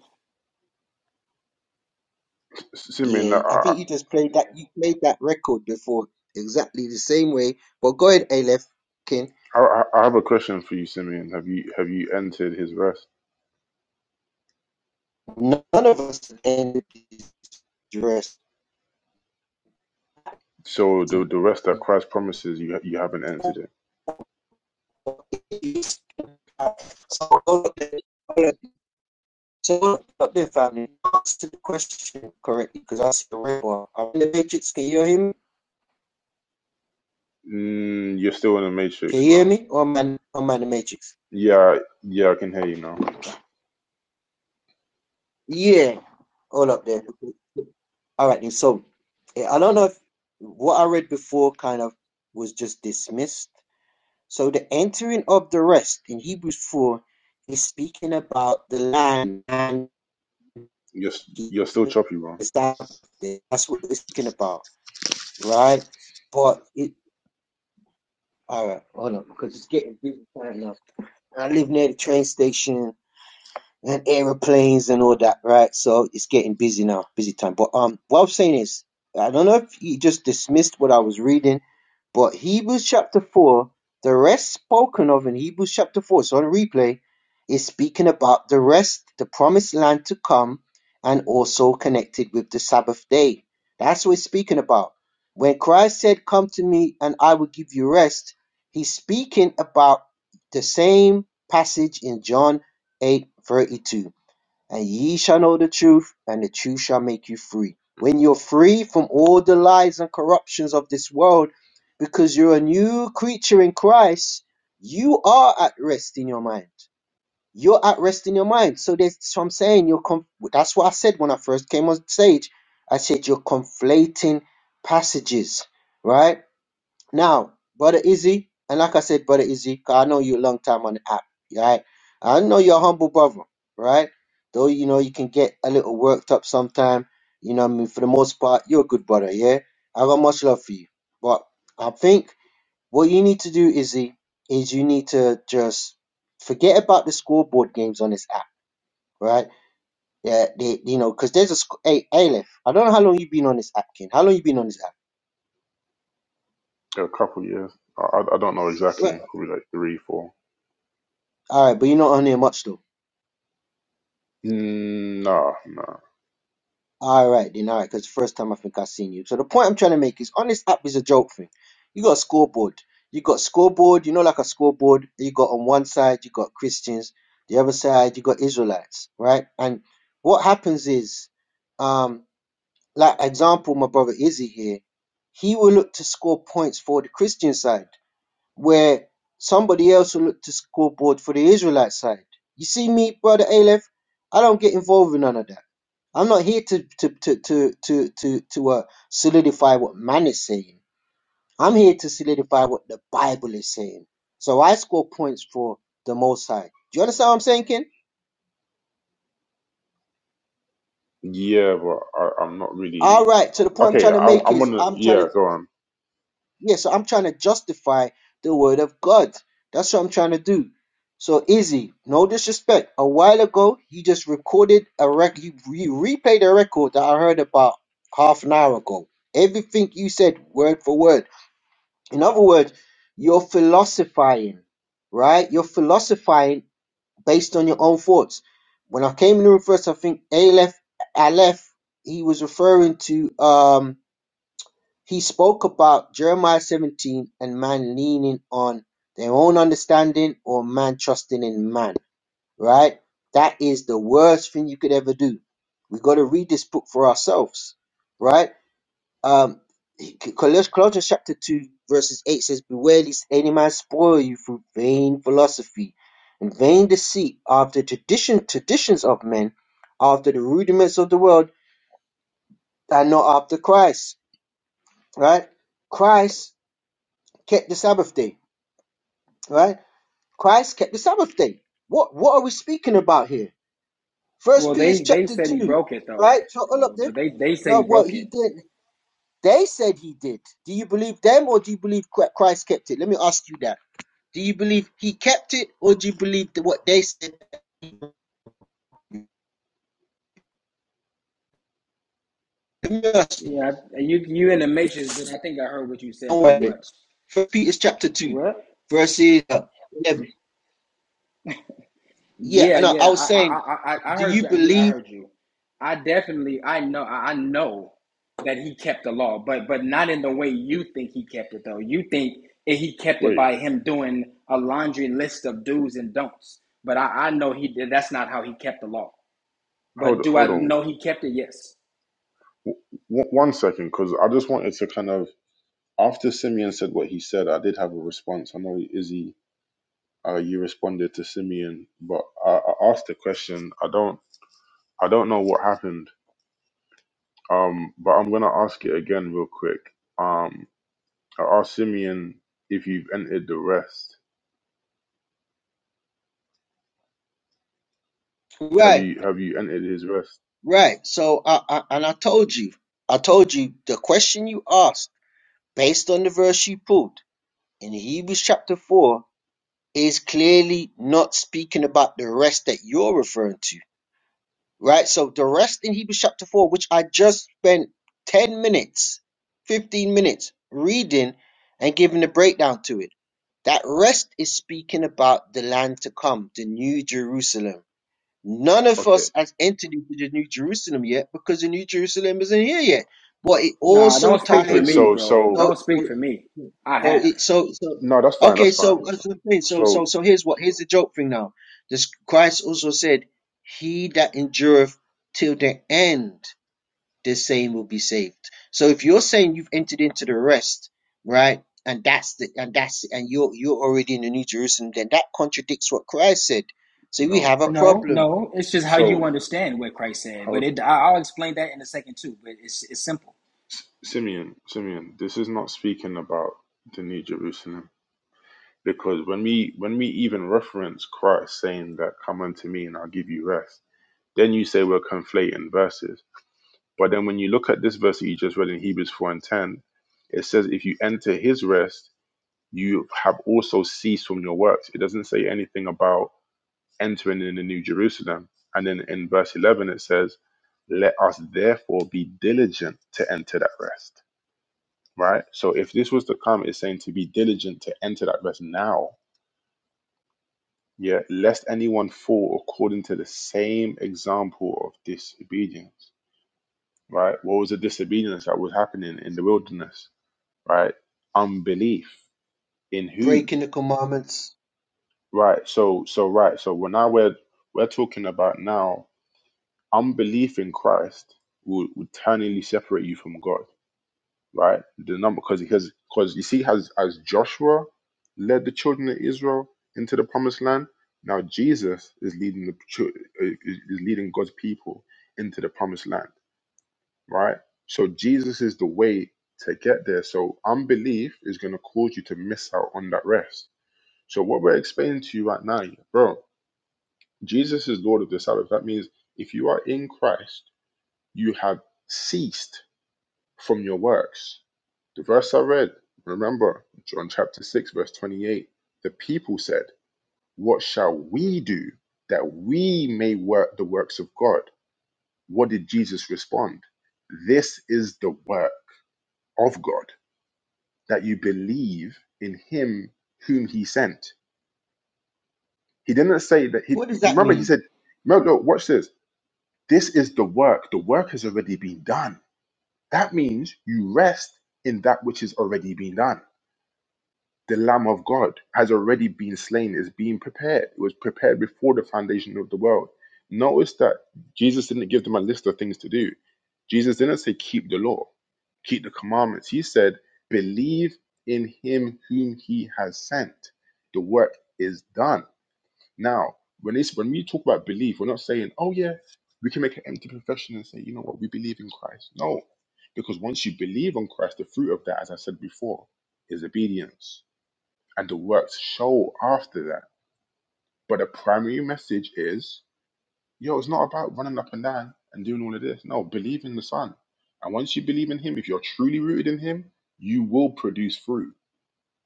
S- Simeon, I,
Yeah, I
I,
think you just played that. You played that record before exactly the same way. But go ahead, Aleph. King.
I I have a question for you, Simeon. Have you have you entered his rest?
None of us have ended this dress.
So the
So
the rest that Christ promises you, you haven't entered it.
all of the all of- so all of the family answer the question correctly because I see the red one. I'm in the matrix. Can you hear him?
Mm, you're still in the
Can
matrix,
you hear
bro.
me? Oh man, oh man, the matrix.
Yeah, yeah, I can hear you now.
Yeah, all up there. All right, So eh, I don't know if what I read before kind of was just dismissed. So the entering of the rest in Hebrews 4 is speaking about the land and
You're s-
the
you're still choppy, bro.
Sabbath. That's what we're speaking about, right? But it, all right, hold on, because it's getting busy time now. I live near the train station and aeroplanes and all that, right? So it's getting busy now, busy time. But um, what I'm saying is, I don't know if he just dismissed what I was reading, but Hebrews chapter four, the rest spoken of in Hebrews chapter four, so on replay, is speaking about the rest, the promised land to come, and also connected with the Sabbath day. That's what it's speaking about. When Christ said, "Come to me, and I will give you rest," he's speaking about the same passage in John 8 32, And ye shall know the truth, and the truth shall make you free. When you're free from all the lies and corruptions of this world, because you're a new creature in Christ, you are at rest in your mind. You're at rest in your mind. So that's what I'm saying. You're conf- that's what I said when I first came on stage. I said you're conflating passages, right? Now, Brother Izzy, and like I said, Brother Izzy, 'cause I know you a long time on the app, right? I know you're a humble brother, right? Though, you know, you can get a little worked up sometime. You know what I mean? For the most part, you're a good brother, yeah? I got much love for you. But I think what you need to do, Izzy, is you need to just forget about the scoreboard games on this app, right? Yeah, they, you know, 'cause there's a, sc- hey, hey, Aleph, I don't know how long you've been on this app, King. How long you been on this app?
a couple years. I, I I don't know exactly.
Right.
Probably like three, four.
All right, but you're not on here much, though.
Mm, nah, nah.
All right, then. All right, because first time I think i seen you. So the point I'm trying to make is on this app is a joke thing. You got a scoreboard. You got scoreboard. You know, like a scoreboard. You got on one side, you got Christians. The other side, you got Israelites, right? And what happens is, um, like example, my brother Izzy here, he will look to score points for the Christian side, where somebody else will look to scoreboard for the Israelite side. You see me, brother Aleph? I don't get involved in none of that. I'm not here to to to to to to, to uh, solidify what man is saying. I'm here to solidify what the Bible is saying. So I score points for the Most High. Do you understand what I'm saying, Ken?
Yeah, but I, I'm not
All
really.
right. So the point I'm
Okay,
trying to
I,
make
I'm
is
gonna.
I'm
Yeah,
trying to
go on.
yeah. So I'm trying to justify the Word of God. That's what I'm trying to do. So Izzy, no disrespect. A while ago, he just recorded a rec. He you replayed a record that I heard about half an hour ago. Everything you said, word for word. In other words, you're philosophizing, right? You're philosophizing based on your own thoughts. When I came in the room first, I think Aleph, Aleph, he was referring to, um, he spoke about Jeremiah 17 and man leaning on their own understanding or man trusting in man, right? That is the worst thing you could ever do. We've got to read this book for ourselves, right? Um, Colossians chapter 2, verses 8 says, Beware lest any man spoil you through vain philosophy and vain deceit after tradition, traditions of men, after the rudiments of the world, and not after Christ. Right? Christ kept the Sabbath day. Right? Christ kept the Sabbath day. What what are we speaking about here? First
Well,
Peter
they they
chapter
said he
2.
broke it though.
Right? So all up
So,
there.
but they they said
No,
he
what
broke it.
he did. They said he did. Do you believe them or do you believe Christ kept it? Let me ask you that Do you believe he kept it, or do you believe that what they said? Let
Yeah, I- you you in the matrix, but I think I heard what you said pretty much.
First Peter's chapter two,
What?
verses uh, eleven. Yeah,
Yeah,
and I, I
yeah.
was
I I
saying,
I I I
do
heard
you
you. Yeah, I
believe?
heard you. I definitely I know I I know that he kept the law, but but not in the way you think he kept it though. You think it- he kept it
Wait,
by him doing a laundry list of do's and don'ts. But I I know he did. That's not how he kept the law.
hold,
But do
hold
I
on.
know he kept it? Yes.
W- w- one second, because I just wanted to kind of. After Simeon said what he said, I did have a response. I know Izzy, uh, you responded to Simeon, but I, I asked the question. I don't. I don't know what happened. Um, but I'm gonna ask it again real quick. Um. I asked Simeon if you've entered the rest. Have
Right,
you have you entered his rest?
right. So, I, I, and I told you, I told you the question you asked based on the verse you pulled in Hebrews chapter four is clearly not speaking about the rest that you're referring to. right? So the rest in Hebrews chapter 4, which I just spent 10 minutes, 15 minutes reading and giving a breakdown to it, that rest is speaking about the land to come, the new Jerusalem None of
Okay.
us has entered into the New Jerusalem yet because the New Jerusalem isn't here yet. But it
Nah,
also
don't speak for
Okay.
tied
me,
in.
So
bro.
so
Don't
So,
speak
so,
for me. I
so,
have.
it, so, so,
no, that's fine.
okay.
That's fine.
So
That's fine.
that's what I'm saying. So, so,
So
so here's what here's the joke thing now. This Christ also said, "He that endureth till the end, the same will be saved." So if you're saying you've entered into the rest, right? And that's the and that's and you're you're already in the New Jerusalem. Then that contradicts what Christ said. So we
no.
have a
Okay.
No,
problem
no. It's just how you
So
understand what Christ said.
how
But it I- I'll explain that in a second too. But it's it's simple.
S- Simeon Simeon, this is not speaking about the New Jerusalem because when we when we even reference Christ saying that come unto me and I'll give you rest, then you say we're conflating verses. But then when you look at this verse that you just read in Hebrews four and ten, it says if you enter his rest you have also ceased from your works. It doesn't say anything about entering in the New Jerusalem. And then in verse 11, it says, Let us therefore be diligent to enter that rest, right? So if this was to come, it's saying to be diligent to enter that rest now, yeah, lest anyone fall according to the same example of disobedience, right? What was the disobedience that was happening in the wilderness, right? Unbelief in who?
breaking the commandments.
Right. So so right. So when I we're we're talking about now, unbelief in Christ will, will eternally separate you from God. Right. The number because because because you see as as Joshua led the children of Israel into the promised land. Now Jesus is leading the chil- uh, is is leading God's people into the promised land. Right. So Jesus is the way to get there. So unbelief is going to cause you to miss out on that rest. So what we're explaining to you right now, bro Jesus is Lord of the Sabbath. That means if you are in Christ, you have ceased from your works. The verse I read, remember, John chapter 6, verse 28. The people said, What shall we do that we may work the works of God? What did Jesus respond? This is the work of God, that you believe in him whom he sent. He didn't say that he
What does that
remember he
mean?
said, no, no, watch this. This is the work. The work has already been done. That means you rest in that which has already been done. The Lamb of God has already been slain, is being prepared. It was prepared before the foundation of the world. Notice that Jesus didn't give them a list of things to do. Jesus didn't say, keep the law, keep the commandments. He said, believe in him whom he has sent. The work is done. Now, when it's when we talk about belief, we're not saying, oh yeah, we can make an empty profession and say, you know what, we believe in Christ. No, because once you believe on Christ, the fruit of that, as I said before, is obedience, and the works show after that. But the primary message is, yo, it's not about running up and down and doing all of this. No, believe in the Son, and once you believe in Him, if you're truly rooted in Him, you will produce fruit.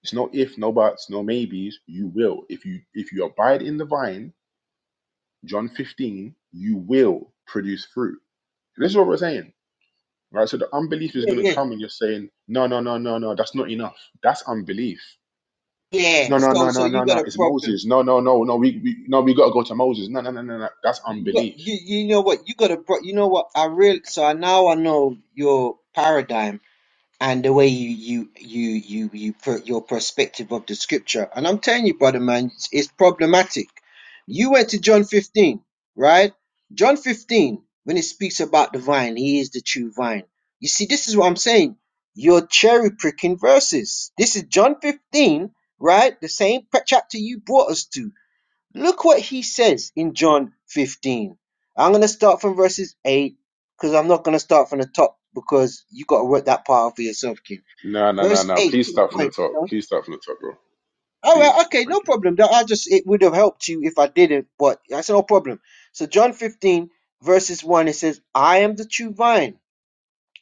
It's no if, no buts, no maybes. You will if you if you abide in the vine John 15, you will produce fruit. This is what we're saying, right? So the unbelief is
Yeah,
going to
yeah,
come and you're saying, no, no, no, no, no, that's not enough. That's unbelief.
yeah.
No, no,
So,
no,
so
no,
you
no,
got
no,
a
it's
problem.
Moses. No, no, no, no, we, we no, we got to go to Moses. No, no, no, no, no, that's
You got,
unbelief.
you, you know what? You got a pro. You know what? I real. So I now I know your paradigm. and the way you you you you you put your perspective of the scripture. And I'm telling you, brother man, it's, it's problematic. You went to John 15, right? John 15, when it speaks about the vine, he is the true vine. You see, this is what I'm saying. You're cherry picking verses. This is John 15, right? The same p- chapter you brought us to. Look what he says in John 15. I'm going to start from verses 8 because I'm not going to start from the top because you got to work that part out for yourself, King.
No, no, no,
Verse
no,
8.
please
to
start from the
Point,
top.
huh?
Please start from the top, bro.
All
Please.
right, okay,
Thank
no
you.
problem. That I just it would have helped you if I didn't, but that's no problem. So John 15 verses 1 it says, "I am the true vine."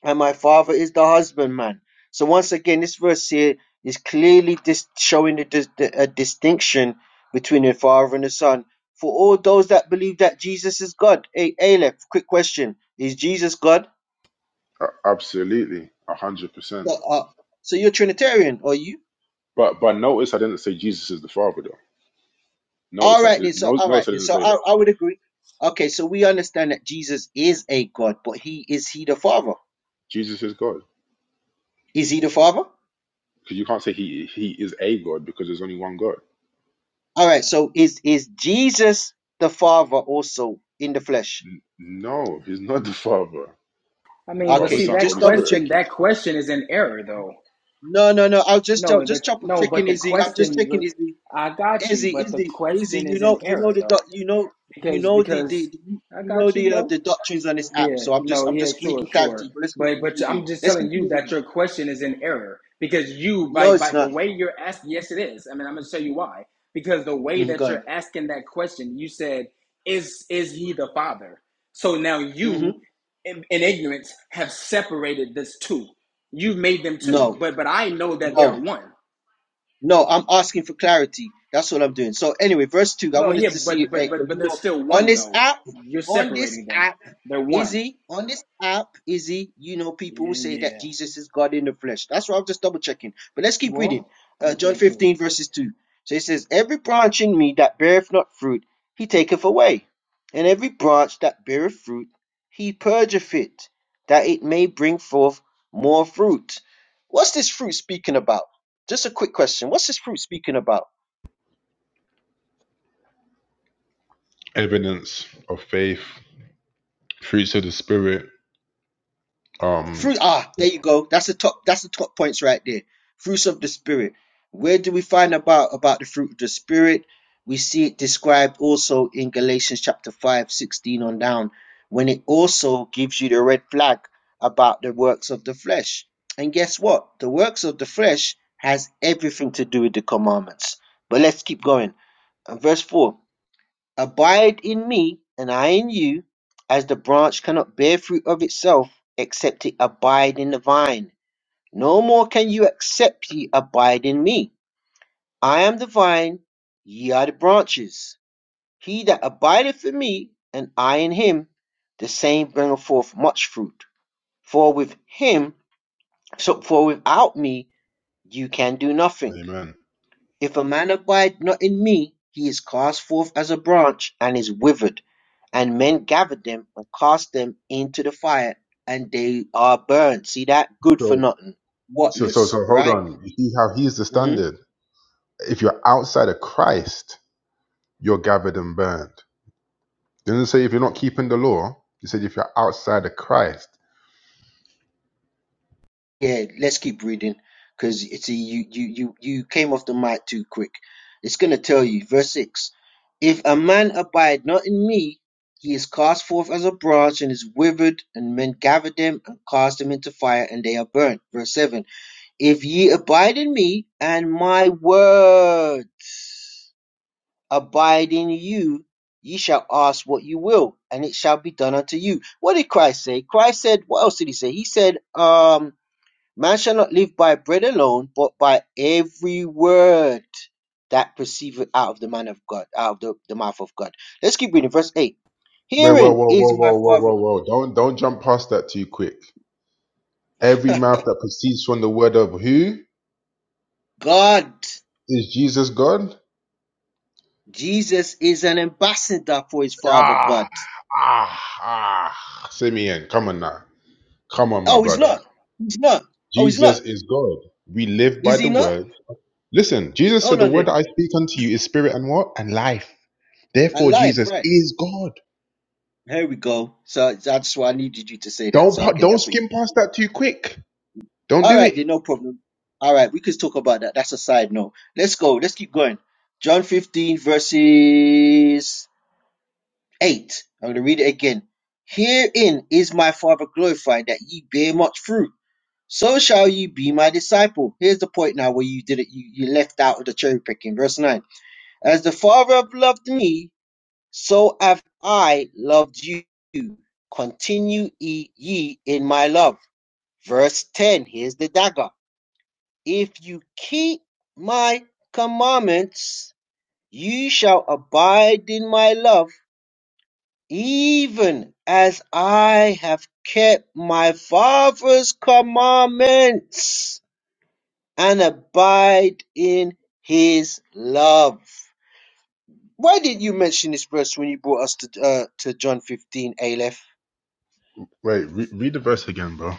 and my father is the husbandman. So once again, this verse here is clearly dis- showing a, dis- a distinction between the father and the son. For all those that believe that Jesus is God, hey Aleph, quick question: Is Jesus God?
A- absolutely. A hundred percent.
So, uh, so you're Trinitarian, are you?
But, but notice I didn't say Jesus is the father though.
All
Notice I,
right,
did,
then. So
no,
all right,
notice I
then.
didn't
So
say that.
I, I would agree. Okay, so we understand that Jesus is a God, but he is he the Father?
Jesus is God.
Is he the Father?
Because you can't say he, he is a God because there's only one God.
All right. So is is Jesus the Father also in the flesh?
No, he's not the Father.
I mean, but
Father,
Okay,
see
then
Son,
that
just
Holy
double
Spirit.
question.
check it.
That question is an error, though.
No, no, no. I'll just tell,
No, that
just double
no, but
checking
the
Izzy. I'm just
question.
checking
was-
Izzy.
I got you,
Izzy,
but the
Izzy, Izzy.
question
You
is
know,
an
you know
error,
the doc-
though,
you know, you
because
know the
because
the you
I
know
got you,
the uh,
bro.
the doctrines on this app.
Yeah,
So I'm
no,
just I'm
yeah,
just
sure,
making
sure.
clarity. But let's
But
continue
but
reading.
I'm just
Let's
telling you
continue
that
reading.
your question is in error because you
No,
by
it's
by the
not.
way you're asking, yes, it is. I mean, I'm gonna tell you why. Because the way
hmm
that
go
you're
ahead.
asking that question, you said, "Is is he the father?" So now
hmm
you, in, in ignorance, have separated this two. You've made them two,
No,
but but I know that they
no.
are one.
No, I'm asking for clarity. That's what I'm doing. So anyway, verse two. I
No,
wanted
yeah,
to see
but but
eh, 'cause,
but but
you
they're
know
still
on
one
this
though.
app,
You're
on
separating
this
them.
app,
They're one.
Izzy, on this app, Izzy, you know people will
Yeah,
say that
yeah.
Jesus is God in the flesh. That's why I'm just double checking. But let's keep reading. Uh, John
Okay, cool.
15 verses two. So it says, "Every branch in me that beareth not fruit, he taketh away, and every branch that beareth fruit, he purgeth it, that it may bring forth more fruit." What's this fruit speaking about? Just a quick question. What's this fruit speaking about?
Evidence of faith, fruits of the Spirit. Um,
Fruit. Ah, there you go. That's the top. That's the top points right there. Fruits of the spirit. Where do we find about about the fruit of the spirit? We see it described also in Galatians chapter 5, 16 on down, when it also gives you the red flag about the works of the flesh. And guess what? The works of the flesh has everything to do with the commandments. But let's keep going. And verse 4 Abide in me, and I in you, as the branch cannot bear fruit of itself, except it abide in the vine. No more can you except ye abide in me. I am the vine, ye are the branches. He that abideth in me, and I in him, the same bringeth forth much fruit. For with him, so for without me, you can do nothing.
Amen.
If a man abide not in me, he is cast forth as a branch and is withered, and men gather them and cast them into the fire, and they are burned. See that? Good for
So,
nothing.
so, so,
Whatless,
so, hold
right?
on. You see how he's the
hmm
standard. If you're outside of Christ, you're gathered and burned. Didn't it say if you're not keeping the law. He said if you're outside of Christ.
Yeah, let's keep reading because see, you, you, you, you came off the mic too quick. It's going to tell you, verse 6 If a man abide not in me, he is cast forth as a branch and is withered, and men gather them and cast them into fire, and they are burned. Verse 7 If ye abide in me, and my word abide in you, ye shall ask what you will, and it shall be done unto you. What did Christ say? Christ said, what else did he say? He said, um, man shall not live by bread alone, but by every word that proceedeth out of the man of God, out of the, the mouth of God. Let's keep reading verse 8.
Whoa, whoa,
Hearing
whoa,
is
whoa,
my
whoa, whoa,
father
whoa, whoa! Don't, don't jump past that too quick. Every mouth that proceeds from the word of who
God.
is Jesus God?
Jesus is an ambassador for his father
Ah,
God.
ah, ah. Simeon, come on now. Come on, my
Oh, he's
brother.
not. He's not. Oh, he's
Jesus
not.
is God. We live by
Is
the
he not?
word. Listen, Jesus said,
Hold
The
on
word
there.
that I speak unto you is spirit and what? And life.
I
Therefore,
lied,
Jesus
right.
is God.
Here we go. So that's why I needed you to say that.
Don't
So
pa-
okay,
don't
that's what you
skim past that too quick. Don't
All
do
right,
it.
then no problem. All right, we can talk about that. That's a side note. Let's go. Let's keep going. John 15 verses 8. I'm going to read it again. Herein is my Father glorified that ye bear much fruit. So shall you be my disciple. Here's the point now where you did it. You, you left out of the cherry picking. Verse 9. As the Father have loved me, so have I loved you. Continue e-, ye in my love. Verse 10, here's the dagger. If you keep my commandments, you shall abide in my love, even as I have kept my Father's commandments and abide in his love. Why did you mention this verse when you brought us to uh, to John 15, Aleph?
Wait, re- read the verse again, bro.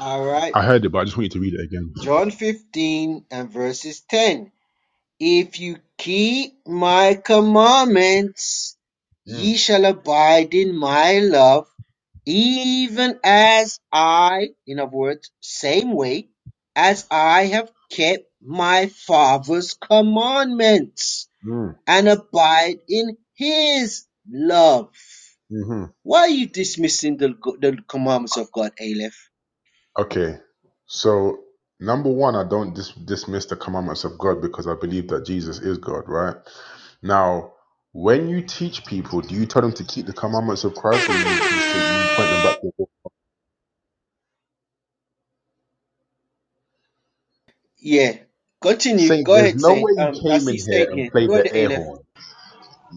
All right.
I heard it, but I just want you to read it again.
John 15 and verses 10. If you keep my commandments,
Mm,
ye shall abide in my love, even as I, in other words, same way, as I have kept my Father's commandments
mm,
and abide in his love.
mhm.
Why are you dismissing the, the commandments of God, Aleph?
Okay, so number one, I don't dis- dismiss the commandments of God because I believe that Jesus is God, right? Now, when you teach people, do you tell them to keep the commandments of Christ, or you teach that you point them back to God?
Yeah. Continue.
Saint,
Go
there's
ahead,
no
Saint.
way you
Um, I
came
see
in here
Saint
and
here.
played
Go
the
ahead,
air
Aleph.
horn.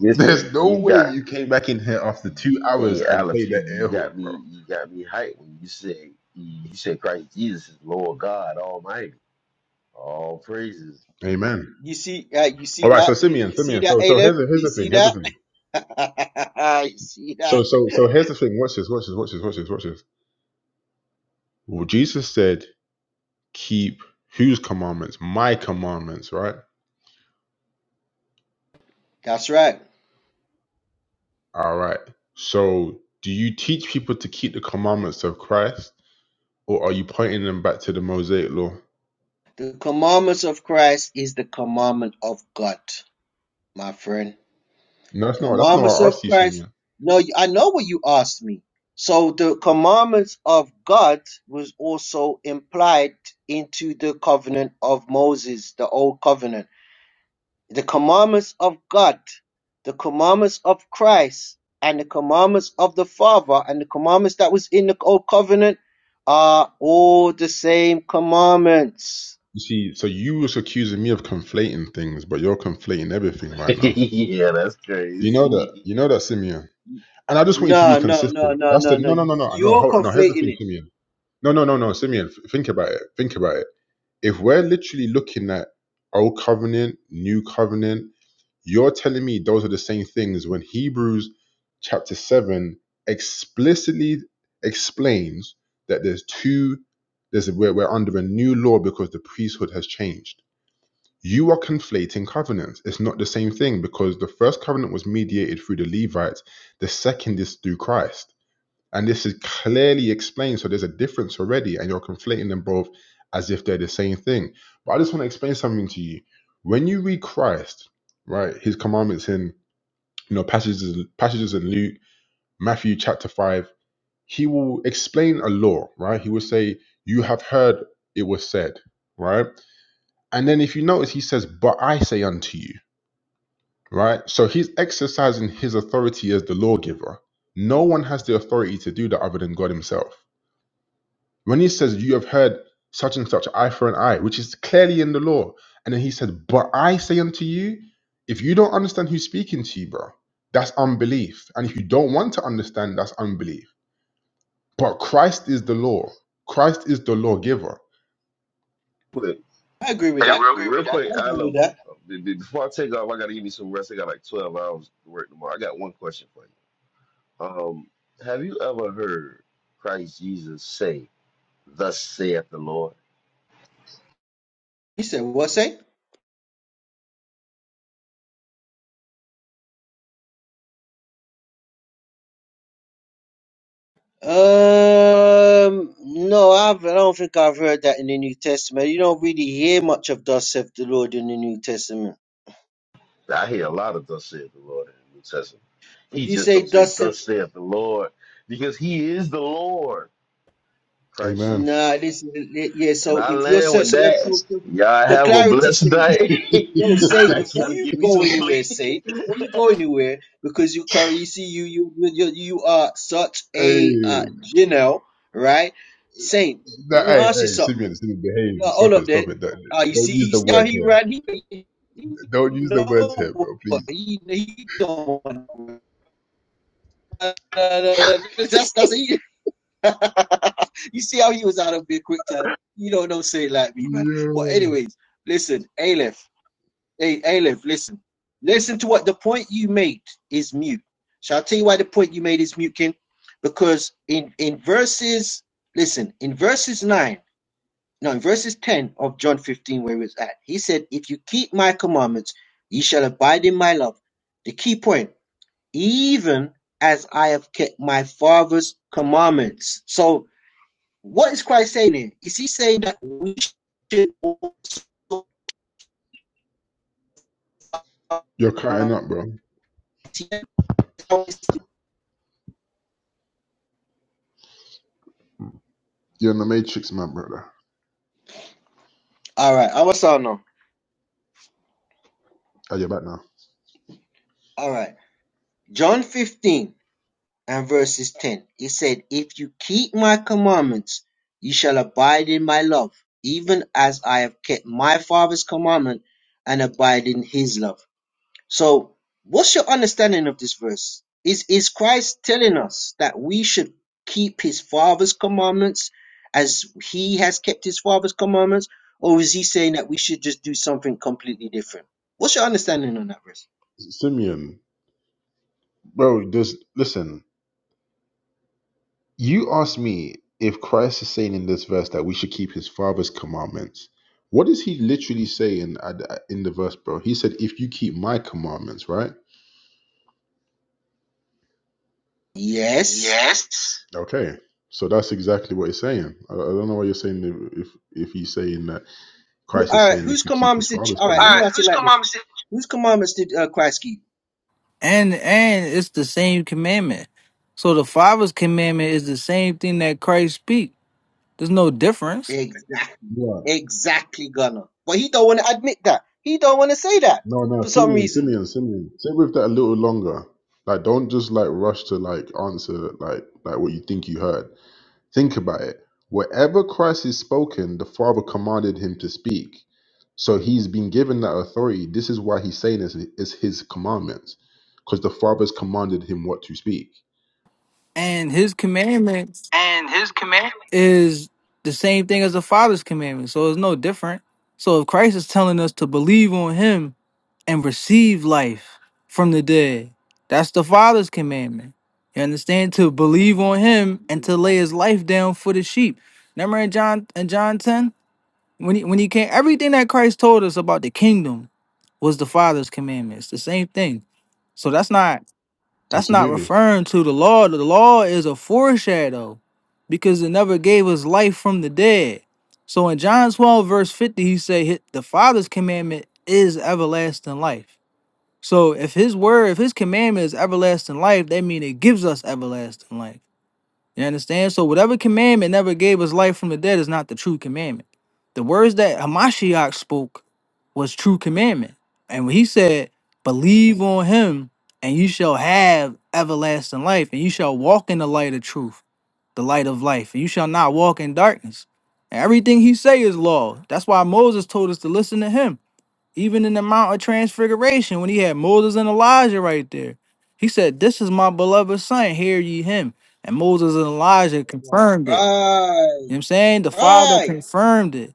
There's no
you
way
got
you came back in here after two hours
Hey
and
Alex,
played
you,
the
you
air horn,
got
bro.
me you got me hyped when you said you said Christ Jesus is Lord God Almighty. All praises.
Amen.
You see, uh, you
All
see
right, so
that? You,
Simeon,
you see
Simeon.
that,
So, so
Aleph?
here's the, here's
You
the thing.
see
Here's the
that?
thing.
you see
So,
that?
so, so here's the thing. Watch this. Watch this. Watch this. Watch this. Watch this. Well, Jesus said keep whose commandments? My commandments, right?
That's right.
All right. So, do you teach people to keep the commandments of Christ, or are you pointing them back to the Mosaic law?
The commandments of Christ is the commandment of God, my friend.
No, that's not. That's not what
Commandments
I
of
asked you,
Christ.
Simeon.
No, you- I know what you asked me. So the commandments of God was also implied into the covenant of Moses, the old covenant. the commandments of God, the commandments of Christ, and the commandments of the Father, and the commandments that was in the old covenant are all the same commandments.
You see, so you was accusing me of conflating things, but you're conflating everything right now.
yeah, that's
You know
No,
that.
crazy.
You know that, Simeon. And I just want you to be
no, no,
consistent.
no,
That's the
no, no.
no, no, no, no, no.
You're
Hold on. No, here's the
conflating
thing,
it.
Simeon. No, no, no, no, Simeon. f- Think about it. Think about it. If we're literally looking at old covenant, new covenant You're telling me those are the same things when Hebrews chapter 7 explicitly explains that there's two, there's a, we're, we're under a new law because the priesthood has changed. You are conflating covenants. It's not the same thing because the first covenant was mediated through the Levites, the second is through Christ. And this is clearly explained. So there's a difference already, and you're conflating them both as if they're the same thing. But I just want to explain something to you. When you read Christ, right, his commandments in you know passages passages in Luke, Matthew chapter five, he will explain a law, right? He will say, You have heard it was said, right? And then if you notice, he says, But I say unto you, right? So he's exercising his authority as the lawgiver. No one has the authority to do that other than God himself When he says, You have heard such and such, eye for an eye, which is clearly in the law. And then he said, But I say unto you, if you don't understand who's speaking to you, bro, that's unbelief. And if you don't want to understand, that's unbelief. But Christ is the law. Christ is the lawgiver.
Quick,
I agree with
I
that.
would agree
real
with that.
I
quick, I
agree with
love
that.
be- be- before I take off, I gotta give me some rest. I got like twelve hours to work tomorrow. I got one question for you. Um, have you ever heard Christ Jesus say, Thus saith the Lord?
You said what say? Um, no, I've, I don't think I've heard that in the New Testament. You don't really hear much of "Thus saith the Lord" in the New Testament.
I hear a lot of thus saith the Lord in the New Testament.
If
He
you
just
say
don't say,
"Thus saith
Thus saith the Lord, because he is the Lord. Christ
Amen.
Jesus.
Nah, this is yeah.
And
So
I
if you're
land with
such a left
that.
focus,
Y'all
so
have a
clarity
blessed
say
day.
no. Say
I
before
gotta
you
give me
go
some
anywhere.
sleep.
Say before you go anywhere because you currently see you you you you you are such a uh
Hey,
Janelle, right? Saint, let
that,
me
hey,
ask you
hey,
something.
Simeon, Simeon,
No,
behave.
hold
Stop it,
up there.
stop it. Don't,
Uh, you see,
don't use
you
the
see how
words
he
here.
ran. He, he
Don't use the words
know
here, bro,
what
please.
he he don't. want to- That's that's he. you see how he was out of me quick time. You don't know say it like me, man. But
Yeah.
anyways, listen, Aleph. Hey, Aleph, listen. Listen to what the point you made is mute. Shall I tell you why the point you made is mute, King? Because in in verses, listen, in verses nine, no, in verses ten of John fifteen, where it's at, he said, "If you keep my commandments, ye shall abide in my love." The key point, even as I have kept my father's commandments. So what is Christ saying here? Is he saying that we should also
You're
uh,
cutting up, bro. You're in the matrix, man, brother.
all right, I was on now.
Are you back now?
All right. John 15 and verses 10. It said, If you keep my commandments, you shall abide in my love, even as I have kept my Father's commandment and abide in his love. So, what's your understanding of this verse? Is is Christ telling us that we should keep his father's commandments as he has kept his father's commandments, or is he saying that we should just do something completely different? What's your understanding on that verse?
Simeon, bro, just listen. You asked me if Christ is saying in this verse that we should keep his father's commandments. What does he literally say in at- in the verse, bro? He said, "If you keep my commandments, right?"
Yes.
Yes. Okay, so that's exactly what he's saying. I, I don't know why you're saying if if he's saying that Christ is
All right.
saying
Whose
if you keep his
commandments did? You,
father's
all
All
right. Let me
right. commandments.
ask it
Whose
like this:
commandments?
Whose commandments did uh, Christ keep?
and and it's the same commandment. So the Father's commandment is the same thing that Christ speak. There's no difference,
Exactly. Exactly, Gunner. But he don't want to admit that. He don't want to say that
No, no,
for some
Simeon,
reason.
Simeon, Simeon. Stay with that a little longer. Like, don't just like rush to like answer like like what you think you heard. Think about it. Whatever Christ is spoken, the Father commanded him to speak. So he's been given that authority. This is why he's saying this is his commandments, because the Father's commanded him what to speak.
and His commandment
And his command.
is the same thing as the Father's commandment. So it's no different. So if Christ is telling us to believe on Him and receive life from the dead, that's the Father's commandment. You understand? To believe on Him and to lay
Exactly.
His life down for the sheep. Remember in John in John ten. When he, when he came, everything that Christ told us about the kingdom was the Father's commandments. The same thing. So that's not that's not
Absolutely.
referring to the law. The law is a foreshadow because it never gave us life from the dead. So in John 12, verse 50, he said "Hi- the Father's commandment is everlasting life. So if his word, if his commandment is everlasting life, that means it gives us everlasting life. You understand? So whatever commandment never gave us life from the dead is not the true commandment. The words that Hamashiach spoke was true commandment. And when he said, believe on him and you shall have everlasting life and you shall walk in the light of truth, the light of life, and you shall not walk in darkness. And everything he say is law. That's why Moses told us to listen to him. Even in the Mount of Transfiguration, when he had Moses and Elijah right there, he said, This is my beloved son, hear ye him. And Moses and Elijah confirmed it.
Right.
You know what I'm saying? The Father
Right.
confirmed it.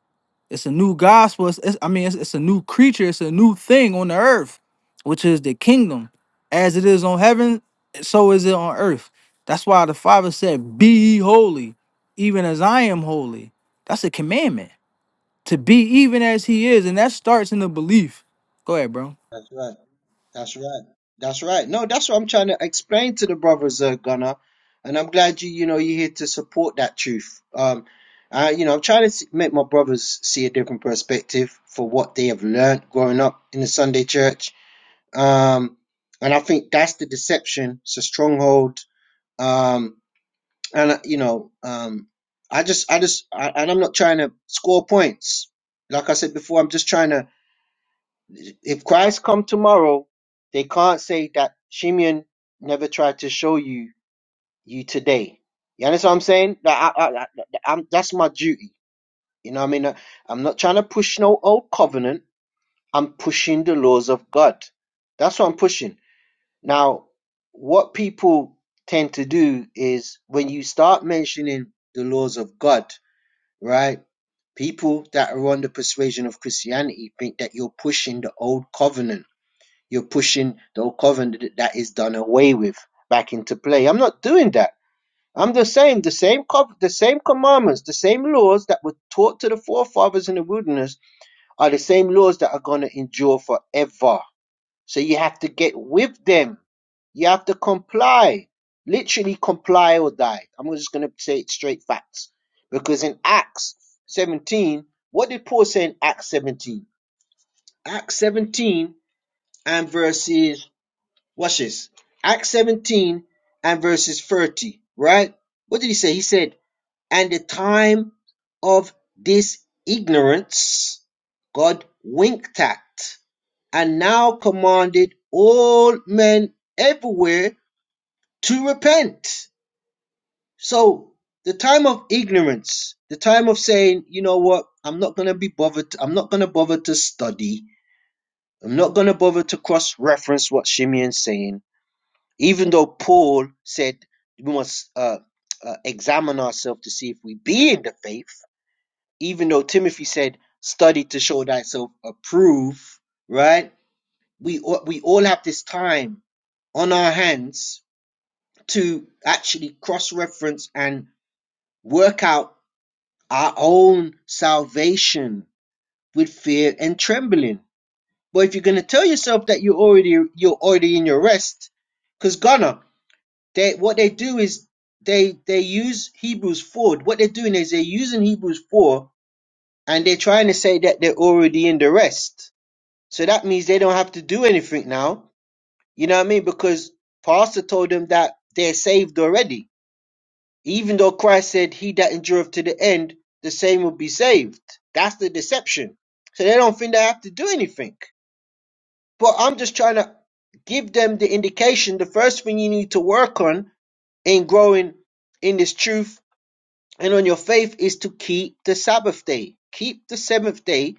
It's a new gospel. It's, it's- I mean, it's, it's a new creature. It's a new thing on the earth, which is the kingdom. As it is on heaven, so is it on earth. That's why the Father said, Be ye holy, even as I am holy. That's a commandment to be even as he is, and that starts in the belief. Go ahead, bro.
That's right. That's right. That's right. No, that's what I'm trying to explain to the brothers, uh, Gunner. And I'm glad you, you know, you're here to support that truth. Um, I, you know, I'm trying to s- make my brothers see a different perspective for what they have learned growing up in the Sunday church. Um, and I think that's the deception. It's a stronghold. Um, and uh, you know, um, I just, I just, I, and I'm not trying to score points. Like I said before, I'm just trying to If Christ come tomorrow, they can't say that Shimeon never tried to show you you today. You understand what I'm saying? That I, I, I, I'm, that's my duty. You know what I mean? Uh, I'm not trying to push no old covenant. I'm pushing the laws of God. That's what I'm pushing. Now, what people tend to do is when you start mentioning the laws of God, right? People that are on the persuasion of Christianity think that you're pushing the old covenant you're pushing the old covenant that is done away with back into play. I'm not doing that. I'm just saying the same cov- the same commandments, the same laws that were taught to the forefathers in the wilderness are the same laws that are going to endure forever. So you have to get with them. You have to comply. Literally comply or die. I'm just going to say it straight facts. Because in Acts 17, what did Paul say in Acts 17? Acts 17 and verses Watch this. Acts 17 and verses 30, right? What did he say? He said, And the time of this ignorance God winked at, and now commanded all men everywhere to repent. So the time of ignorance, the time of saying, you know what, I'm not gonna be bothered, I'm not gonna bother to study, I'm not gonna bother to cross-reference what Shimeon's saying. Even though Paul said we must uh, uh, examine ourselves to see if we be in the faith, even though Timothy said, study to show thyself approved, right? We, all- we all have this time on our hands to actually cross reference and work out our own salvation with fear and trembling. But if you're going to tell yourself that you're already you're already in your rest, cause They what they do is they they use Hebrews four. What they're doing is they're using Hebrews four and they're trying to say that they're already in the rest. So that means they don't have to do anything now. You know what I mean? Because Pastor told them that they're saved already. Even though Christ said, He that endureth to the end, the same will be saved. That's the deception. So they don't think they have to do anything. But I'm just trying to give them the indication. The first thing you need to work on in growing in this truth and on your faith is to keep the Sabbath day. Keep the seventh day,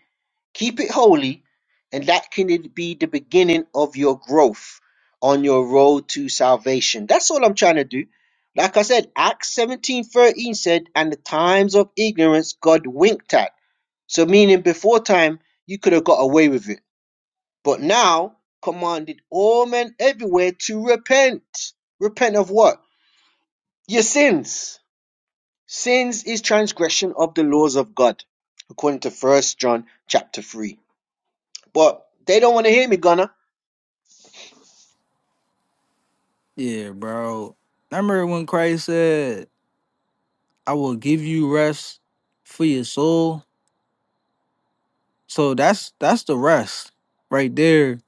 keep it holy, and that can be the beginning of your growth on your road to salvation. That's all I'm trying to do. Like I said, Acts 17:13 said, and the times of ignorance God winked at. So, meaning before time, you could have got away with it. But now, commanded all men everywhere to repent. Repent of what? Your sins Sins is transgression of the laws of God, according to First John chapter three. But they don't want to hear me, Gunner.
Yeah, bro. I remember when Christ said, "I will give you rest for your soul." So that's that's the rest right there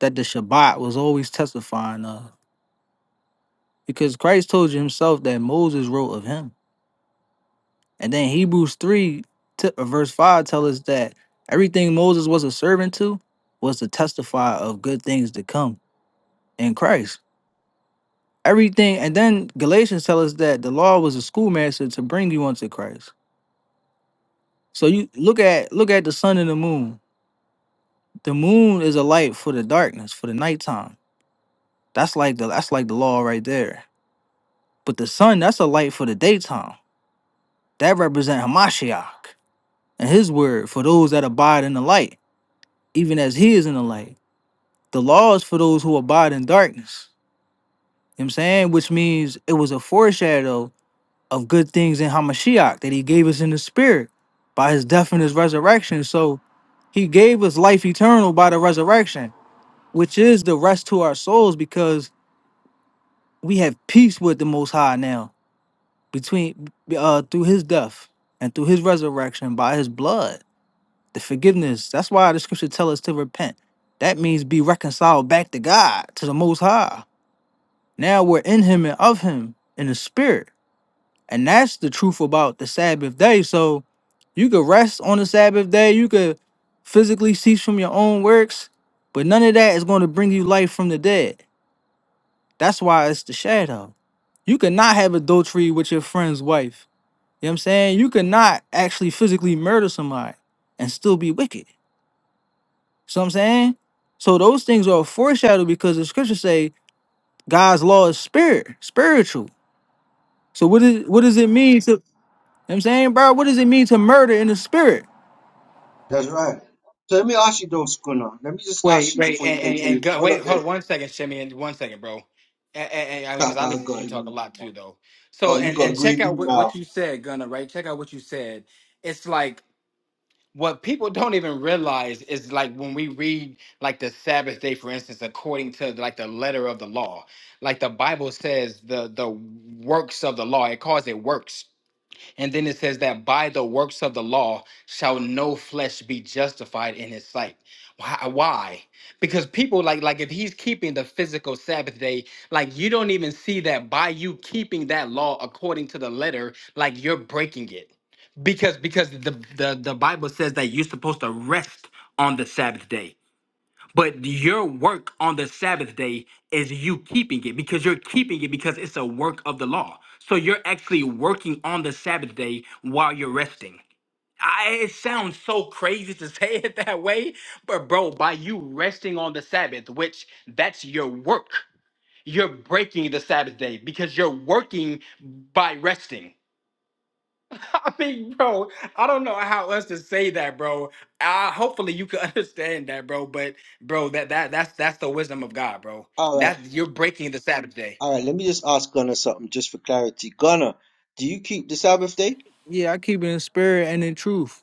that the Shabbat was always testifying of, because Christ told you himself that Moses wrote of him, and then Hebrews three t- uh, verse five tell us that everything Moses was a servant to was to testify of good things to come in Christ. everything and then galatians tell us that the law was a schoolmaster to bring you unto christ so you look at look at the sun and the moon the moon is a light for the darkness for the nighttime that's like the that's like the law right there but the sun that's a light for the daytime that represents hamashiach and his word for those that abide in the light even as he is in the light the law is for those who abide in darkness you know what i'm saying which means it was a foreshadow of good things in Hamashiach that he gave us in the spirit by his death and his resurrection. So he gave us life eternal by the resurrection, which is the rest to our souls because we have peace with the most high now between uh through his death and through his resurrection by his blood. The forgiveness. That's why the scripture tells us to repent. That means be reconciled back to God, to the most high. Now we're in him and of him in the spirit. And that's the truth about the Sabbath day. So you could rest on the Sabbath day, you could physically cease from your own works, but none of that is going to bring you life from the dead. That's why it's the shadow. You cannot have adultery with your friend's wife. You know what I'm saying? You cannot actually physically murder somebody and still be wicked. So I'm saying? So those things are a foreshadow because the scriptures say God's law is spirit, spiritual. So what is what does it mean to You know what I'm saying, bro, what does it mean to murder in the spirit?
That's right. So let me ask you though, Gunner. Let me just
Wait,
ask you
wait,
before you
and and, and
continue.
go,
Hold
wait,
up
hold
there.
on one second, Shimmy, and one second, bro. And, and, and I mean, because I
I
listen to
got
you
a
talk a
green bean
lot
now.
too, though. So,
Oh, you
and
got a
and check
green
out
bean
what,
now.
what you said, Gunner. Right? Check out what you said. It's like what people don't even realize is like when we read like the Sabbath day, for instance, according to like the letter of the law, like the Bible says the the works of the law. It calls it works and then it says that by the works of the law shall no flesh be justified in his sight. Why? why? Because people like like if he's keeping the physical Sabbath day, like you don't even see that by you keeping that law according to the letter, like you're breaking it. Because because the the, the Bible says that you're supposed to rest on the Sabbath day. But your work on the Sabbath day is you keeping it because you're keeping it because it's a work of the law. So you're actually working on the Sabbath day while you're resting. I, it sounds so crazy to say it that way, but bro, by you resting on the Sabbath, which that's your work, you're breaking the Sabbath day because you're working by resting. I mean, bro, I don't know how else to say that, bro. Uh, hopefully you can understand that, bro. But bro, that that that's that's the wisdom of God, bro.
All right.
That's you're breaking the Sabbath day.
All right. Let me just ask Gunner something just for clarity. Gunner, do you keep the Sabbath day?
Yeah, I keep it in spirit and in truth.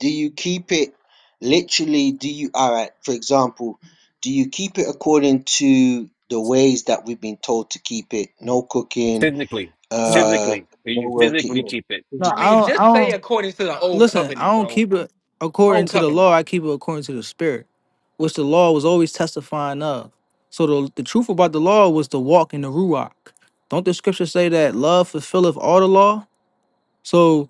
Do you keep it literally? Do you, all right, for example, do you keep it according to the ways that we've been told to keep it? No cooking,
Physically,
No,
Uh,
physically,
no
you
work,
physically
yeah,
keep it.
no,
I
physically.
I
mean,
don't. I
just say
don't
according to the old
listen. I
covenant,
don't
bro.
keep it according
Old
to the
covenant.
law. I keep it according to the spirit, which the law was always testifying of. So the the truth about the law was to walk in the ruach. Don't the scripture say that love fulfilleth all the law? So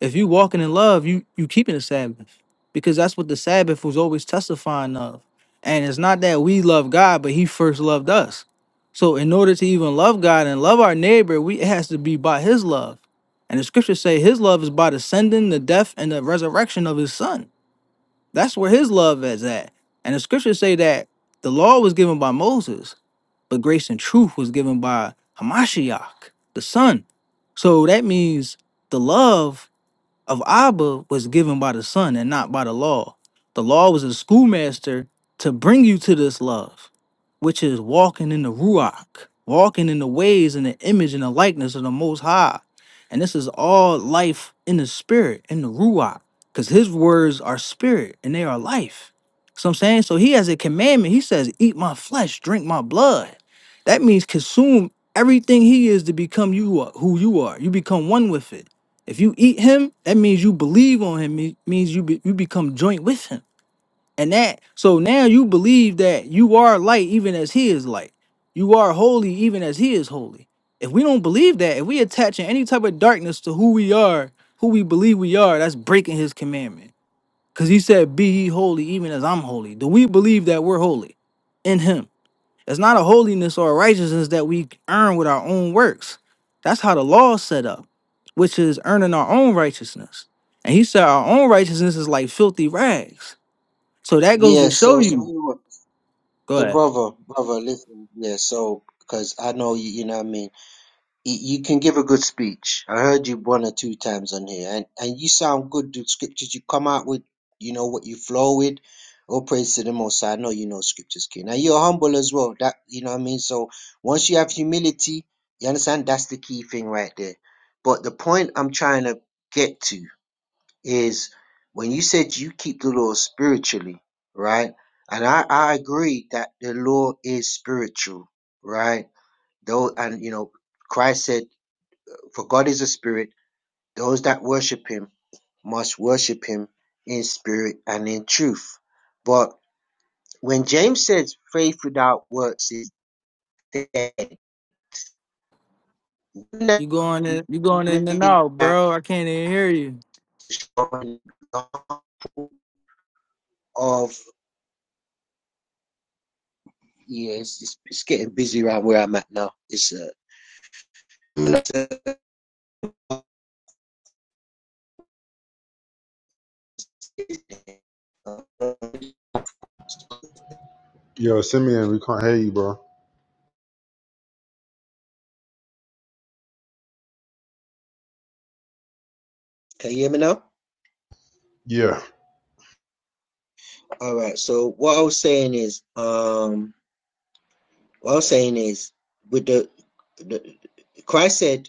If you walking in love, you you keeping the Sabbath because that's what the Sabbath was always testifying of. And it's not that we love God, but He first loved us. So in order to even love God and love our neighbor, we it has to be by His love. And the scriptures say His love is by the sending, the death, and the resurrection of His Son. That's where His love is at. And the scriptures say that the law was given by Moses, but grace and truth was given by Hamashiach, the Son. So that means the love of Abba was given by the Son and not by the law. The law was a schoolmaster to bring you to this love, which is walking in the Ruach, walking in the ways and the image and the likeness of the Most High. And this is all life in the spirit, in the Ruach, because his words are spirit and they are life. So I'm saying, so he has a commandment. He says, Eat my flesh, drink my blood. That means consume everything he is to become you are, who you are. You become one with it if you eat him, that means you believe on him. me- means you be, you become joint with him, and that so now you believe that you are light even as he is light. You are holy even as he is holy. If we don't believe that, if we attaching any type of darkness to who we are, who we believe we are, that's breaking his commandment. Cause he said, "Be ye holy, even as I'm holy." Do we believe that we're holy in him? It's not a holiness or a righteousness that we earn with our own works. That's how the law is set up, which is earning our own righteousness. And he said our own righteousness is like filthy rags. So that goes
Yeah,
to show
so, so
you.
anyway,
Go
so
ahead.
brother, brother, listen, yeah, so, because I know you, you know what I mean, you, you can give a good speech. I heard you one or two times on here, and, and you sound good, the scriptures you come out with, you know, what you flow with. All praise to the Most High. I know you know scriptures, King. And you're humble as well. That you know what I mean. So once you have humility, you understand that's the key thing right there. But the point I'm trying to get to is when you said you keep the law spiritually, right? And I, I agree that the law is spiritual, right? Though, and you know, Christ said, "For God is a spirit; those that worship Him must worship Him in spirit and in truth." But when James says, "Faith without works is dead," doesn't that
You going in you going in and
mean
out,
that
bro. I can't even hear you.
for an example of yeah, it's, it's, it's getting busy around where I'm at now. It's uh, Can
Yo, Simeon, we can't hear you, bro.
you hear me now?
Yeah,
All right. So what I was saying is, um, what I was saying is, with the, the Christ said,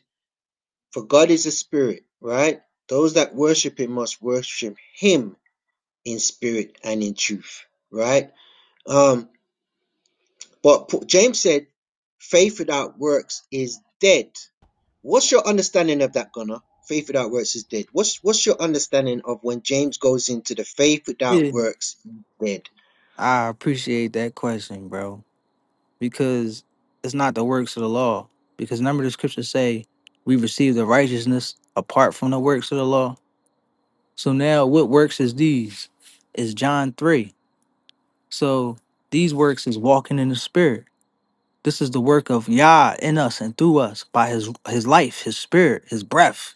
"For God is a spirit, right? Those that worship Him must worship Him in spirit and in truth, right? Um, but P- James said, faith without works is dead. What's your understanding of that, Gunnar? Faith without works is dead. What's what's your understanding of when James goes into the faith
Yeah.
without works is dead?
I appreciate that question, bro. Because it's not the works of the law. Because remember the scriptures say we receive the righteousness apart from the works of the law. So now what works is these? Is John 3. So these works is walking in the spirit. This is the work of Yah in us and through us by his his life, his spirit, his breath.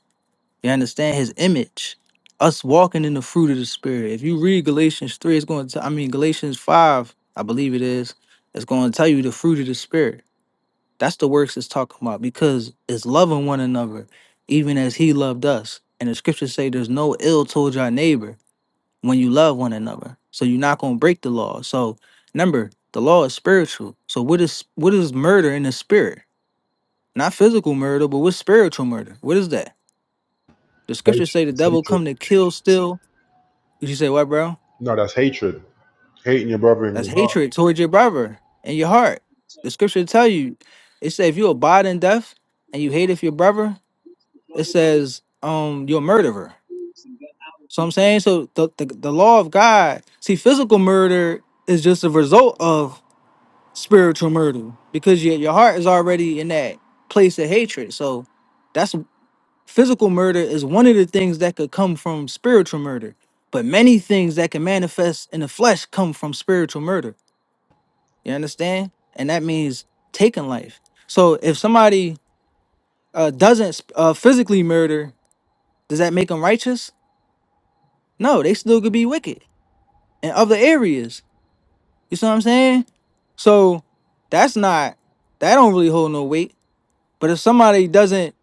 You understand his image. Us walking in the fruit of the spirit. If you read Galatians 3, it's going to I mean Galatians 5, I believe it is, it's going to tell you the fruit of the spirit. That's the works it's talking about because it's loving one another, even as he loved us. And the scriptures say there's no ill towards our neighbor when you love one another. So you're not gonna break the law. So remember, the law is spiritual. So what is what is murder in the spirit? Not physical murder, but what's spiritual murder? What is that? The
hatred.
scriptures say the
It's
devil
hatred.
come to kill, steal. you say what, bro?
No, that's hatred. Hating your brother in
That's
your heart.
hatred towards your brother and your heart. The scripture tell you, it says if you abide in death and you hate if your brother, it says um you're a murderer. So I'm saying, so the, the the law of God. See, physical murder is just a result of spiritual murder because your your heart is already in that place of hatred. So that's physical murder is one of the things that could come from spiritual murder. But many things that can manifest in the flesh come from spiritual murder. You understand? And that means taking life. So if somebody uh, doesn't sp- uh, physically murder, does that make them righteous? No, they still could be wicked in other areas. You see what I'm saying? So that's not that don't really hold no weight But if somebody doesn't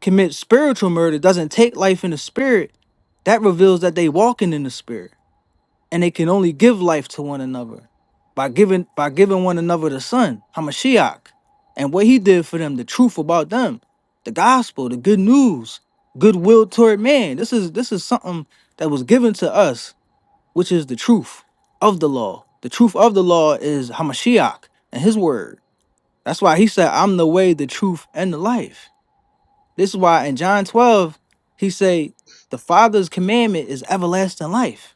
commit spiritual murder, doesn't take life in the spirit, that reveals that they walking in the spirit. And they can only give life to one another by giving by giving one another the son, Hamashiach. And what he did for them, the truth about them, the gospel, the good news, goodwill toward man. This is this is something that was given to us, which is the truth of the law. The truth of the law is Hamashiach and his word. That's why he said, I'm the way, the truth, and the life this is why in John 12, he say, the Father's commandment is everlasting life.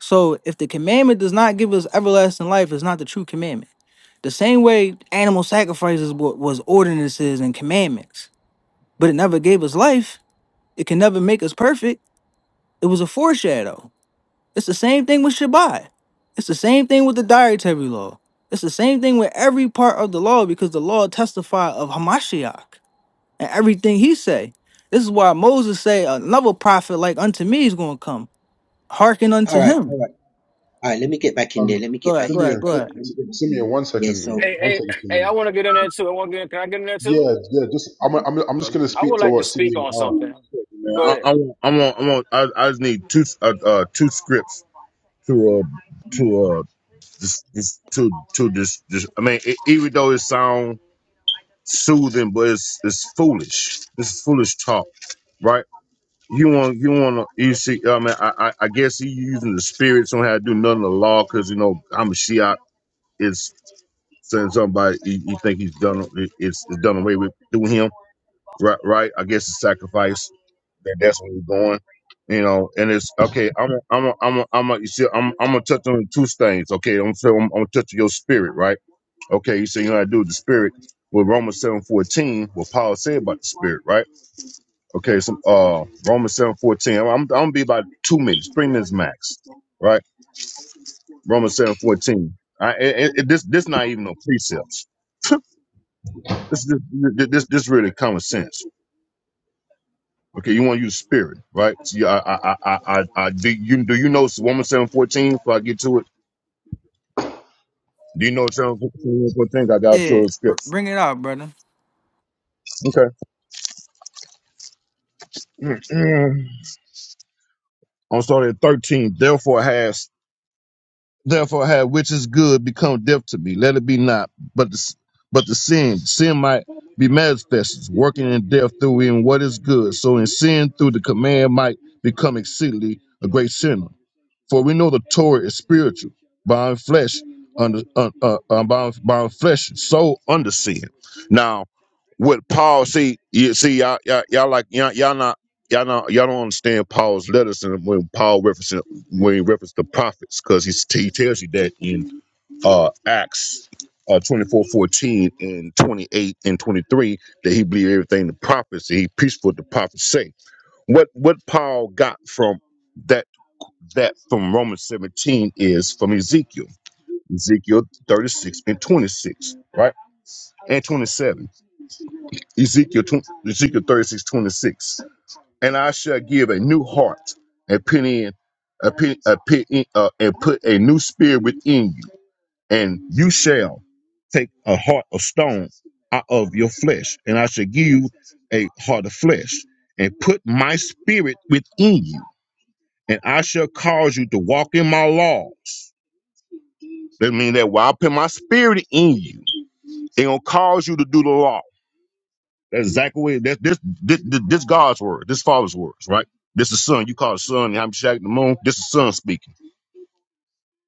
So if the commandment does not give us everlasting life, it's not the true commandment. The same way animal sacrifices was ordinances and commandments, but it never gave us life. It can never make us perfect. It was a foreshadow. It's the same thing with Shabbat. It's the same thing with the dietary law. It's the same thing with every part of the law because the law testifies of Hamashiach and everything he say. This is why Moses say another prophet like unto me is gonna come. Hearken
All
unto
right.
him.
All right, let me get back in there.
Um,
Let me
Go
get
ahead,
back
go
in there,
ahead,
Simeon,
go
brother.
ahead.
Let me
S-
get back in
Simeon, one
there. Yeah,
second,
so
one
Hey, hey,
second,
hey! I
Simeon.
want to get in there too. I want to get. Can I get in there
Yeah,
too?
yeah. Just I'm, I'm, I'm
Uh,
just
look,
gonna
I
speak
would
to
like to
what
speak
Simeon
on
are.
something. Go
man,
ahead.
I, I want, I want, I want, I, I just need two, uh, uh two scripts to, uh, to, uh, this, this, to, to this, this. I mean, e- even though it sounds soothing, but it's, it's foolish. It's foolish talk, right? You want, you want to, you see, I mean, I, I, I guess he using the spirits on how to do none of the law because you know I'm a Shiite. It's saying somebody you, you think he's done, it's, it's done away with doing him, right? Right? I guess it's sacrifice that that's where we're going. You know, and it's okay. I'm, a, I'm, a, I'm, a, I'm. A, you see, I'm, I'm gonna touch on two things. Okay, I'm, so I'm, I'm gonna touch on your spirit, right? Okay, you see, you know, how I do with the spirit with Romans seven fourteen. What Paul said about the spirit, right? Okay, so uh, Romans seven fourteen. I'm, I'm gonna be about two minutes, three minutes max, right? Romans seven fourteen. I, it, it, this, this not even no precepts. this, this, this, this really common sense. Okay, you want to use spirit, right? So yeah, I, I, I, I, I, I- do you do you know Woman seven fourteen? Before I get to it, do you know seven fourteen? I got
Yeah,
to a
br-
script.
bring it out, brother.
Okay, Mm. I'm starting at thirteen. Therefore has therefore had which is good become death to me. Let it be not, but the s- but the sin sin might be manifested, working in death through in what is good. So in sin through the command might become exceedingly a great sinner. For we know the Torah is spiritual, bound flesh under uh, uh, uh, bound, bound flesh, soul under sin. Now, what Paul see, you see, y'all, y'all, y'all like y'all, y'all not. Y'all, not, y'all don't understand Paul's letters and when Paul references when he references the prophets because he he tells you that in uh, Acts uh, 24, and 28 and 23 that he believed everything the prophets that he preached what the prophets say. What what Paul got from that? that from Romans 17 is from Ezekiel, Ezekiel 36 and 26, right? And 27. Ezekiel, 20, Ezekiel 36 26 And I shall give a new heart and put in, a pin, a pin, in- uh, and put a new spirit within you. And you shall take a heart of stone out of your flesh. And I shall give you a heart of flesh and put my spirit within you. And I shall cause you to walk in my laws That means that while I put my spirit in you, they gonna cause you to do the law. That's exactly what that this this this this God's word, this Father's words, right? This is Son. You call it Son. I'm shacking the moon. This is Son speaking.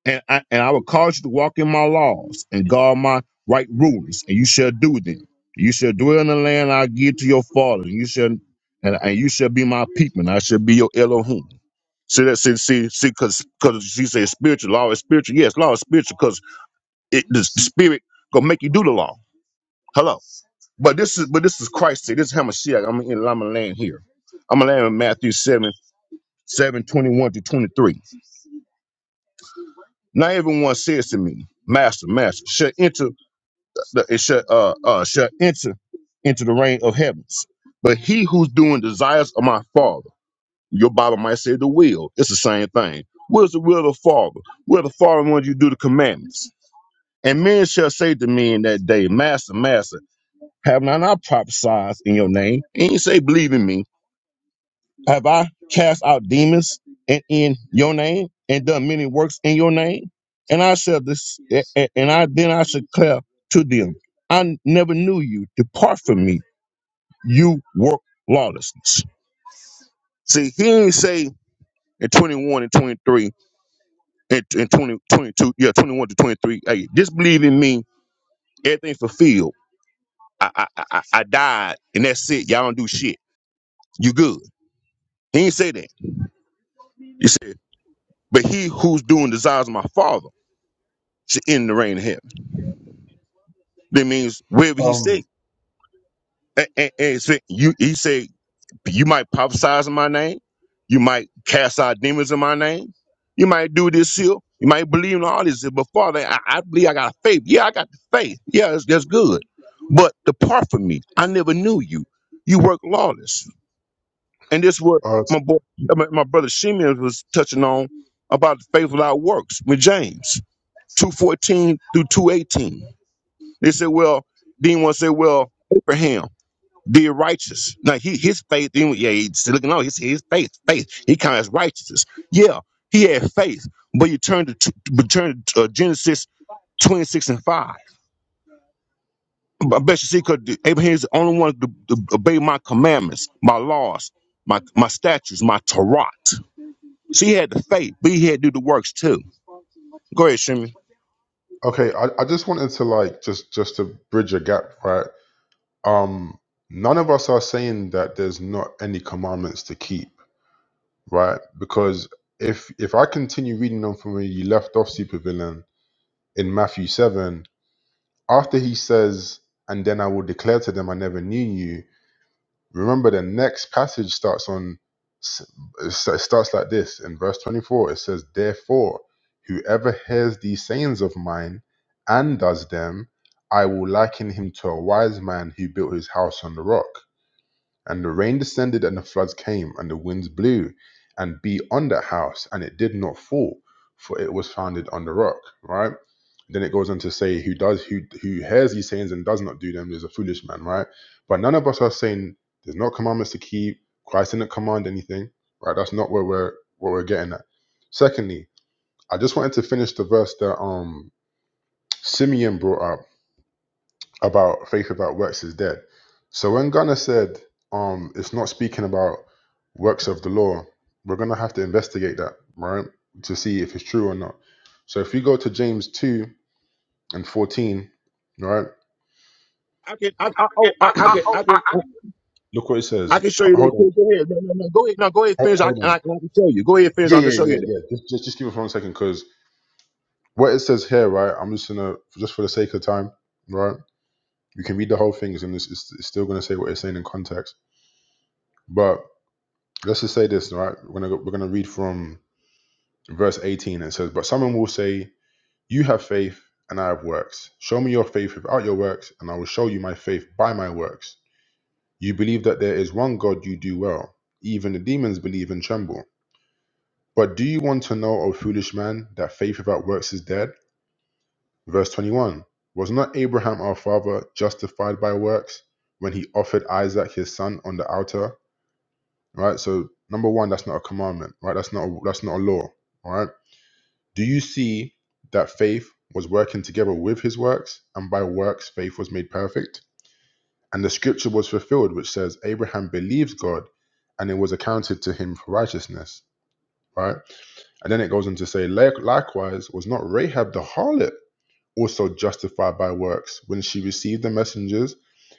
And I and I will cause you to walk in my laws and guard my right rulings, and you shall do them. You shall dwell in the land I give to your father, and you shall and, and you shall be my people, and I shall be your Elohim. See that? See, see, see, because because she said spiritual law is spiritual. Yes, law is spiritual because it the spirit gonna make you do the law. Hello. But this is but this is Christ say this is Hamashiach. I'm in I'm gonna land here. I'm gonna land in Matthew 7, 21 to 23. Now everyone says to me, Master, Master, shall enter the it shall uh uh shall enter into the reign of heavens. But he who's doing desires of my father, your Bible might say the will. It's the same thing. Where's the will of the Father? Where the Father wants you to do the commandments. And men shall say to me in that day, Master, Master, have not I prophesied in your name? And you say, Believe in me Have I cast out demons in, in your name and done many works in your name? And I shall this, a- a- and I then I shall declare to them, I never knew you. Depart from me, you work lawlessness. See, he didn't say in 21 and 23 and, and 20 22, yeah, 21 to 23, hey, disbelieve in me, everything fulfilled. I, I, I, I I died, and that's it. Y'all don't do shit. You good. He didn't say that. He said, but he who's doing desires of my father. should end the reign of heaven. That means wherever he said,
Um,
and, and, and said you, he said, you might prophesize in my name, you might cast out demons in my name, you might do this here, you might believe in all this. But Father, I, I believe I got faith. Yeah, I got the faith. Yeah, that's, that's good. But depart from me. I never knew you. You work lawless, and this what
uh,
my boy, my, my brother Simeon was touching on about the faith without works with James two fourteen through two eighteen They said, well, then one said, well, Abraham did righteous. Now he his faith, then yeah, he's looking on. his his faith, faith. He counts righteousness. Yeah, he had faith, but you turn to t- but turn to uh, Genesis twenty six and five. I bet you see, because Abraham is the only one to, to obey my commandments, my laws, my my statutes, my Torah. So he had the faith, but he had to do the works too. Go ahead, Shimmy.
okay. I, I just wanted to like just, just to bridge a gap, right? Um, none of us are saying that there's not any commandments to keep, right? Because if, if I continue reading them from where you left off, supervillain in Matthew seven, after he says, "And then I will declare to them, I never knew you." Remember, the next passage starts on it starts like this in verse 24. It says, "Therefore, whoever hears these sayings of mine and does them, I will liken him to a wise man who built his house on the rock." And the rain descended, and the floods came, and the winds blew and beat on that house, and it did not fall, for it was founded on the rock. Right? Then it goes on to say, Who does who who hears these sayings and does not do them is a foolish man, right? But none of us are saying there's not commandments to keep, Christ didn't command anything, right? That's not where we're what we're getting at. Secondly, I just wanted to finish the verse that um Simeon brought up about faith without works is dead. So when Gunner said um it's not speaking about works of the law, we're gonna have to investigate that, right? To see if it's true or not. So if we go to James two and fourteen, right?
I can, I, I, oh, I,
I,
I can,
I, oh,
I
I,
can.
I, Look what it says.
I
H-
can show you that
Hold on,
too. Go ahead. No, no, no. Go ahead. No, go ahead.
ho-
Finish. I,
hold
and I,
on.
can, I can show you. Go ahead. Finish.
Yeah,
I
yeah,
can show
yeah,
you that.
yeah. Just, just, just give it for one second, because what it says here, right? I'm just gonna, just for the sake of time, right? You can read the whole thing, and it's, it's, it's still gonna say what it's saying in context. but. let's just say this, right? We're gonna go, we're gonna read from verse 18. It says, "But someone will say, 'You have faith, and I have works. Show me your faith without your works, and I will show you my faith by my works. You believe that there is one God, you do well. Even the demons believe and tremble. But do you want to know, O foolish man, that faith without works is dead?" Verse 21. Was not Abraham our father justified by works when he offered Isaac his son on the altar? Right. So number one, that's not a commandment. Right. That's not a, that's not a law. All right Do you see that faith was working together with his works, and by works faith was made perfect? And the scripture was fulfilled, which says, Abraham believed God, and it was accounted to him for righteousness, right? And then it goes on to say, "Like- likewise, was not Rahab the harlot? also justified by works when she received the messengers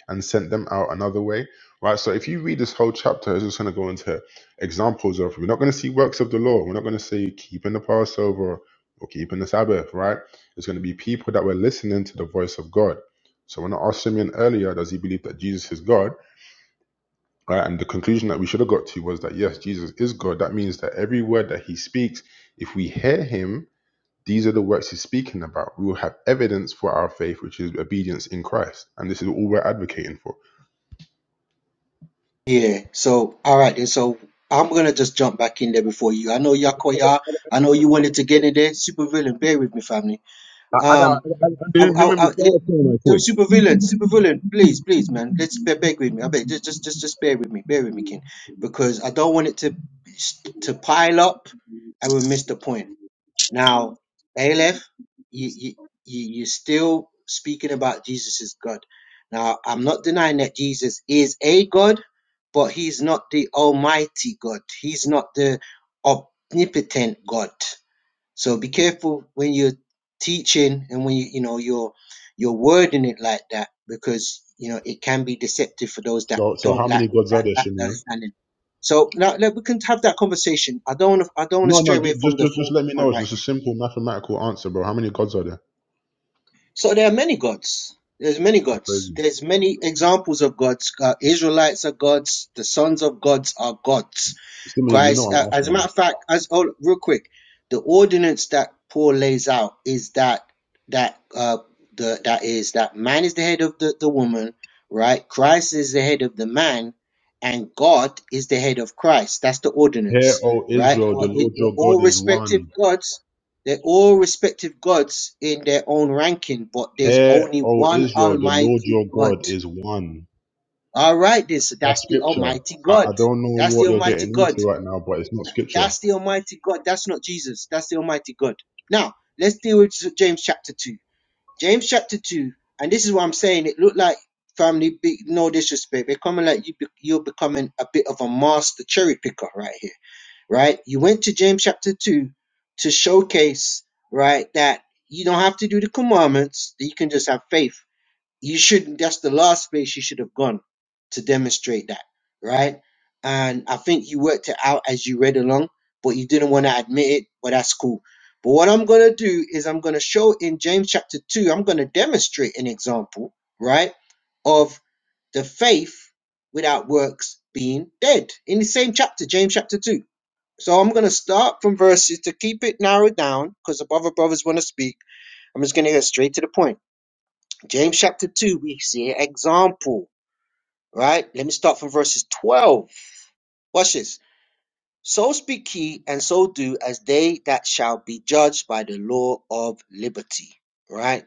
and sent them out another way. Right? So if you read this whole chapter, it's just going to go into examples of we're not going to see works of the law. We're not going to see keeping the Passover or keeping the Sabbath, right? It's going to be people that were listening to the voice of God. So when I asked Simeon earlier, does he believe that Jesus is God? Right? And the conclusion that we should have got to was that yes, Jesus is God. That means that every word that he speaks, if we hear him, these are the works he's speaking about. We will have evidence for our faith, which is obedience in Christ, and this is all we're advocating for.
yeah, so all right, and so I'm gonna just jump back in there before you. I know Yakoya, I know you wanted to get in there. Super villain, bear with me, family.
I, I got.
Um,
I, I, I,
I,
let me
I, I yeah,
respond to him right
so
quick.
super villain, super villain, please, please, man, let's be- beg with me. I beg, just, just, just, just bear with me, bear with me, King, because I don't want it to to pile up and we miss the point. Now, Aleph, you, you, you- you're still speaking about Jesus is God. Now, I'm not denying that Jesus is a God, but he's not the almighty God. He's not the omnipotent God. So be careful when you're teaching and when you, you know, you're, you're wording it like that because, you know, it can be deceptive for those that
So, so how
don't like
many gods are
that,
there,
that
Shimeon?
understanding. So now, now we can have that conversation. I don't want to, I don't want
No,
to stray
no,
away
ju-
from
just,
the
just, just
focal
let me
point
know. It's
right
just a simple mathematical answer, bro. How many gods are there?
So there are many gods. There's many
That's
gods.
crazy,
There's many examples of gods. Uh, Israelites are gods. The sons of gods are gods.
Simeon. You know
Christ, uh,
I'm
as
asking
a
you.
matter of fact, as oh, real quick, the ordinance that Paul lays out is that that uh the that is that man is the head of the the woman, right? Christ is the head of the man, and God is the head of Christ. That's the
Hear,
ordinance,
O
right?
Israel,
For
the
it,
Lord your
they're all
God is
respective
one.
gods, they're all respective gods in their own ranking, but there's
Hear,
only
O
one
Israel, the Lord
Almighty
your
God.
God is one.
All right, this
That's
that's the
scripture.
Almighty
I, I
God.
don't know
That's the
what you're
Almighty
getting
God.
into right now, but it's not scripture.
That's the Almighty God. That's not Jesus. That's the Almighty God. Now, let's deal with James chapter 2. James chapter 2, and this is what I'm saying. It looked like family, big, no disrespect. They're coming like you, be- you're becoming a bit of a master cherry picker right here, right? You went to James chapter 2 to showcase, right, that you don't have to do the commandments, that you can just have faith you shouldn't that's the last place you should have gone to demonstrate that right and i think you worked it out as you read along but you didn't want to admit it but that's cool but what i'm going to do is i'm going to show in james chapter 2 i'm going to demonstrate an example right of the faith without works being dead in the same chapter james chapter 2 so i'm going to start from verses to keep it narrowed down because the other brothers want to speak i'm just going to get straight to the point James chapter 2, we see an example, right? Let me start from verses 12. Watch this. So speak ye, and so do, as they that shall be judged by the law of liberty. Right?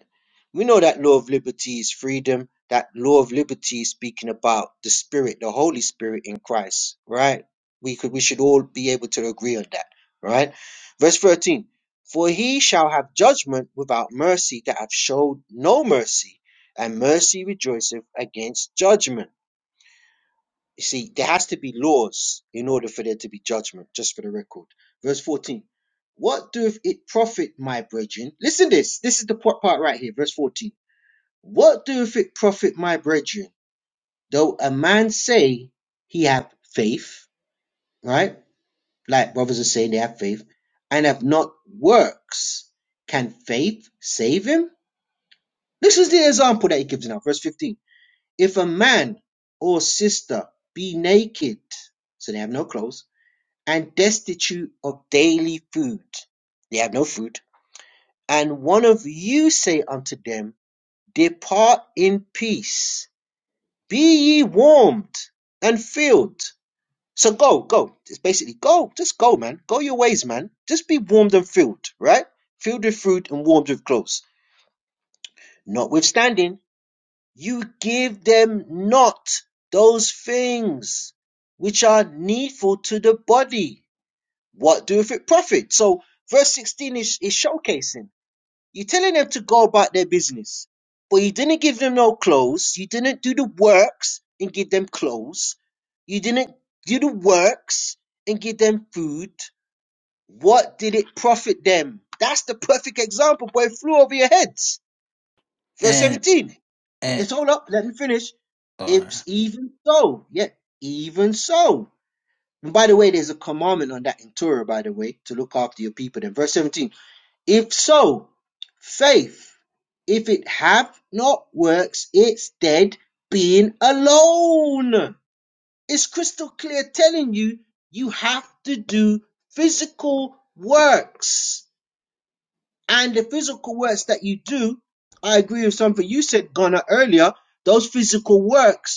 We know that law of liberty is freedom. That law of liberty is speaking about the Spirit, the Holy Spirit in Christ. Right? We could, we should all be able to agree on that. Right? Verse thirteen: For he shall have judgment without mercy that have showed no mercy, and mercy rejoiceth against judgment. You see, there has to be laws in order for there to be judgment, just for the record. Verse 14. What doeth it profit, my brethren? Listen this. This is the po- part right here, verse 14. What doeth it profit, my brethren, though a man say he have faith, right? Like brothers are saying they have faith, and have not works. Can faith save him? This is the example that he gives now, verse 15. If a man or sister be naked, so they have no clothes, and destitute of daily food. They have no food. And one of you say unto them, Depart in peace, be ye warmed and filled. So go, go. It's basically go, just go, man. Go your ways, man. Just be warmed and filled, right? Filled with fruit and warmed with clothes. Notwithstanding, you give them not those things which are needful to the body What doeth it profit? So verse 16 is, is showcasing. You're telling them to go about their business, but you didn't give them no clothes. You didn't do the works and give them clothes. You didn't do the works and give them food. What did it profit them? That's the perfect example, but it flew over your heads. Verse
And
17.
and
It's all up. Let me finish.
or
It's even so. Yeah, even so. And by the way, there's a commandment on that in Torah, by the way, to look after your people. Then verse 17. If so, faith, if it have not works, it's dead being alone. It's crystal clear telling you you have to do physical works. And the physical works that you do, I agree with something you said, Ghana, earlier. Those physical works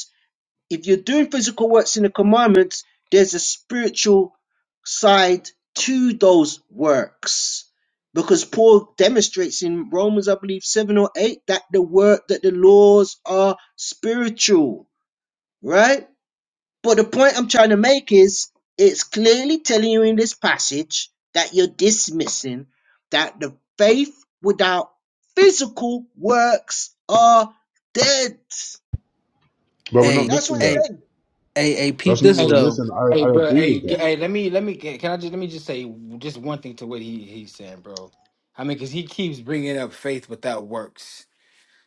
if you're doing physical works in the commandments, there's a spiritual side to those works. Because Paul demonstrates in Romans, I believe, 7 or 8, that the work, that the laws are spiritual, right? But the point I'm trying to make is it's clearly telling you in this passage that you're dismissing that the faith without physical works are dead.
But we're not
hey
That's
missing
what it's
that.
hey
saying,
hey hey peep
That's not
this
what
Hey,
we're
though.
missing.
hey,
I, I
bro.
agree
Hey,
with
g-
that.
hey. Let me, let me. Can can I just, let me just say just one thing to what he he's saying, bro. I mean, because he keeps bringing up faith without works.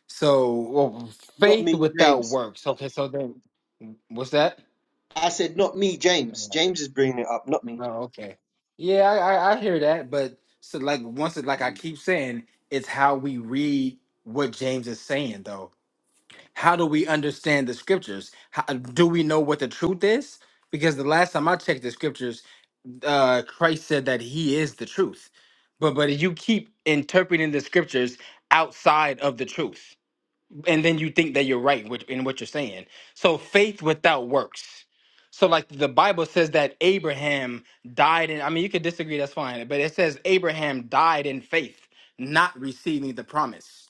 So, well,
not
faith
me,
without
James.
works. Okay, so then, what's that?
I said, not me, James. James is bringing it up, not me.
Oh, okay. Yeah, I, I, I hear that, but so like once it like I keep saying, it's how we read what James is saying though. How do we understand the scriptures? How, do we know what the truth is? Because the last time I checked the scriptures, uh Christ said that he is the truth. But but you keep interpreting the scriptures outside of the truth and then you think that you're right with- in what you're saying. So faith without works. So like the Bible says that Abraham died in I mean you could disagree that's fine, but it says Abraham died in faith, not receiving the promise.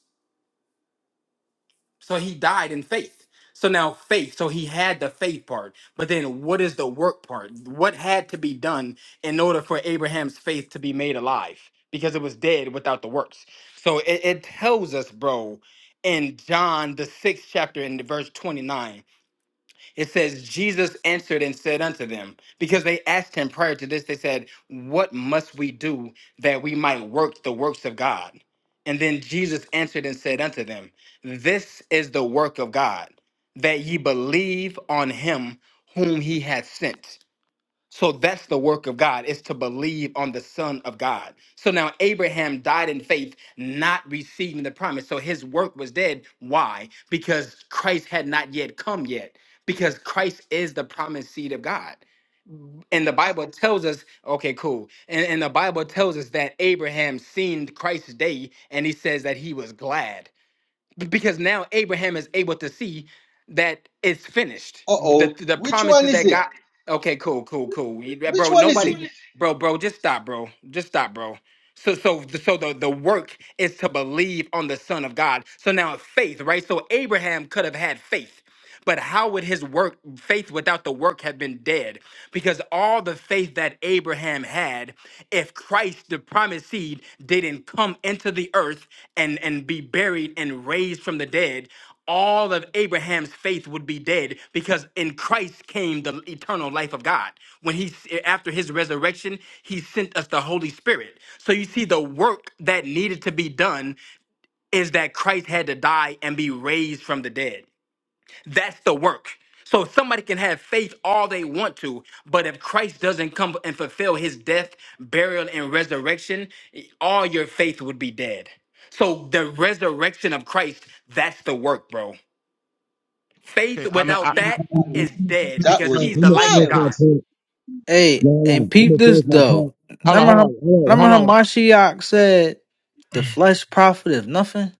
So he died in faith. So now faith. So he had the faith part. But then what is the work part? What had to be done in order for Abraham's faith to be made alive? Because it was dead without the works. So it, it tells us, bro, in John the sixth chapter in the verse 29. It says, Jesus answered and said unto them, because they asked him prior to this, they said, What must we do that we might work the works of God? And then Jesus answered and said unto them, This is the work of God, that ye believe on him whom he hath sent. So that's the work of God is to believe on the Son of God. So now Abraham died in faith, not receiving the promise. So his work was dead. Why? Because Christ had not yet come yet. Because Christ is the promised seed of God. And the Bible tells us, okay, cool. And, and the Bible tells us that Abraham seen Christ's day and he says that he was glad. B- because now Abraham is able to see that it's finished.
Uh
The
oh.
the
Which one
promises
is
that
it?
God. Okay, cool, cool, cool. You- yeah,
Which
Bro,
one is it?
nobody, bro, bro, just stop, bro, just stop, bro. So, so, so the, the work is to believe on the Son of God. So now faith, right? So Abraham could have had faith. But how would his work, faith without the work, have been dead? Because all the faith that Abraham had, if Christ, the promised seed, didn't come into the earth and, and be buried and raised from the dead, all of Abraham's faith would be dead because in Christ came the eternal life of God. When he after his resurrection, he sent us the Holy Spirit. So you see the work that needed to be done that Christ had to die and be raised from the dead. That's the work. So somebody can have faith all they want to, but if Christ doesn't come and fulfill his death, burial, and resurrection, all your faith would be dead. So the resurrection of Christ, that's the work, bro. Faith
Okay. I mean,
without
I,
that
That was,
is dead
that
because
no,
was
he's
I'm
the
gonna
life of
finish
wild.
my
God.
point.
Hey
No, hold
and
on. I'm
peep
gonna
this
finish my point.
though.
Hold on.
Remember
Hold
how
on.
remember
Hold on.
how
Hold
Mashiach said the flesh profiteth nothing?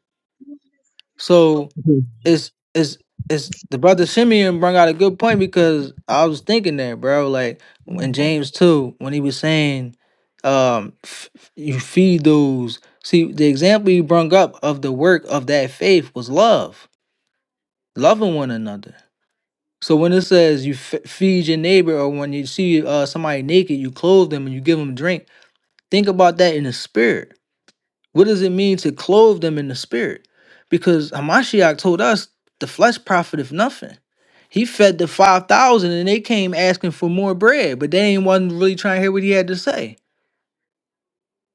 So
on.
it's it's it's the brother Simeon brought out a good point because I was thinking that, bro. Like in James two, when he was saying, um, f- f- you feed those. See, the example you brought up of the work of that faith was love, loving one another. So when it says you f- feed your neighbor, or when you see uh, somebody naked, you clothe them and you give them drink. Think about that in the spirit what does it mean to clothe them in the spirit? Because Hamashiach told us the flesh profiteth nothing. He fed the 5,000 and they came asking for more bread, but they ain't wasn't really trying to hear what he had to say.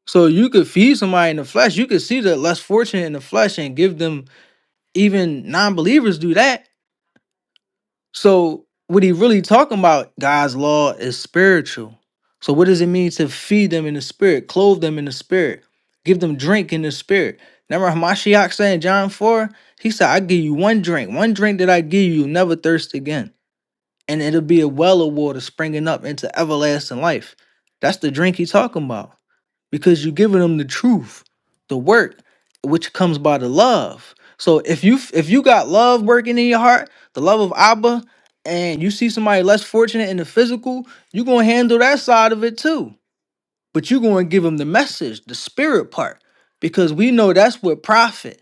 So you could feed somebody in the flesh. You could see the less fortunate in the flesh and give them, even non believers do that So what he really talking about, God's law is spiritual. So what does it mean to feed them in the spirit, clothe them in the spirit, give them drink in the spirit? Remember Hamashiach said in John 4, he said, I give you one drink, one drink that I give you, you'll never thirst again. And it'll be a well of water springing up into everlasting life. That's the drink he talking about because you're giving them the truth, the work, which comes by the love. So if you if you got love working in your heart, the love of Abba, and you see somebody less fortunate in the physical, you're gonna handle that side of it too. But you're gonna give them the message, the spirit part, because we know that's what profit.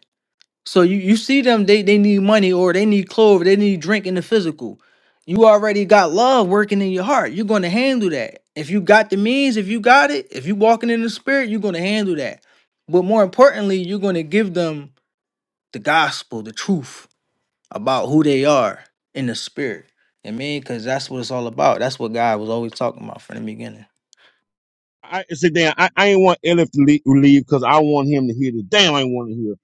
So you, you see them, they they need money or they need clothes, they need drink in the physical. You already got love working in your heart. You're gonna handle that. If you got the means, if you got it, if you walking in the spirit, you're gonna handle that. But more importantly, you're gonna give them the gospel, the truth about who they are in the spirit. I mean, because that's what it's all about. That's what God was always talking about from the beginning.
I I said, damn, I, I ain't want Elif to leave because I want him to hear this. Damn, I ain't want to hear.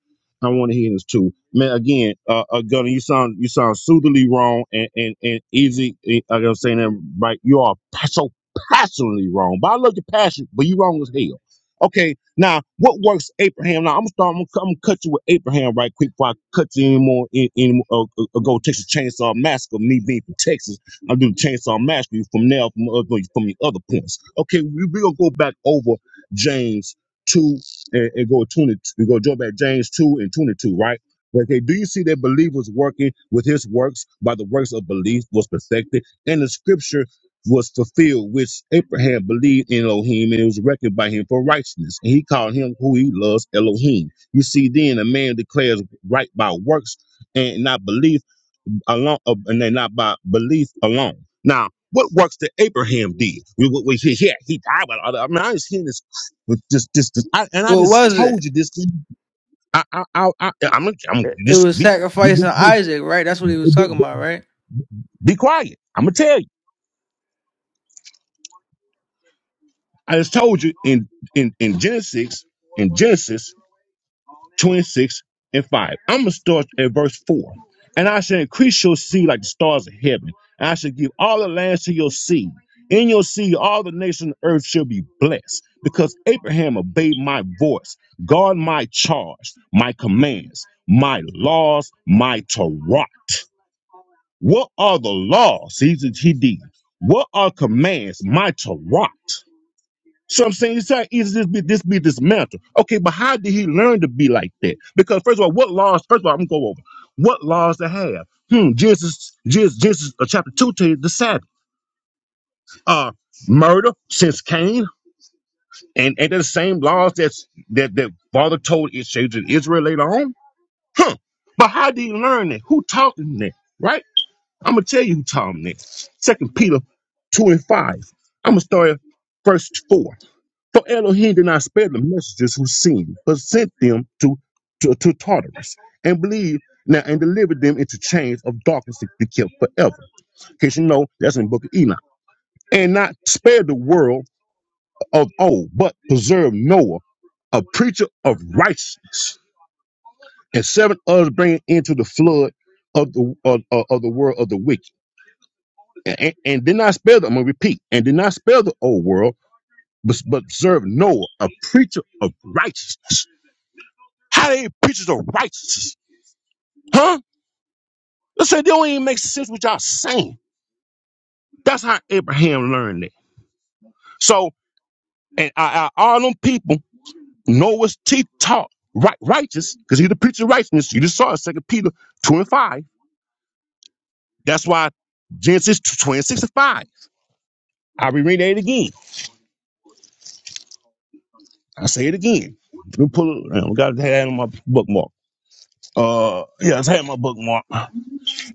I want to hear this too, man. Again, uh, uh Gunner, you sound you sound suitably wrong and and and easy. eh, Like I'm saying that right, you are pa- so passionately wrong. But I love your passion, but you wrong as hell. Okay, now what works, Abraham? Now I'm gonna start. I'm gonna, cut- I'm gonna cut you with Abraham right quick before I cut you anymore. Any more? Any, any more, uh, uh, uh, go Texas Chainsaw Massacre. Me being from Texas I'll do the chainsaw mastery from now from other no, from the other points. Okay, we we gonna go back over James two and, and go twenty. We go jump back James two and twenty two, right? Okay, do you see that believers working with his works by the works of belief was perfected, and the scripture was fulfilled, which Abraham believed in Elohim, and it was reckoned by him for righteousness, and he called him who he loves Elohim. You see, then a man declares right by works and not belief alone, uh, and they not by belief alone. Now, what works that Abraham did? We, we, we hear, yeah, he died, but I mean, I just seen this, with this, this, this I, and I
What
just
was
told
it?
you this. I, I, I, I I'm, gonna- I'm gonna
It it
just
was
be, be,
sacrificing Isaac, right? That's what he was
be,
talking about, right?
be quiet. I'm gonna tell you. I just told you in in in Genesis, in Genesis. 26 and 5. I'm going to start at verse 4. And I shall increase your seed like the stars of heaven. And I shall give all the lands to your seed. In your seed, all the nations of the earth shall be blessed, because Abraham obeyed my voice, guard my charge, my commands, my laws, my Torah. What are the laws? He, he did. What are commands? My Torah. So I'm saying it's not easy this be this be dismantled. Okay, but how did he learn to be like that? Because first of all, what laws? First of all, I'm gonna go over what laws to have. Hmm, Genesis, Genesis, Genesis uh, chapter two to the Sabbath. Uh, murder since Cain, and and they're the same laws that's that that father told his children Israel later on. Huh? But how did he learn that? Who taught him that? Right? I'm gonna tell you who taught him that. Second Peter two and five. I'm gonna start at verse four. For Elohim did not spare the messengers who sinned, but sent them to, to, to Tartarus and believed now and delivered them into chains of darkness to be kept forever. In case you know, that's in the book of Enoch. And not spare the world of old, but preserve Noah, a preacher of righteousness, and seven others bringing into the flood of the of, of of the world of the wicked. And, and, and did not spare the, I'm gonna repeat, and did not spare the old world, but, but preserve Noah, a preacher of righteousness How they preachers of righteousness? Huh? Listen, they don't even make sense what y'all saying. That's how Abraham learned it. So, and I, I, all them people, Noah's teeth taught right, righteous, because he the preacher of righteousness. You just saw it, Second Peter 2 and 5. That's why Genesis 26 and 5. I'll be reading it again. I'll say it again. Let me pull it. I got to have it on my bookmark. Uh, yeah, I had my bookmark.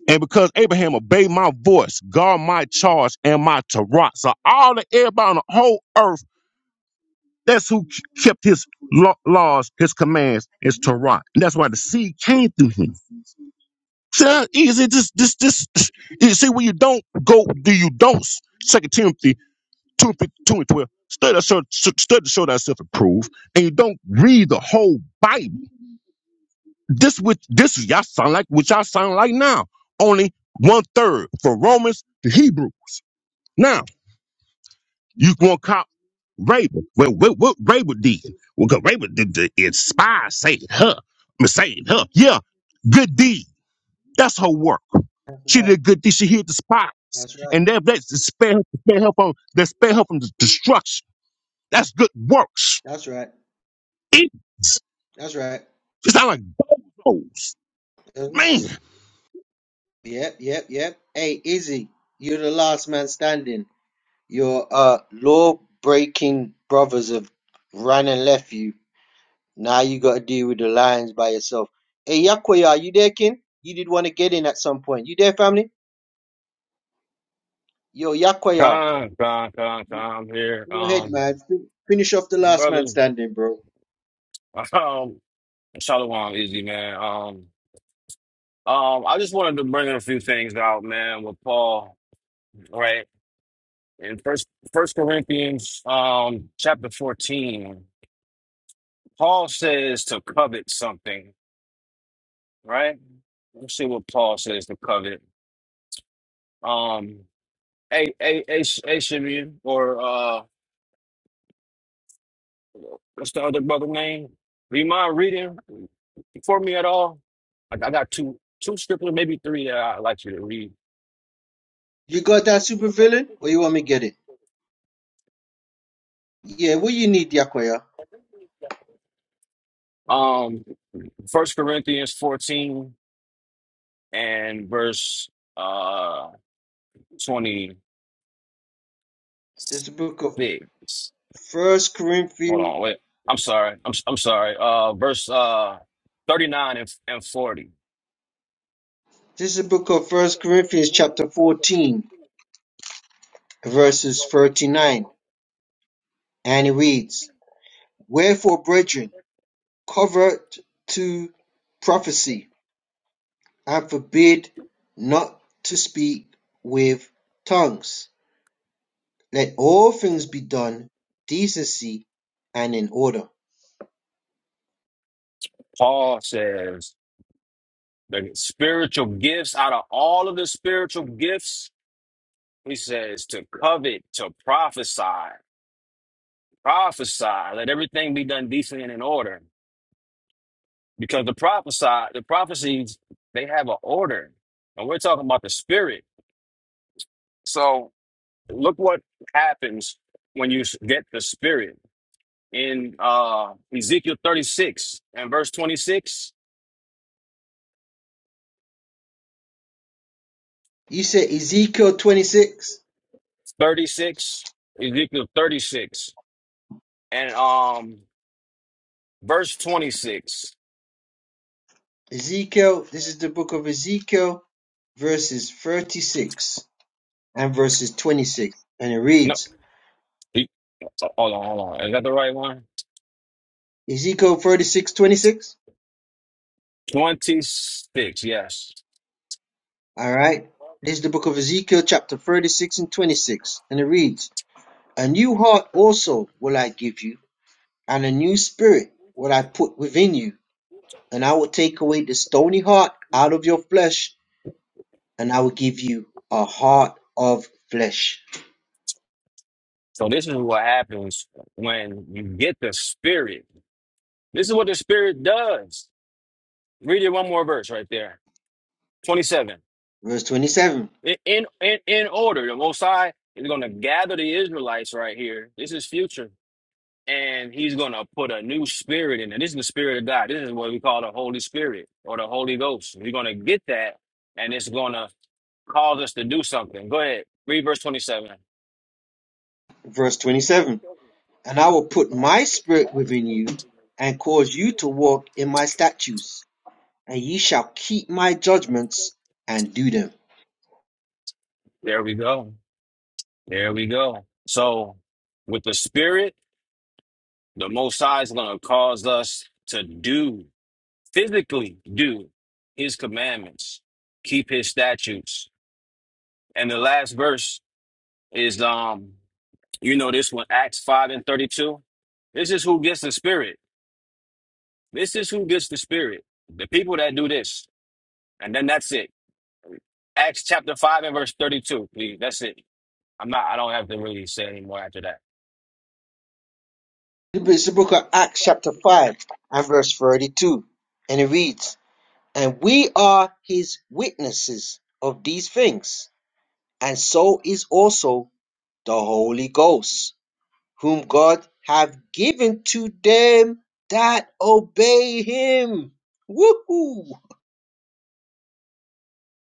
And because Abraham obeyed my voice, God my charge and my Torah. So all the everybody on the whole earth, that's who kept his law- laws, his commands, his Torah. And that's why the seed came through him. See how easy this this this you see when you don't go do you don't second Timothy two, and two and twelve. Study to show study to show thyself approved, and you don't read the whole Bible. This which this is y'all sound like what y'all sound like now. Only one third for Romans to Hebrews. Now, you gonna cop Raven. Well, what, what Raven did? Well, because Raven did the inspire saving her. I mean, saving her. Yeah, good deed. That's her work.
That's
She
right.
did a good deed. She hid the spots,
That's right.
And that, that's to spare her, to spare her from, that spare her from the destruction. That's good works.
That's right.
It,
That's right.
it's not like bulldozers.
That's right.
Man,
Yep, yep, yep. Hey, Izzy, you're the last man standing. Your uh law breaking brothers have ran and left you. Now you gotta deal with the lions by yourself. Hey Yakwaya, you there, kin? You did want to get in at some point. You there, family? Yo, Yakwaya.
Con, con, con, con. I'm here.
Go ahead,
Um,
man. Fin- Finish off the last
brother,
man standing, bro.
um, Shalom, easy man. Um, um, I just wanted to bring a few things out, man, with Paul, right? In First First Corinthians, um, chapter fourteen, Paul says to covet something, right? Let's see what Paul says to covet. Um, a a a a Simeon or uh, what's the other brother name? Do you mind reading for me at all? Like I got two two scriptures, maybe three that I'd like you to read.
You got that super villain, or you want me get it? Yeah, what you need, Yakoya?
Um, First Corinthians fourteen and verse uh twenty
This is the book of
six.
First
Hold
Corinthians.
on, wait. I'm sorry. I'm I'm sorry. Uh, verse uh thirty nine and and forty.
This is the book of First Corinthians, chapter fourteen, verses thirty-nine, and it reads: Wherefore, brethren, covet to prophecy, and forbid not to speak with tongues. Let all things be done decency and in order.
Paul says the spiritual gifts out of all of the spiritual gifts He says to covet, to prophesy, prophesy, let everything be done decently and in order. Because the prophesy, the prophecies, they have an order. And we're talking about the spirit. So look what happens when you s- get the spirit. In uh, Ezekiel 36 and verse twenty-six,
You said Ezekiel 26.
thirty-six, Ezekiel 36 and um, verse 26.
Ezekiel, this is the book of Ezekiel, verses 36 and verses 26. And it
No,
reads
e- hold on, hold on. Is that the right one?
Ezekiel thirty-six, twenty-six.
26, yes.
All right. This is the book of Ezekiel, chapter 36 and 26. And it reads A new heart also will I give you, and a new spirit will I put within you. And I will take away the stony heart out of your flesh, and I will give you a heart of flesh.
So this is what happens when you get the spirit. This is what the spirit does. Read it one more verse right there. 27.
Verse 27.
In in in, in order, the most high is gonna gather the Israelites right here. This is future. And he's gonna put a new spirit in it. This is the spirit of God. This is what we call the Holy Spirit or the Holy Ghost. We're gonna get that and it's gonna cause us to do something. Go ahead. Read verse 27.
Verse 27 And I will put my spirit within you, and cause you to walk in my statutes, and ye shall keep my judgments and do them.
There we go. There we go. So, with the Spirit, the Most High is going to cause us to do, physically do His commandments, keep His statutes. And the last verse is, um, you know, this one, Acts 5 and 32. This is who gets the Spirit. This is who gets the Spirit. The people that do this. And then that's it. Acts chapter 5 and verse 32, please. That's it. I'm not, I don't have to really say anymore after that.
It's the book of Acts, chapter 5, and verse 32. And it reads, And we are his witnesses of these things, and so is also the Holy Ghost, whom God hath given to them that obey him. Woohoo!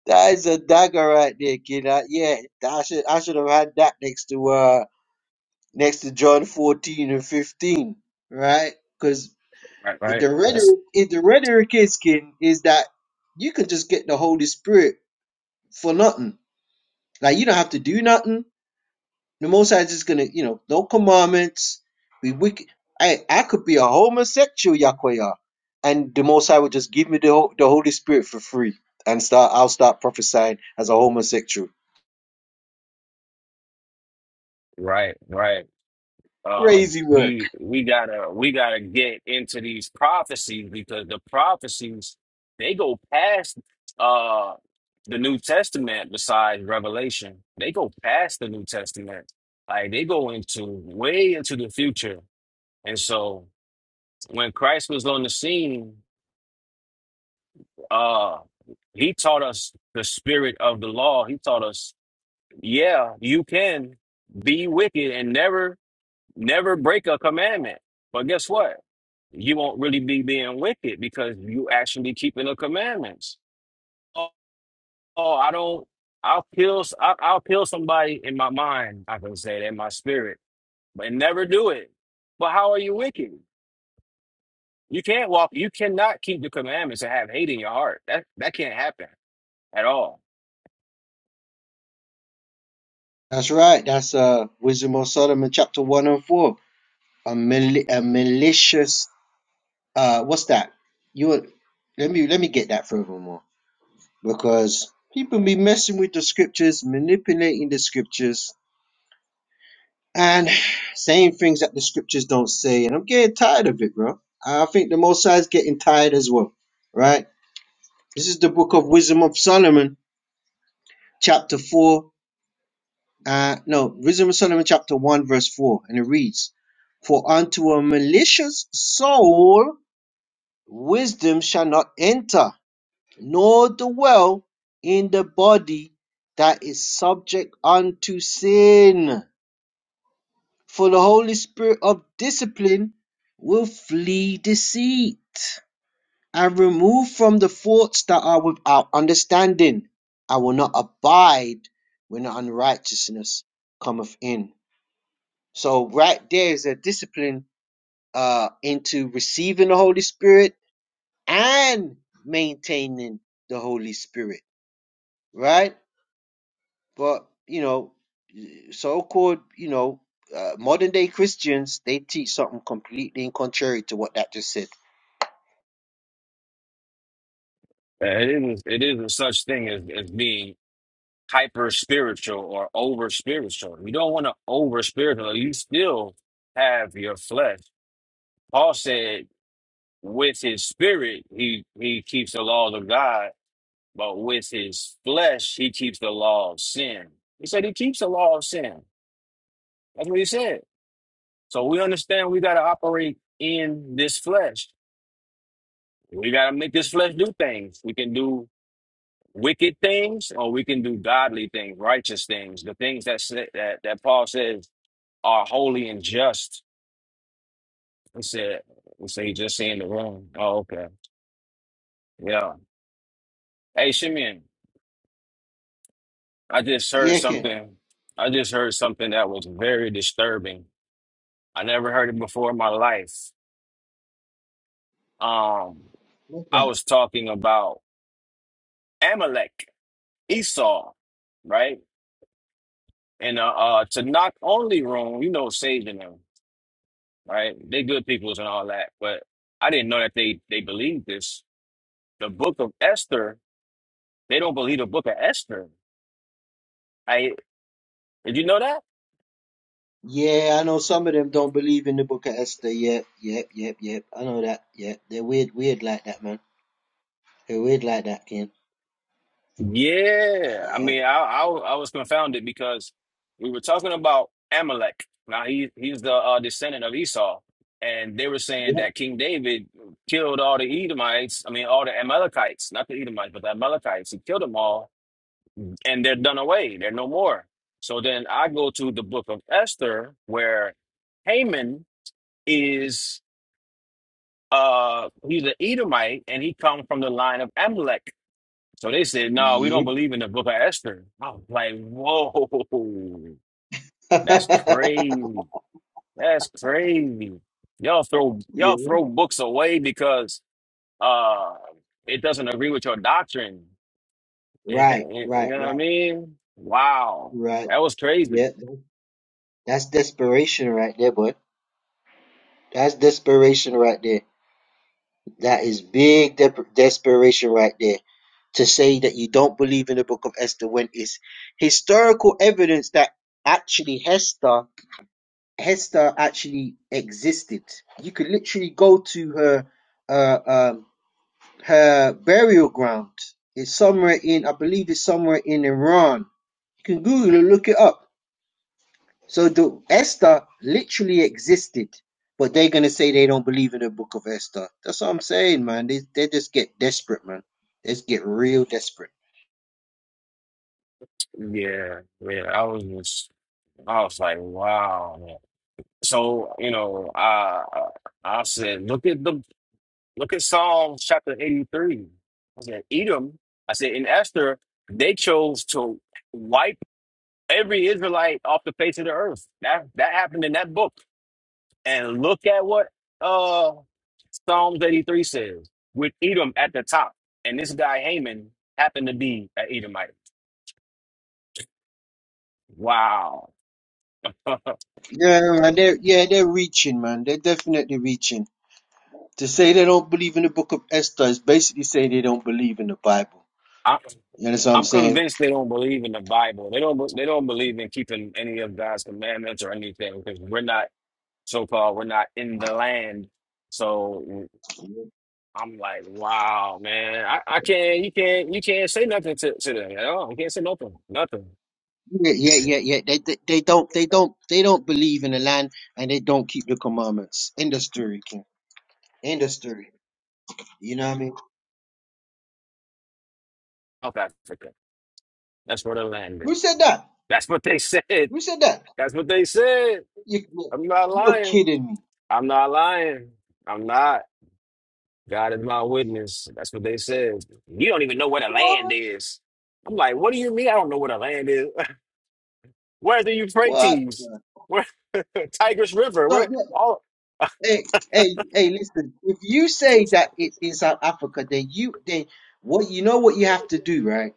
That is a dagger right there, kid. Uh, yeah, I should I should have had that next to uh next to John fourteen and fifteen, right? Because
Right, right.
the
That's
rhetoric, if the rhetoric is kid, is that you can just get the Holy Spirit for nothing. Like you don't have to do nothing. The Most High is just gonna, you know, no commandments. We wicked. I I could be a homosexual, Yakoya, and the Most High would just give me the Ho- the Holy Spirit for free, and start I'll start prophesying as a homosexual
right, right. um
Crazy work.
we we gotta we gotta get into these prophecies because the prophecies they go past uh the New Testament besides Revelation. They go past the New Testament. Like they go into way into the future. And so when Christ was on the scene, uh he taught us the spirit of the law. He taught us, yeah, you can be wicked and never never break a commandment. But guess what? you won't really be being wicked because you actually keeping the commandments. Oh, oh, I don't. I'll kill. si I'll, I'll kill somebody in my mind. I can say that in my spirit, but never do it. But how are you wicked? You can't walk. You cannot keep the commandments and have hate in your heart. That that can't happen at all.
That's right. That's uh Wisdom of Solomon chapter one and four. A, mali- a malicious uh what's that? You were- let me let me get that furthermore. Because people be messing with the scriptures, manipulating the scriptures, and saying things that the scriptures don't say, and I'm getting tired of it, bro. I think the most High is getting tired as well. Right? This is the book of Wisdom of Solomon, chapter four. uh, no, Wisdom of Solomon chapter 1 verse 4, and it reads, For unto a malicious soul wisdom shall not enter, nor dwell in the body that is subject unto sin. For the Holy Spirit of discipline will flee deceit and remove from the thoughts that are without understanding. I will not abide when the unrighteousness cometh in. So right there is a discipline uh into receiving the Holy Spirit and maintaining the Holy Spirit, right? But you know, so-called you know uh, modern day Christians they teach something completely in contrary to what that just said.
Uh, It isn't. It isn't such thing as as being hyper spiritual or over spiritual. You don't want to over spiritual. You still have your flesh. Paul said. with his spirit he he keeps the laws of God, but with his flesh he keeps the law of sin. He said he keeps the law of sin. That's what he said. So we understand we got to operate in this flesh. We got to make this flesh do things. We can do wicked things, or we can do godly things, righteous things, the things that sa- that that Paul says are holy and just. He said, "We he just in the room." Oh, okay, yeah. Hey, Shimeon, I just heard
Yeah, Ken.
something. I just heard something that was very disturbing. I never heard it before in my life. Um,
What's
I
that?
was talking about Amalek, Esau, right? And uh, uh to knock only room, you know, saving them, right? They good peoples and all that, but I didn't know that they they believed this. The book of Esther, they don't believe the book of Esther. I did you know that?
Yeah, I know some of them don't believe in the Book of Esther. Yep, yep, yep, yep. I know that. Yeah, they're weird, weird like that, man. They're weird like that, Ken.
Yeah, I
Yeah,
mean, I, I w- I was confounded because we were talking about Amalek. Now he he's the uh, descendant of Esau, and they were saying that King David killed all the Edomites. I mean, all the Amalekites, not the Edomites, but the Amalekites. He killed them all, and they're done away. They're no more. So then I go to the book of Esther, where Haman is uh he's an Edomite, and he comes from the line of Amalek. So they said, no, we don't
yep,
believe in the book of Esther. I was like, whoa, that's
yep.
crazy. That's crazy. Y'all throw
Yeah.
y'all throw books away because uh it doesn't agree with your doctrine. you
Right,
know
right,
what I
right,
mean? Wow.
right.
That was crazy.
Yeah, that- that's desperation right there, bud. That's desperation right there. That is big de- desperation right there. To say that you don't believe in the Book of Esther when it's historical evidence that actually Hester Hester actually existed. You could literally go to her uh um her burial ground. It's somewhere in I believe it's somewhere in Iran. You can Google it, look it up So the Esther literally existed, but they're gonna say they don't believe in the Book of Esther. That's what I'm saying, man. They they just get desperate, man. They just get real desperate.
Yeah, yeah. I was just I was like, wow. man. So, you know, I I said, look at the Look at Psalms chapter 83. I said, Edom, I said, in Esther, they chose to wipe every Israelite off the face of the earth. That that happened in that book. And look at what uh Psalms 83 says, with Edom at the top. And this guy Haman happened to be an Edomite. Wow.
Yeah, man. They're yeah
I,
they're reaching, man. They're definitely reaching. To say they don't believe in the Book of Esther is basically saying they don't believe in the Bible. You understand what I'm
I'm
saying?
convinced they don't believe in the Bible. They don't. They don't believe in keeping any of God's commandments or anything because we're not. so far we're not in the land. So I'm like, wow, man, I, I can't, you can't, you can't say nothing to, to them at all. You can't say nothing, nothing.
Yeah, yeah, yeah, yeah. They, they they don't they don't they don't believe in the land and they don't keep the commandments. End of story, King. End of story. You know what I mean?
South Africa, that's where the land
Who
is.
said that?
That's what they said.
Who said that?
That's what they said.
You look,
I'm not
you're
lying.
kidding me.
I'm not lying. I'm not. God is my witness. That's what they said. You don't even know where the land
What?
is. I'm like, what do you mean? I don't know where the land is. Where the
What?
Euphrates?
the-
Where Tigris River?
No,
Where
yeah,
all?
hey, hey, hey, listen. If you say that it's in South Africa, then you then what you know what you have to do, right?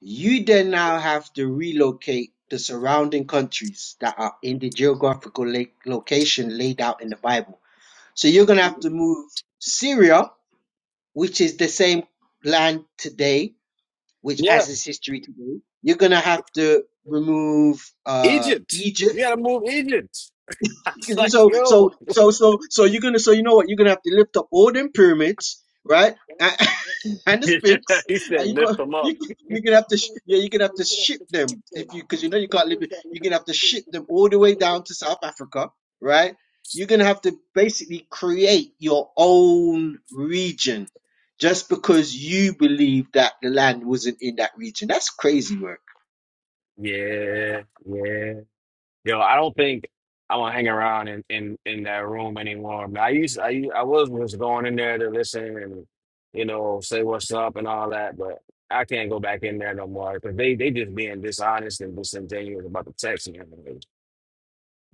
You then now have to relocate the surrounding countries that are in the geographical la- location laid out in the Bible. So you're gonna have to move Syria, which is the same land today, which
Yeah,
has its history today. You're gonna have to remove uh
Egypt.
Egypt
You gotta move Egypt. I was like,
So,
yo.
so, so, so, so you're gonna, so you know what? You're gonna have to lift up all them pyramids, right? And, and the Sphinx.
he
And
said,
you
lift
go,
them up.
you, you're gonna have to, sh- yeah, you're gonna have to ship them if you, because you know you can't live. it- You're gonna have to ship them all the way down to South Africa, right? You're gonna have to basically create your own region just because you believe that the land wasn't in that region. That's crazy work.
Yeah, yeah. Yo, I don't think I'm gonna hang around in, in, in that room anymore. I, mean, I used I u- I was was going in there to listen and you know say what's up and all that, but I can't go back in there no more because they they just being dishonest and disingenuous about the text and everything.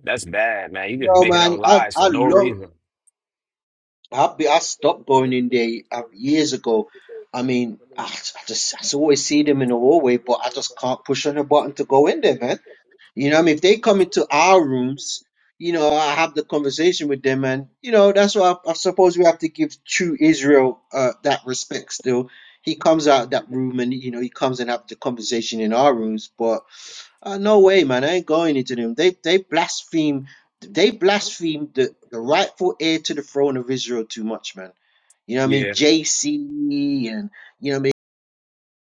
That's bad, man. You just
Well,
making up
man, I,
lies for
I
no
love.
reason.
I've be, I stopped going in there uh, years ago. I mean, I, I just I always see them in the hallway, but I just can't push on a button to go in there, man. You know, what I mean, if they come into our rooms, you know, I have the conversation with them, and you know, that's why I, I suppose we have to give true Israel uh, that respect. Still, he comes out that room, and you know, he comes and have the conversation in our rooms, but. Uh, no way, man. I ain't going into them. They they blaspheme. They blaspheme the, the rightful heir to the throne of Israel too much, man. You know what I mean?
Yeah.
JC and you know what I mean